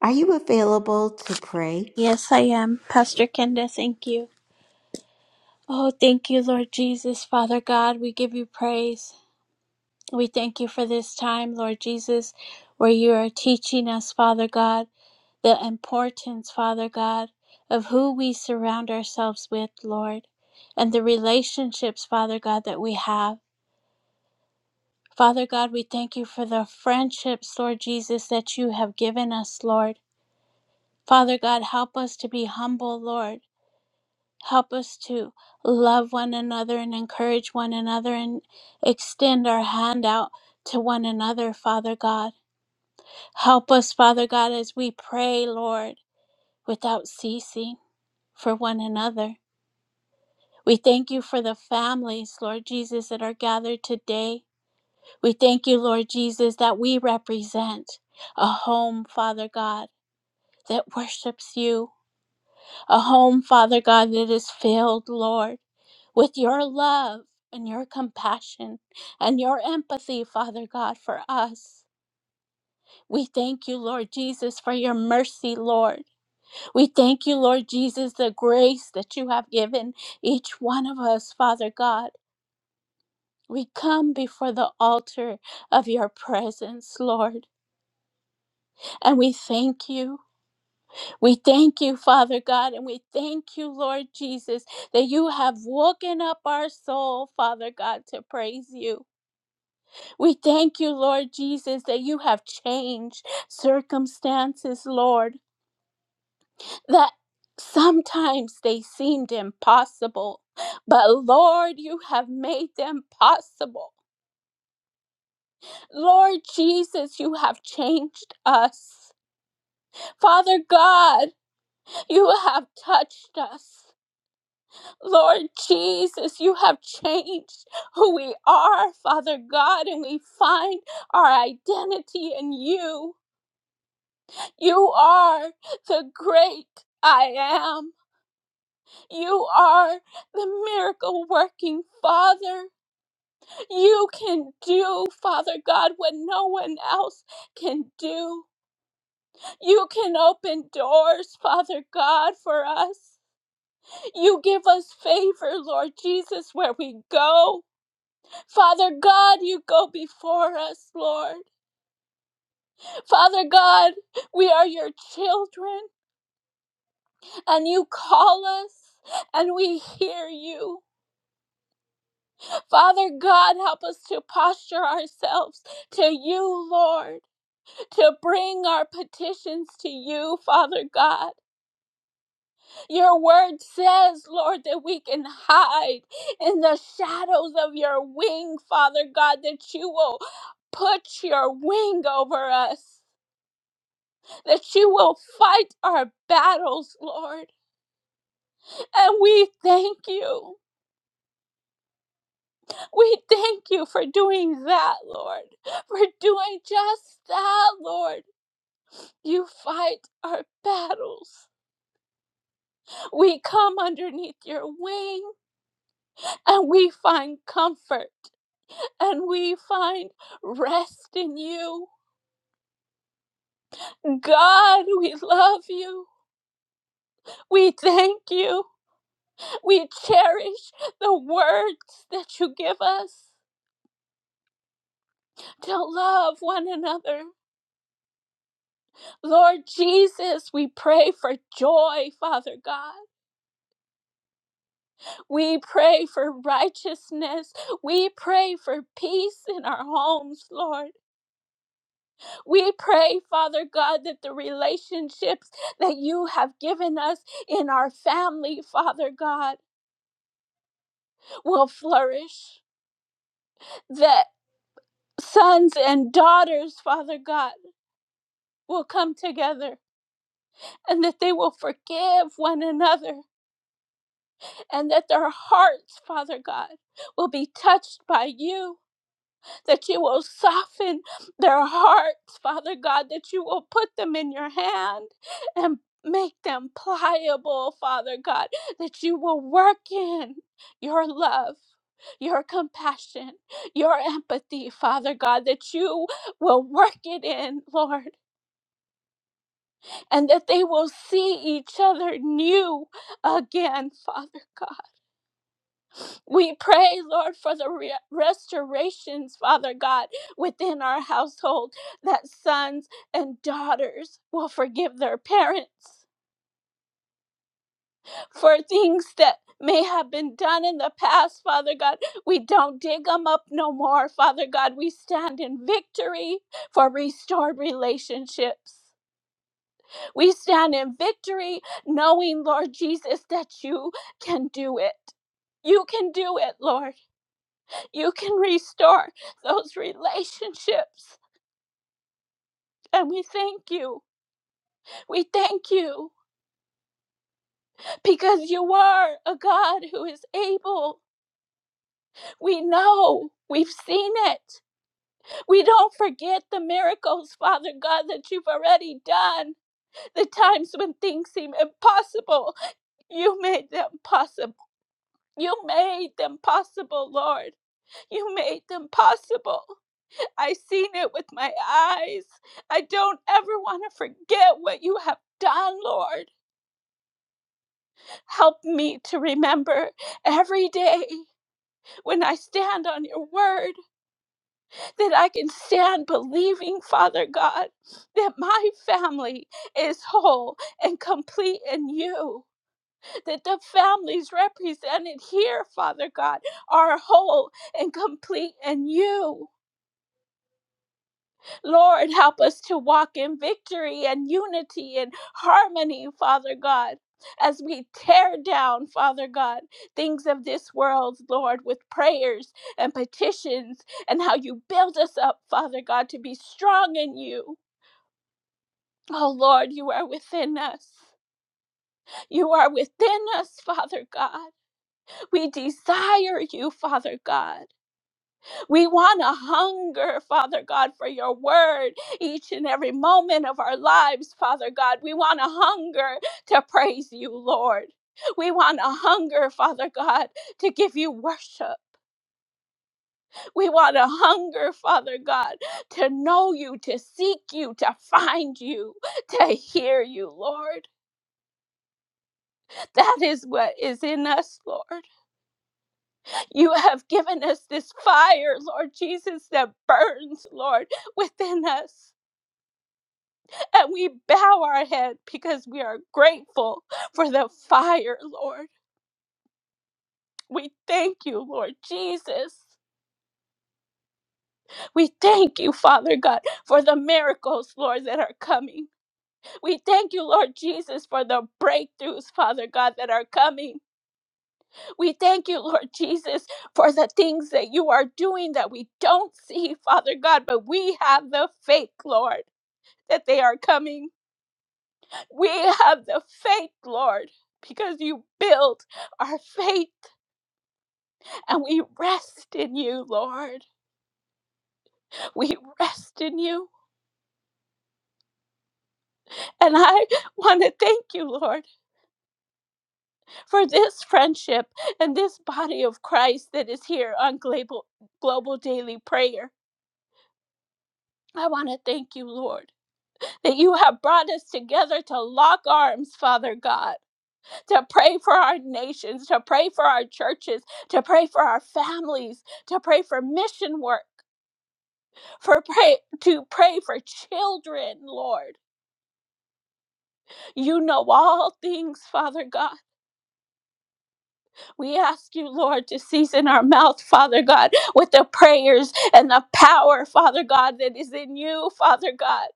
S1: are you available to pray?
S7: Yes, I am, Pastor Kenda. Thank you. Oh, thank you, Lord Jesus. Father God, we give you praise. We thank you for this time, Lord Jesus, where you are teaching us, Father God, the importance, Father God, of who we surround ourselves with, Lord, and the relationships, Father God, that we have. Father God, we thank you for the friendships, Lord Jesus, that you have given us, Lord. Father God, help us to be humble, Lord. Help us to love one another and encourage one another and extend our hand out to one another, Father God. Help us, Father God, as we pray, Lord, without ceasing for one another. We thank you for the families, Lord Jesus, that are gathered today. We thank you, Lord Jesus, that we represent a home, Father God, that worships you, a home, Father God, that is filled, Lord. with your love and your compassion and your empathy, Father God, for us. We thank you, Lord Jesus, for your mercy, Lord. We thank you, Lord Jesus, the grace that you have given each one of us, Father God. We come before the altar of your presence, Lord, and we thank you. We thank you, Father God, and we thank you, Lord Jesus, that you have woken up our soul, Father God, to praise you. We thank you, Lord Jesus, that you have changed circumstances, Lord, that sometimes they seemed impossible, but Lord, you have made them possible. Lord Jesus, you have changed us. Father God, you have touched us. Lord Jesus, you have changed who we are, Father God, and we find our identity in you. You are the great I am. You are the miracle working Father. You can do, Father God, what no one else can do. You can open doors, Father God, for us. You give us favor, Lord Jesus, where we go. Father God, you go before us, Lord. Father God, we are your children, and you call us, and we hear you. Father God, help us to posture ourselves to you, Lord, to bring our petitions to you, Father God. Your word says, Lord, that we can hide in the shadows of your wing, Father God, that you will put your wing over us. That you will fight our battles, Lord. And we thank you. We thank you for doing that, Lord for doing just that, Lord. You fight our battles. We come underneath your wing and we find comfort and we find rest in you. God, we love you. We thank you. We cherish the words that you give us to love one another. Lord Jesus, we pray for joy, Father God. We pray for righteousness. We pray for peace in our homes, Lord. We pray, Father God, that the relationships that you have given us in our family, Father God, will flourish. That sons and daughters, Father God, will come together and that they will forgive one another and that their hearts, Father God, will be touched by you that you will soften their hearts, Father God, that you will put them in your hand and make them pliable, Father God, that you will work in your love. Your compassion, your empathy, Father God, that you will work it in, Lord, and that they will see each other new again, Father God. We pray, Lord, for the re- restorations, Father God, within our household, that sons and daughters will forgive their parents for things that may have been done in the past, Father God. We don't dig them up no more, Father God. We stand in victory for restored relationships. We stand in victory knowing, Lord Jesus, that you can do it. You can do it, Lord. You can restore those relationships. And we thank you. We thank you because you are a God who is able. We know. We've seen it. We don't forget the miracles, Father God, that you've already done. The times when things seem impossible, you made them possible. You made them possible, Lord. You made them possible. I seen it with my eyes. I don't ever want to forget what you have done, Lord. Help me to remember every day when I stand on your word that I can stand believing, Father God, that my family is whole and complete in you, that the families represented here, Father God, are whole and complete in you Lord, help us to walk in victory and unity and harmony, Father God, as we tear down, Father God, things of this world, Lord, with prayers and petitions, and how you build us up, Father God, to be strong in you. Oh, Lord, you are within us. You are within us, Father God. We desire you, Father God. We want to hunger, Father God, for your word each and every moment of our lives, Father God. We want to hunger to praise you, Lord. We want to hunger, Father God, to give you worship. We want to hunger, Father God, to know you, to seek you, to find you, to hear you, Lord. That is what is in us, Lord. You have given us this fire, Lord Jesus, that burns, Lord, within us. and we bow our head because we are grateful for the fire, Lord. We thank you, Lord Jesus. We thank you, Father God, for the miracles, Lord, that are coming. We thank you, Lord Jesus, for the breakthroughs, Father God, that are coming. We thank you, Lord Jesus, for the things that you are doing that we don't see, Father God, but we have the faith, Lord, that they are coming. We have the faith, Lord, because you built our faith and we rest in you, Lord. We rest in you. And I want to thank you, Lord, for this friendship and this body of Christ that is here on Global, Global Daily Prayer. I want to thank you, Lord, that you have brought us together to lock arms, Father God, to pray for our nations, to pray for our churches, to pray for our families, to pray for mission work. for pray to pray for children, Lord. You know all things, Father God. We ask you, Lord, to season our mouth, Father God, with the prayers and the power, Father God, that is in you, Father God.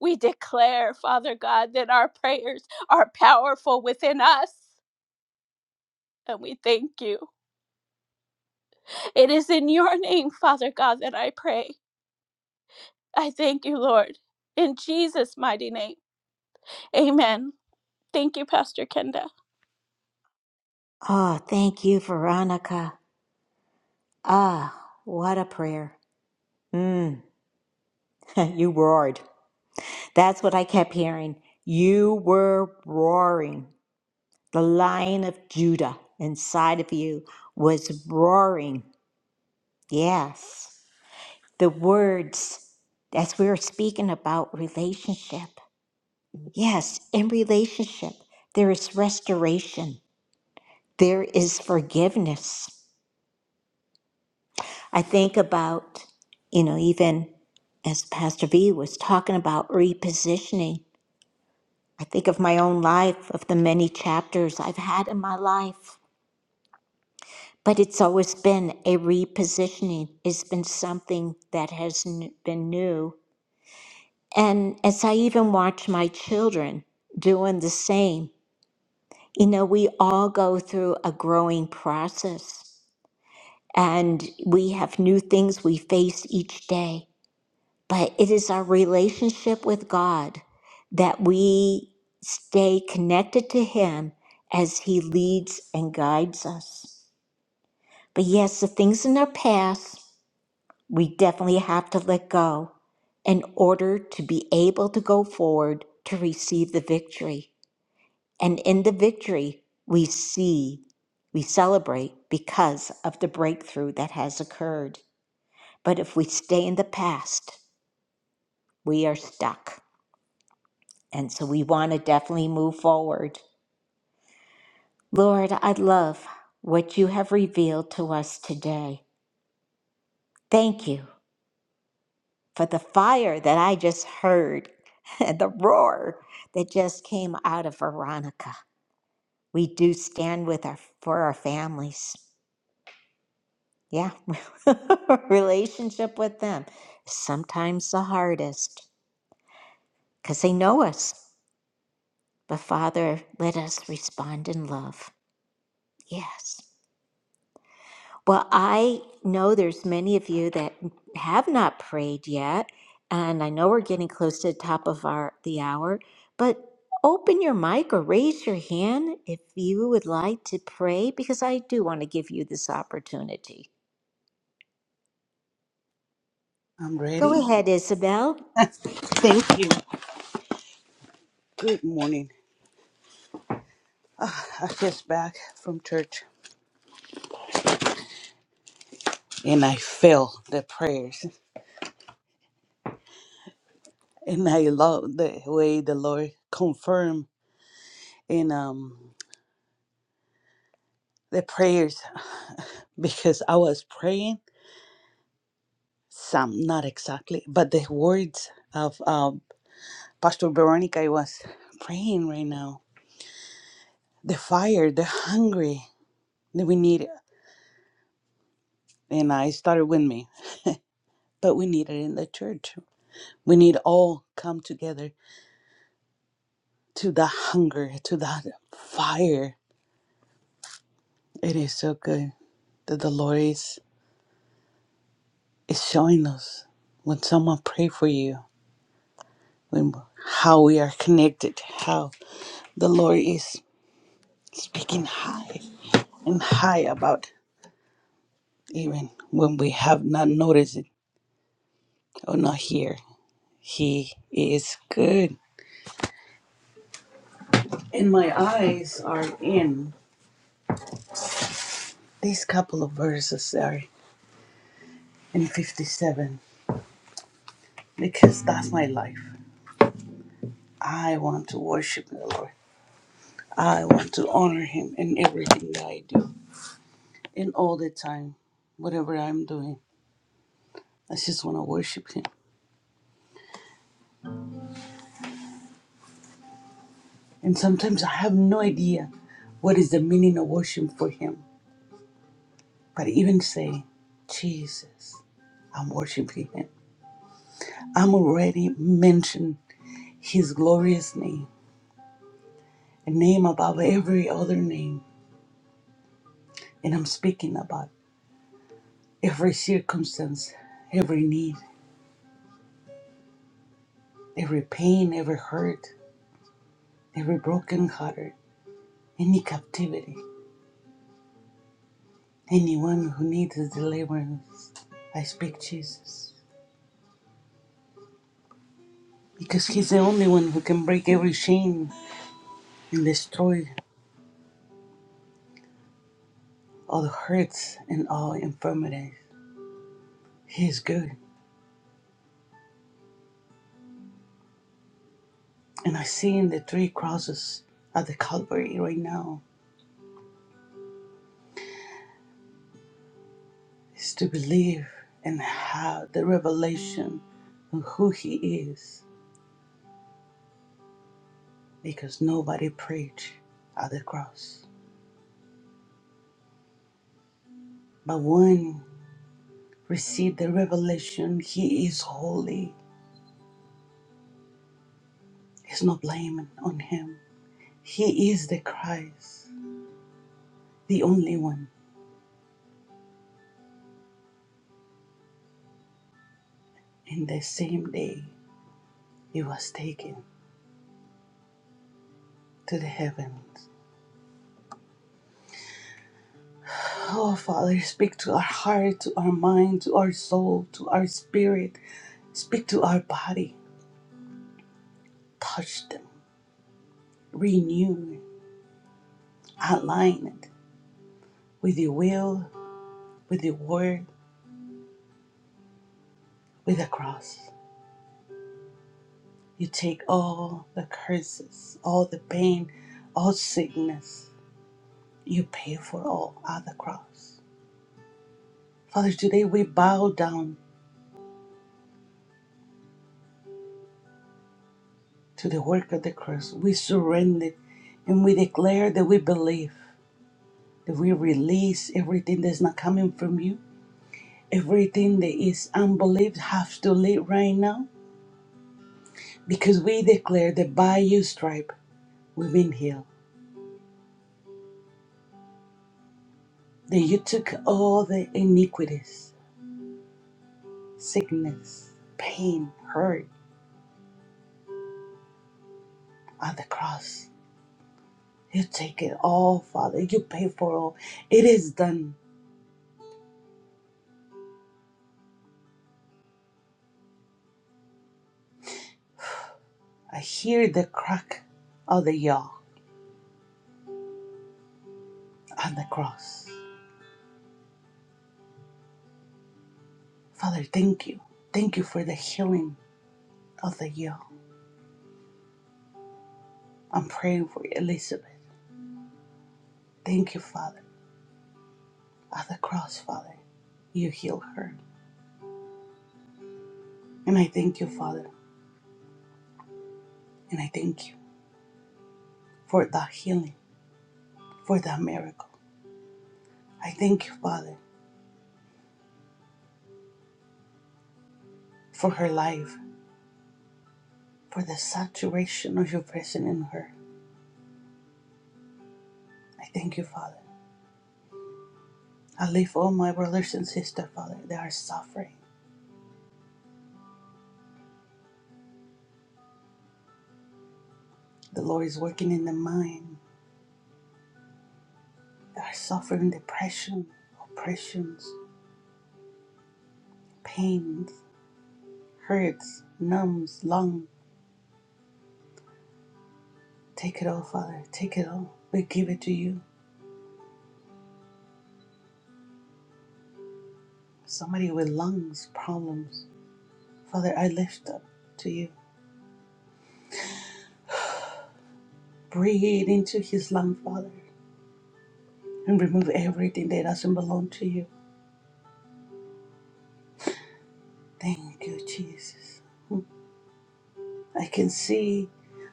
S7: We declare, Father God, that our prayers are powerful within us, and we thank you. It is in your name, Father God, that I pray. I thank you, Lord. In Jesus' mighty name, amen. Thank you, Pastor Kenda.
S1: Oh, thank you, Veronica. Ah, what a prayer. Mm, you roared. That's what I kept hearing. You were roaring. The lion of Judah inside of you was roaring. Yes, the words, as we were speaking about relationship. Yes, in relationship, there is restoration, there is forgiveness. I think about, you know, even as Pastor V was talking about repositioning, I think of my own life, of the many chapters I've had in my life. But it's always been a repositioning. It's been something that has n- been new. And as I even watch my children doing the same, you know, we all go through a growing process and we have new things we face each day. But it is our relationship with God that we stay connected to Him as He leads and guides us. But yes, the things in our past. we definitely have to let go in order to be able to go forward to receive the victory. And in the victory, we see, we celebrate because of the breakthrough that has occurred. But if we stay in the past, we are stuck. And so we want to definitely move forward. Lord, I love what you have revealed to us today. Thank you But the fire that I just heard the roar that just came out of Veronica, we do stand with our for our families. Yeah, relationship with them is sometimes the hardest because they know us. But Father, let us respond in love. Yes. Well, I know there's many of you that have not prayed yet, and I know we're getting close to the top of our the hour, but open your mic or raise your hand if you would like to pray because I do want to give you this opportunity.
S8: I'm
S1: Go
S8: ready.
S1: ahead, Isabel.
S8: Thank you. Good morning. Ah, I just back from church and I felt the prayers and I love the way the Lord confirmed in um the prayers because I was praying some not exactly but the words of um, Pastor Veronica I was praying right now. The fire, the hungry that we need it. and I started with me, but we need it in the church. We need all come together to that hunger, to that fire. It is so good that the Lord is, is showing us when someone pray for you, when how we are connected, how the Lord is speaking high and high about even when we have not noticed it or not here. He is good. And my eyes are in these couple of verses are in 57 because that's my life. I want to worship the Lord. I want to honor him in everything that I do, in all the time, whatever I'm doing. I just want to worship him. And sometimes I have no idea what is the meaning of worship for him. But even say, Jesus, I'm worshiping him. I'm already mentioned his glorious name, a name above every other name. And I'm speaking about every circumstance, every need, every pain, every hurt, every broken heart, any captivity. Anyone who needs deliverance, I speak Jesus. Because He's the only one who can break every shame and destroy all the hurts and all infirmities. He is good. And I see in the three crosses at the Calvary right now is to believe and have the revelation of who He is. Because nobody preached at the cross. But one received the revelation He is holy. There's no blame on Him He is the Christ, the only one. In the same day, he was taken to the heavens. Oh, Father, speak to our heart, to our mind, to our soul, to our spirit. Speak to our body. Touch them. Renew it. Align it with your will, with your word, with the cross. You take all the curses, all the pain, all sickness. You pay for all at the cross. Father, today we bow down to the work of the cross. We surrender and we declare that we believe, that we release everything that's not coming from you. Everything that is unbelieved has to leave right now because we declare that by your stripe we've been healed. That you took all the iniquities, sickness, pain, hurt on the cross. You take it all, Father. You pay for all. It is done. I hear the crack of the yaw on the cross. Father, thank you. Thank you for the healing of the young. I'm praying for Elizabeth. Thank you, Father. At the cross, Father, you heal her. And I thank you, Father. And I thank you for that healing, for that miracle. I thank you, Father, for her life, for the saturation of your presence in her. I thank you, Father. I lift all my brothers and sisters, Father, that are suffering. The Lord is working in the mind, that are suffering depression, oppressions, pains. hurts, numbs, lung. Take it all, Father. Take it all. We give it to you. Somebody with lungs problems. Father, I lift up to you. Breathe into his lung, Father, and remove everything that doesn't belong to you. Thank you, Jesus. I can see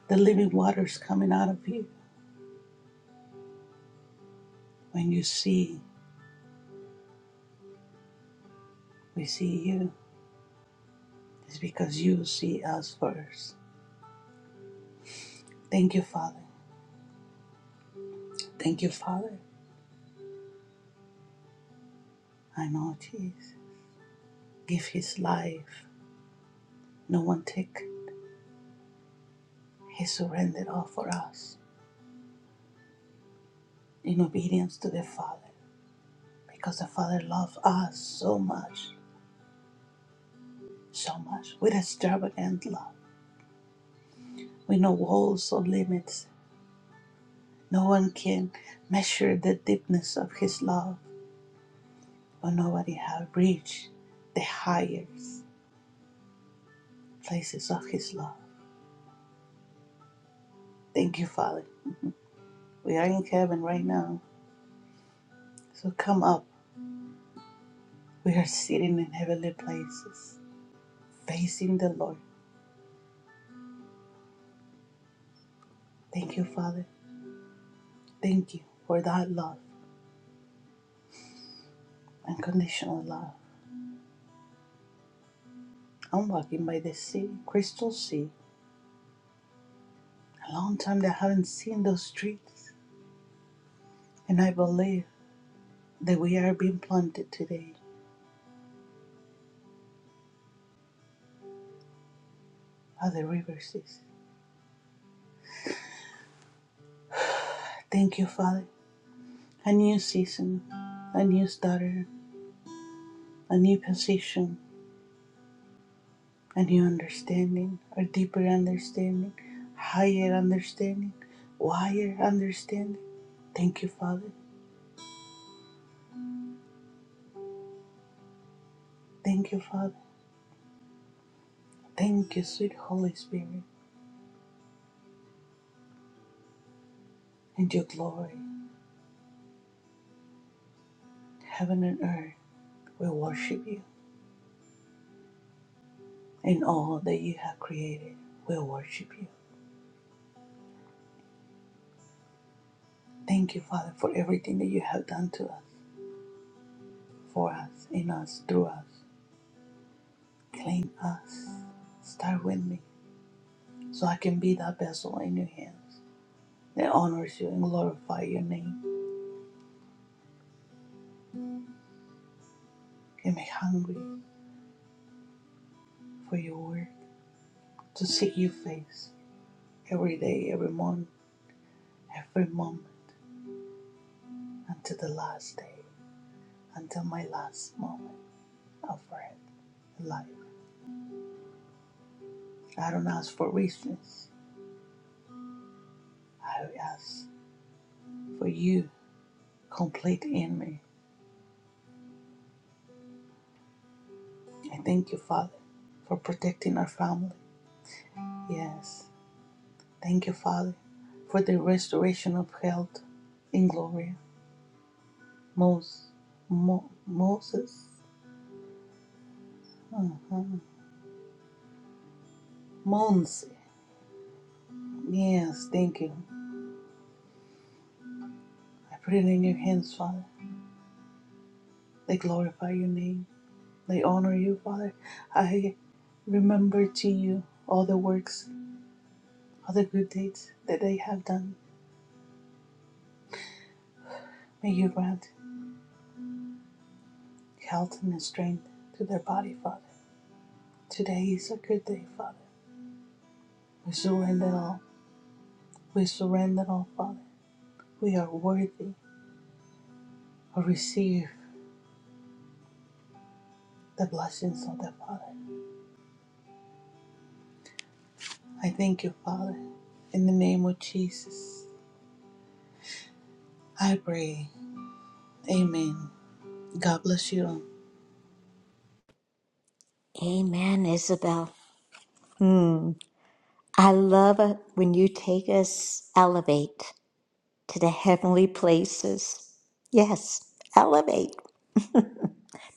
S8: the living waters coming out of you. When you see, we see you. It's because you see us first. Thank you, Father. Thank you, Father. I know, Jesus. Give his life. No one took. He surrendered all for us in obedience to the Father because the Father loved us so much, so much with extravagant love, with no walls or limits. No one can measure the deepness of His love, but nobody has reached the higher places of His love. Thank you, Father. We are in heaven right now, so come up. We are sitting in heavenly places, facing the Lord. Thank you, Father. Thank you for that love, unconditional love. I'm walking by the sea, crystal sea. A long time that I haven't seen those streets. And I believe that we are being planted today by the river seas. Thank you, Father. A new season, a new starter, a new position, a new understanding, a deeper understanding, higher understanding, wider understanding. Thank you, Father. Thank you, Father. Thank you, sweet Holy Spirit, and your glory. Heaven and earth will worship you, and all that you have created will worship you. Thank you, Father, for everything that you have done to us, for us, in us, through us. Claim us. Start with me, so I can be that vessel in your hands that honors you and glorifies your name. Get me hungry for your word, to seek your face every day, every morning, every moment, until the last day, until my last moment of breath, life. I don't ask for reasons. I ask for you complete in me. I thank you, Father, for protecting our family. Yes. Thank you, Father, for the restoration of health in glory. Moses, Mo- Moses. Mhm. Monse. Yes, thank you. I put it in your hands, Father. They glorify your name. They honor you, Father. I remember to you all the works, all the good deeds that they have done. May you grant health and strength to their body, Father. Today is a good day, Father. We surrender all. We surrender all, Father. We are worthy of receive the blessings of the Father. I thank you, Father. In the name of Jesus, I pray. Amen. God bless you.
S1: Amen, Isabel. Hmm. I love it when you take us elevate to the heavenly places. Yes, elevate.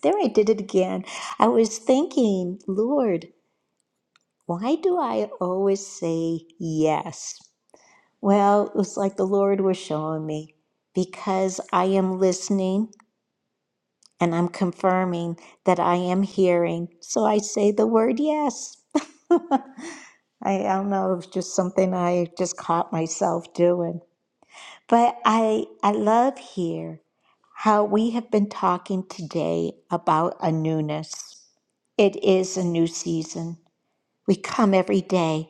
S1: There I did it again. I was thinking, Lord, why do I always say yes? Well, it was like the Lord was showing me because I am listening and I'm confirming that I am hearing. So I say the word yes. I, I don't know, it's just something I just caught myself doing. But I I love here how we have been talking today about a newness. It is a new season. We come every day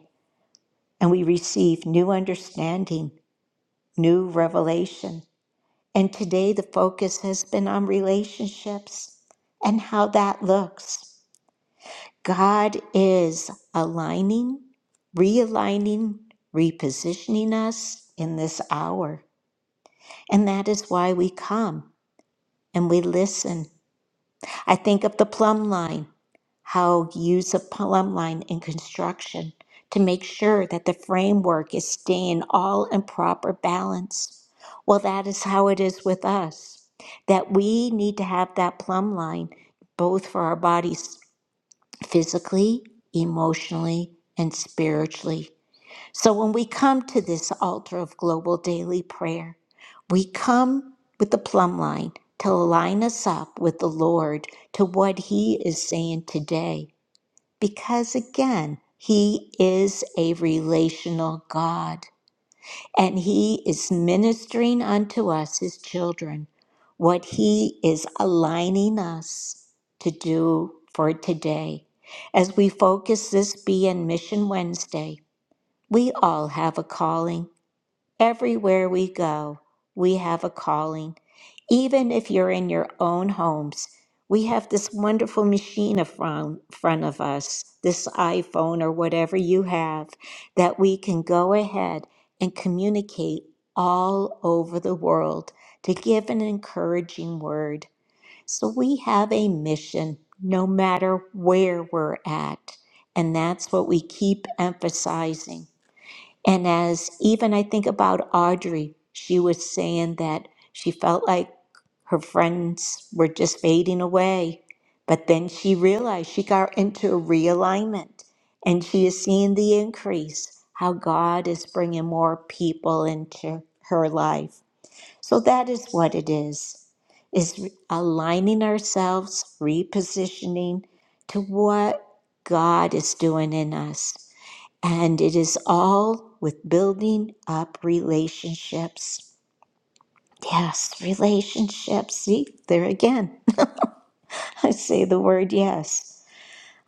S1: and we receive new understanding, new revelation. And today the focus has been on relationships and how that looks. God is aligning, realigning, repositioning us in this hour. And that is why we come and we listen. I think of the plumb line. how use of plumb line in construction to make sure that the framework is staying all in proper balance. Well, that is how it is with us, that we need to have that plumb line both for our bodies physically, emotionally, and spiritually. So when we come to this altar of global daily prayer, we come with the plumb line to line us up with the Lord to what He is saying today because again, he is a relational God and he is ministering unto us, his children, what he is aligning us to do for today. As we focus this Be in Mission Wednesday, we all have a calling. Everywhere we go, we have a calling. Even if you're in your own homes, we have this wonderful machine in front front of us, this iPhone or whatever you have, that we can go ahead and communicate all over the world to give an encouraging word. So we have a mission no matter where we're at. And that's what we keep emphasizing. And as even I think about Audrey, she was saying that she felt like her friends were just fading away. But then she realized she got into a realignment and she is seeing the increase, how God is bringing more people into her life. So that is what it is, is aligning ourselves, repositioning to what God is doing in us. And it is all with building up relationships. Yes, relationships. See, there again, I say the word yes.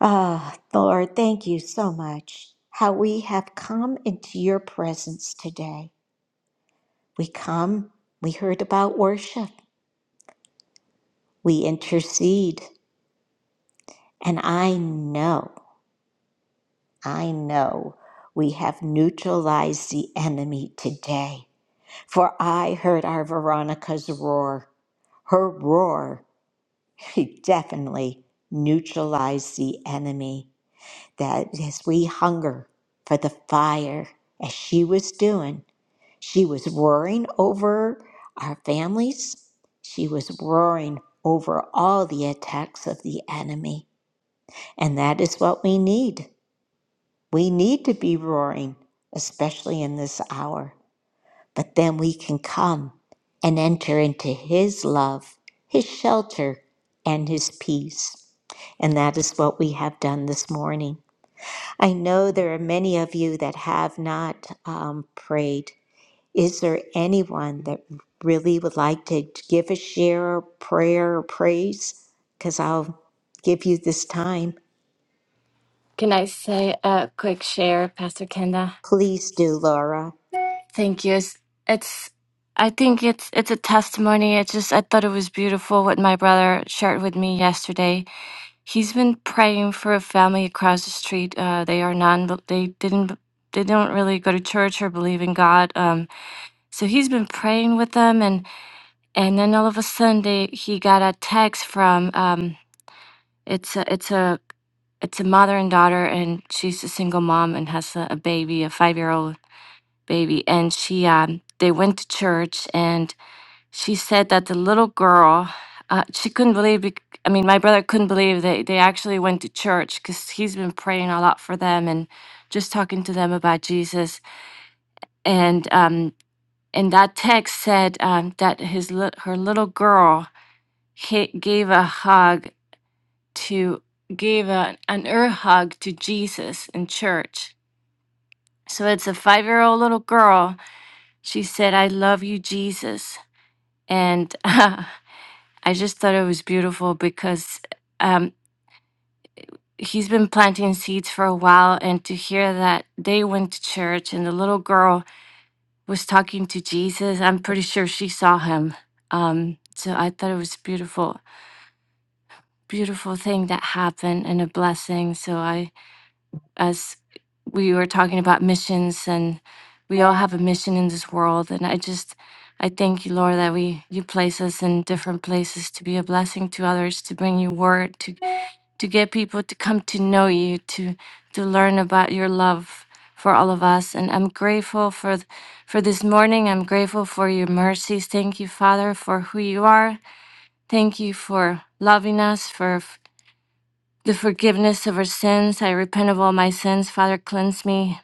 S1: Ah, Lord, thank you so much. How we have come into your presence today. We come, we heard about worship, we intercede, and I know, I know we have neutralized the enemy today. For I heard our Veronica's roar. Her roar definitely neutralized the enemy. That as we hunger for the fire, as she was doing, she was roaring over our families. She was roaring over all the attacks of the enemy. And that is what we need. We need to be roaring, especially in this hour. But then we can come and enter into His love, His shelter, and His peace. And that is what we have done this morning. I know there are many of you that have not um, prayed. Is there anyone that really would like to give a share, or prayer, or praise? Because I'll give you this time.
S9: Can I say a quick share, Pastor Kenda?
S1: Please do, Laura.
S9: Thank you. It's, it's I think it's it's a testimony. It's just I thought it was beautiful what my brother shared with me yesterday. He's been praying for a family across the street. Uh, they are non they didn't they don't really go to church or believe in God. Um, so he's been praying with them, and and then all of a sudden they, he got a text from um, It's a it's a it's a mother and daughter, and she's a single mom and has a, a baby, a five year old baby. And she um, they went to church, and she said that the little girl, uh, she couldn't believe. bec- I mean, my brother couldn't believe they they actually went to church because he's been praying a lot for them and just talking to them about Jesus. And um, and that text said um, that his lit- her little girl hit, gave a hug to give a, an ear hug to Jesus in church. So it's a five year old little girl. She said, I love you, Jesus. And I just thought it was beautiful because um, he's been planting seeds for a while. And to hear that they went to church and the little girl was talking to Jesus, I'm pretty sure she saw him. Um, so I thought it was beautiful, beautiful thing that happened and a blessing. So I as we were talking about missions and we all have a mission in this world and i just i thank you lord that we you place us in different places to be a blessing to others to bring your word to to get people to come to know you to to learn about your love for all of us and i'm grateful for th- for this morning i'm grateful for your mercies thank you father for who you are thank you for loving us For the forgiveness of our sins. I repent of all my sins. Father, cleanse me.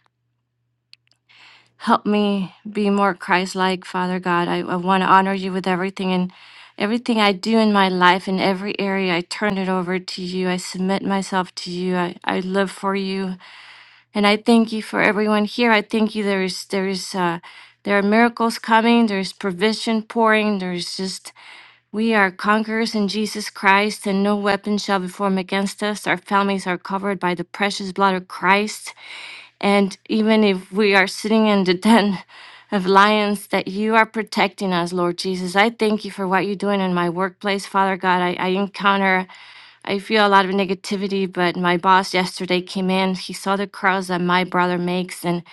S9: Help me be more Christ like, Father God. I, I want to honor you with everything and everything I do in my life, in every area. I turn it over to you. I submit myself to you. I, I live for you. And I thank you for everyone here. I thank you. There is, there is, uh, there are miracles coming. There's provision pouring. There's just we are conquerors in Jesus Christ, and no weapon shall be formed against us. Our families are covered by the precious blood of Christ. And even if we are sitting in the den of lions, that you are protecting us, Lord Jesus. I thank you for what you're doing in my workplace, Father God. I, I encounter I feel a lot of negativity, but my boss yesterday came in. He saw the crowds that my brother makes, and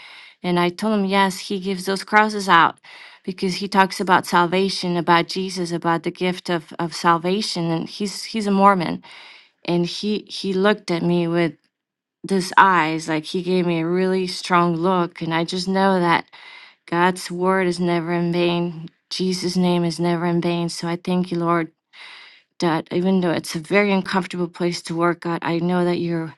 S9: and I told him, yes, he gives those crosses out because he talks about salvation, about Jesus, about the gift of, of salvation. And he's he's a Mormon. And he he looked at me with this eyes, like he gave me a really strong look. And I just know that God's word is never in vain. Jesus' name is never in vain. So I thank you, Lord, that even though it's a very uncomfortable place to work at, I know that you're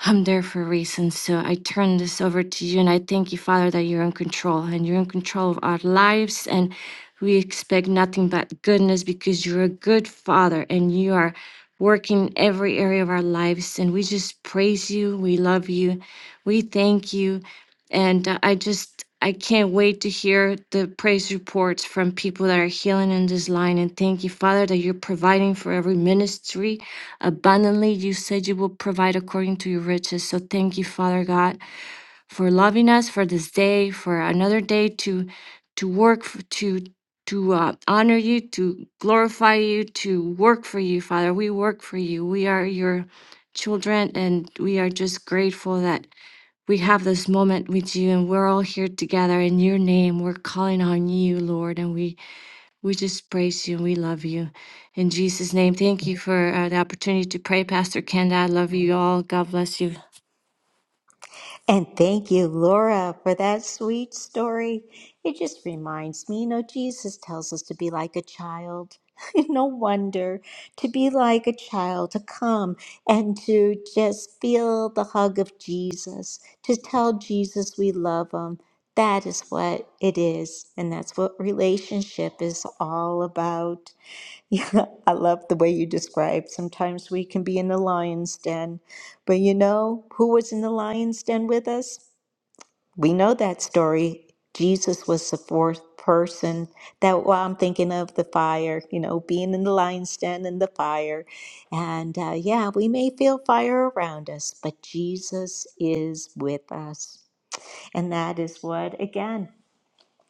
S9: I'm there for a reason. So I turn this over to you and I thank you, Father, that you're in control and you're in control of our lives. And we expect nothing but goodness because you're a good Father and you are working every area of our lives. And we just praise you. We love you. We thank you. And uh, I just, I can't wait to hear the praise reports from people that are healing in this line. And thank you, Father, that you're providing for every ministry Abundantly, you said you will provide according to your riches. So thank you, Father God, for loving us for this day, for another day to to work f- to to uh, honor you, to glorify you, to work for you, Father. We work for you. We are your children, and we are just grateful that we have this moment with you, and we're all here together in your name. We're calling on you, Lord, and we we just praise you. and We love you. In Jesus' name, thank you for uh, the opportunity to pray, Pastor Kenda. I love you all. God bless you.
S1: And thank you, Laura, for that sweet story. It just reminds me, you know, Jesus tells us to be like a child. no wonder to be like a child, to come and to just feel the hug of Jesus, to tell Jesus we love him. That is what it is. And that's what relationship is all about. Yeah, I love the way you describe. Sometimes we can be in the lion's den, but you know who was in the lion's den with us? We know that story. Jesus was the fourth person that well, I'm thinking of the fire, you know, being in the lion's den and the fire. And uh, yeah, we may feel fire around us, but Jesus is with us. And that is what, again,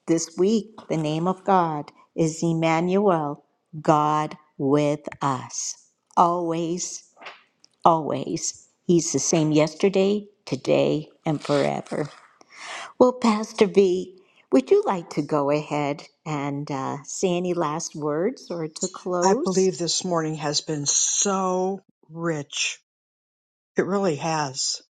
S1: this week, the name of God is Emmanuel, God with us. Always, always. He's the same yesterday, today, and forever. Well, Pastor B, would you like to go ahead and uh, say any last words or to
S3: I
S1: close?
S3: believe this morning has been so rich. It really has,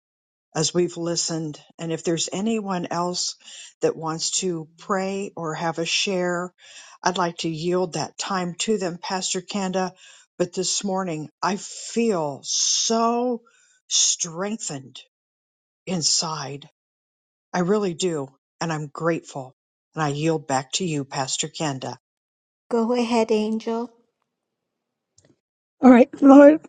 S3: as we've listened. And if there's anyone else that wants to pray or have a share, I'd like to yield that time to them, Pastor Kenda. But this morning, I feel so strengthened inside. I really do, and I'm grateful. And I yield back to you, Pastor Kenda.
S1: Go ahead, Angel.
S10: All right, Lord,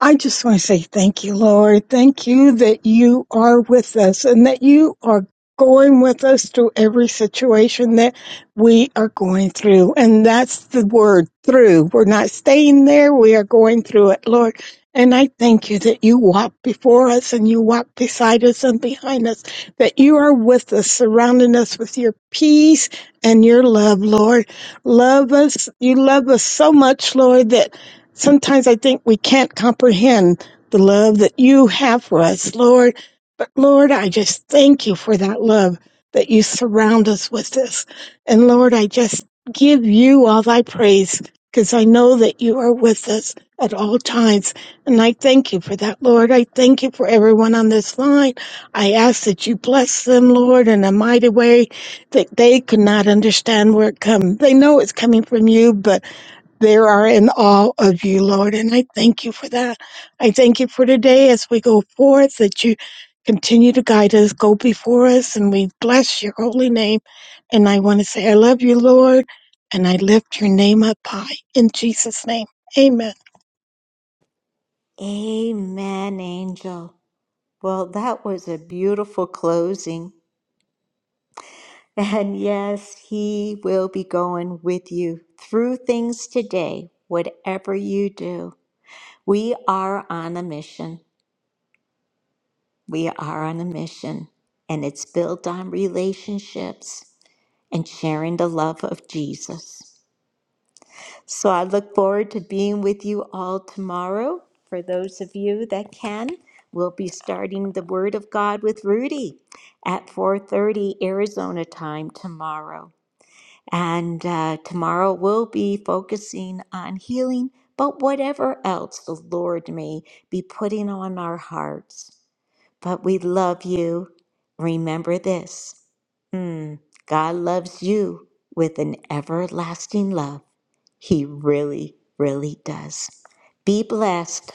S10: I just want to say thank you, Lord. Thank you that you are with us and that you are going with us through every situation that we are going through. And that's the word through. We're not staying there. We are going through it, Lord. And I thank you that you walk before us and you walk beside us and behind us, that you are with us, surrounding us with your peace and your love, Lord. Love us. You love us so much, Lord, that Sometimes I think we can't comprehend the love that you have for us, Lord. But Lord, I just thank you for that love that you surround us with this. And Lord, I just give you all thy praise because I know that you are with us at all times. And I thank you for that, Lord. I thank you for everyone on this line. I ask that you bless them, Lord, in a mighty way that they could not understand where it comes. They know it's coming from you, but there are in all of you, Lord. And I thank you for that. I thank you for today as we go forth, that you continue to guide us, go before us, and we bless your holy name. And I want to say, I love you, Lord, and I lift your name up high in Jesus' name. Amen.
S1: Amen, Angel. Well, that was a beautiful closing. And yes, He will be going with you through things today, whatever you do. We are on a mission. We are on a mission. And it's built on relationships and sharing the love of Jesus. So I look forward to being with you all tomorrow. For those of you that can, we'll be starting the Word of God with Rudy at 4:30 Arizona time tomorrow. And uh, tomorrow we'll be focusing on healing, but whatever else the Lord may be putting on our hearts. But we love you. Remember this mm, God loves you with an everlasting love. He really, really does. Be blessed.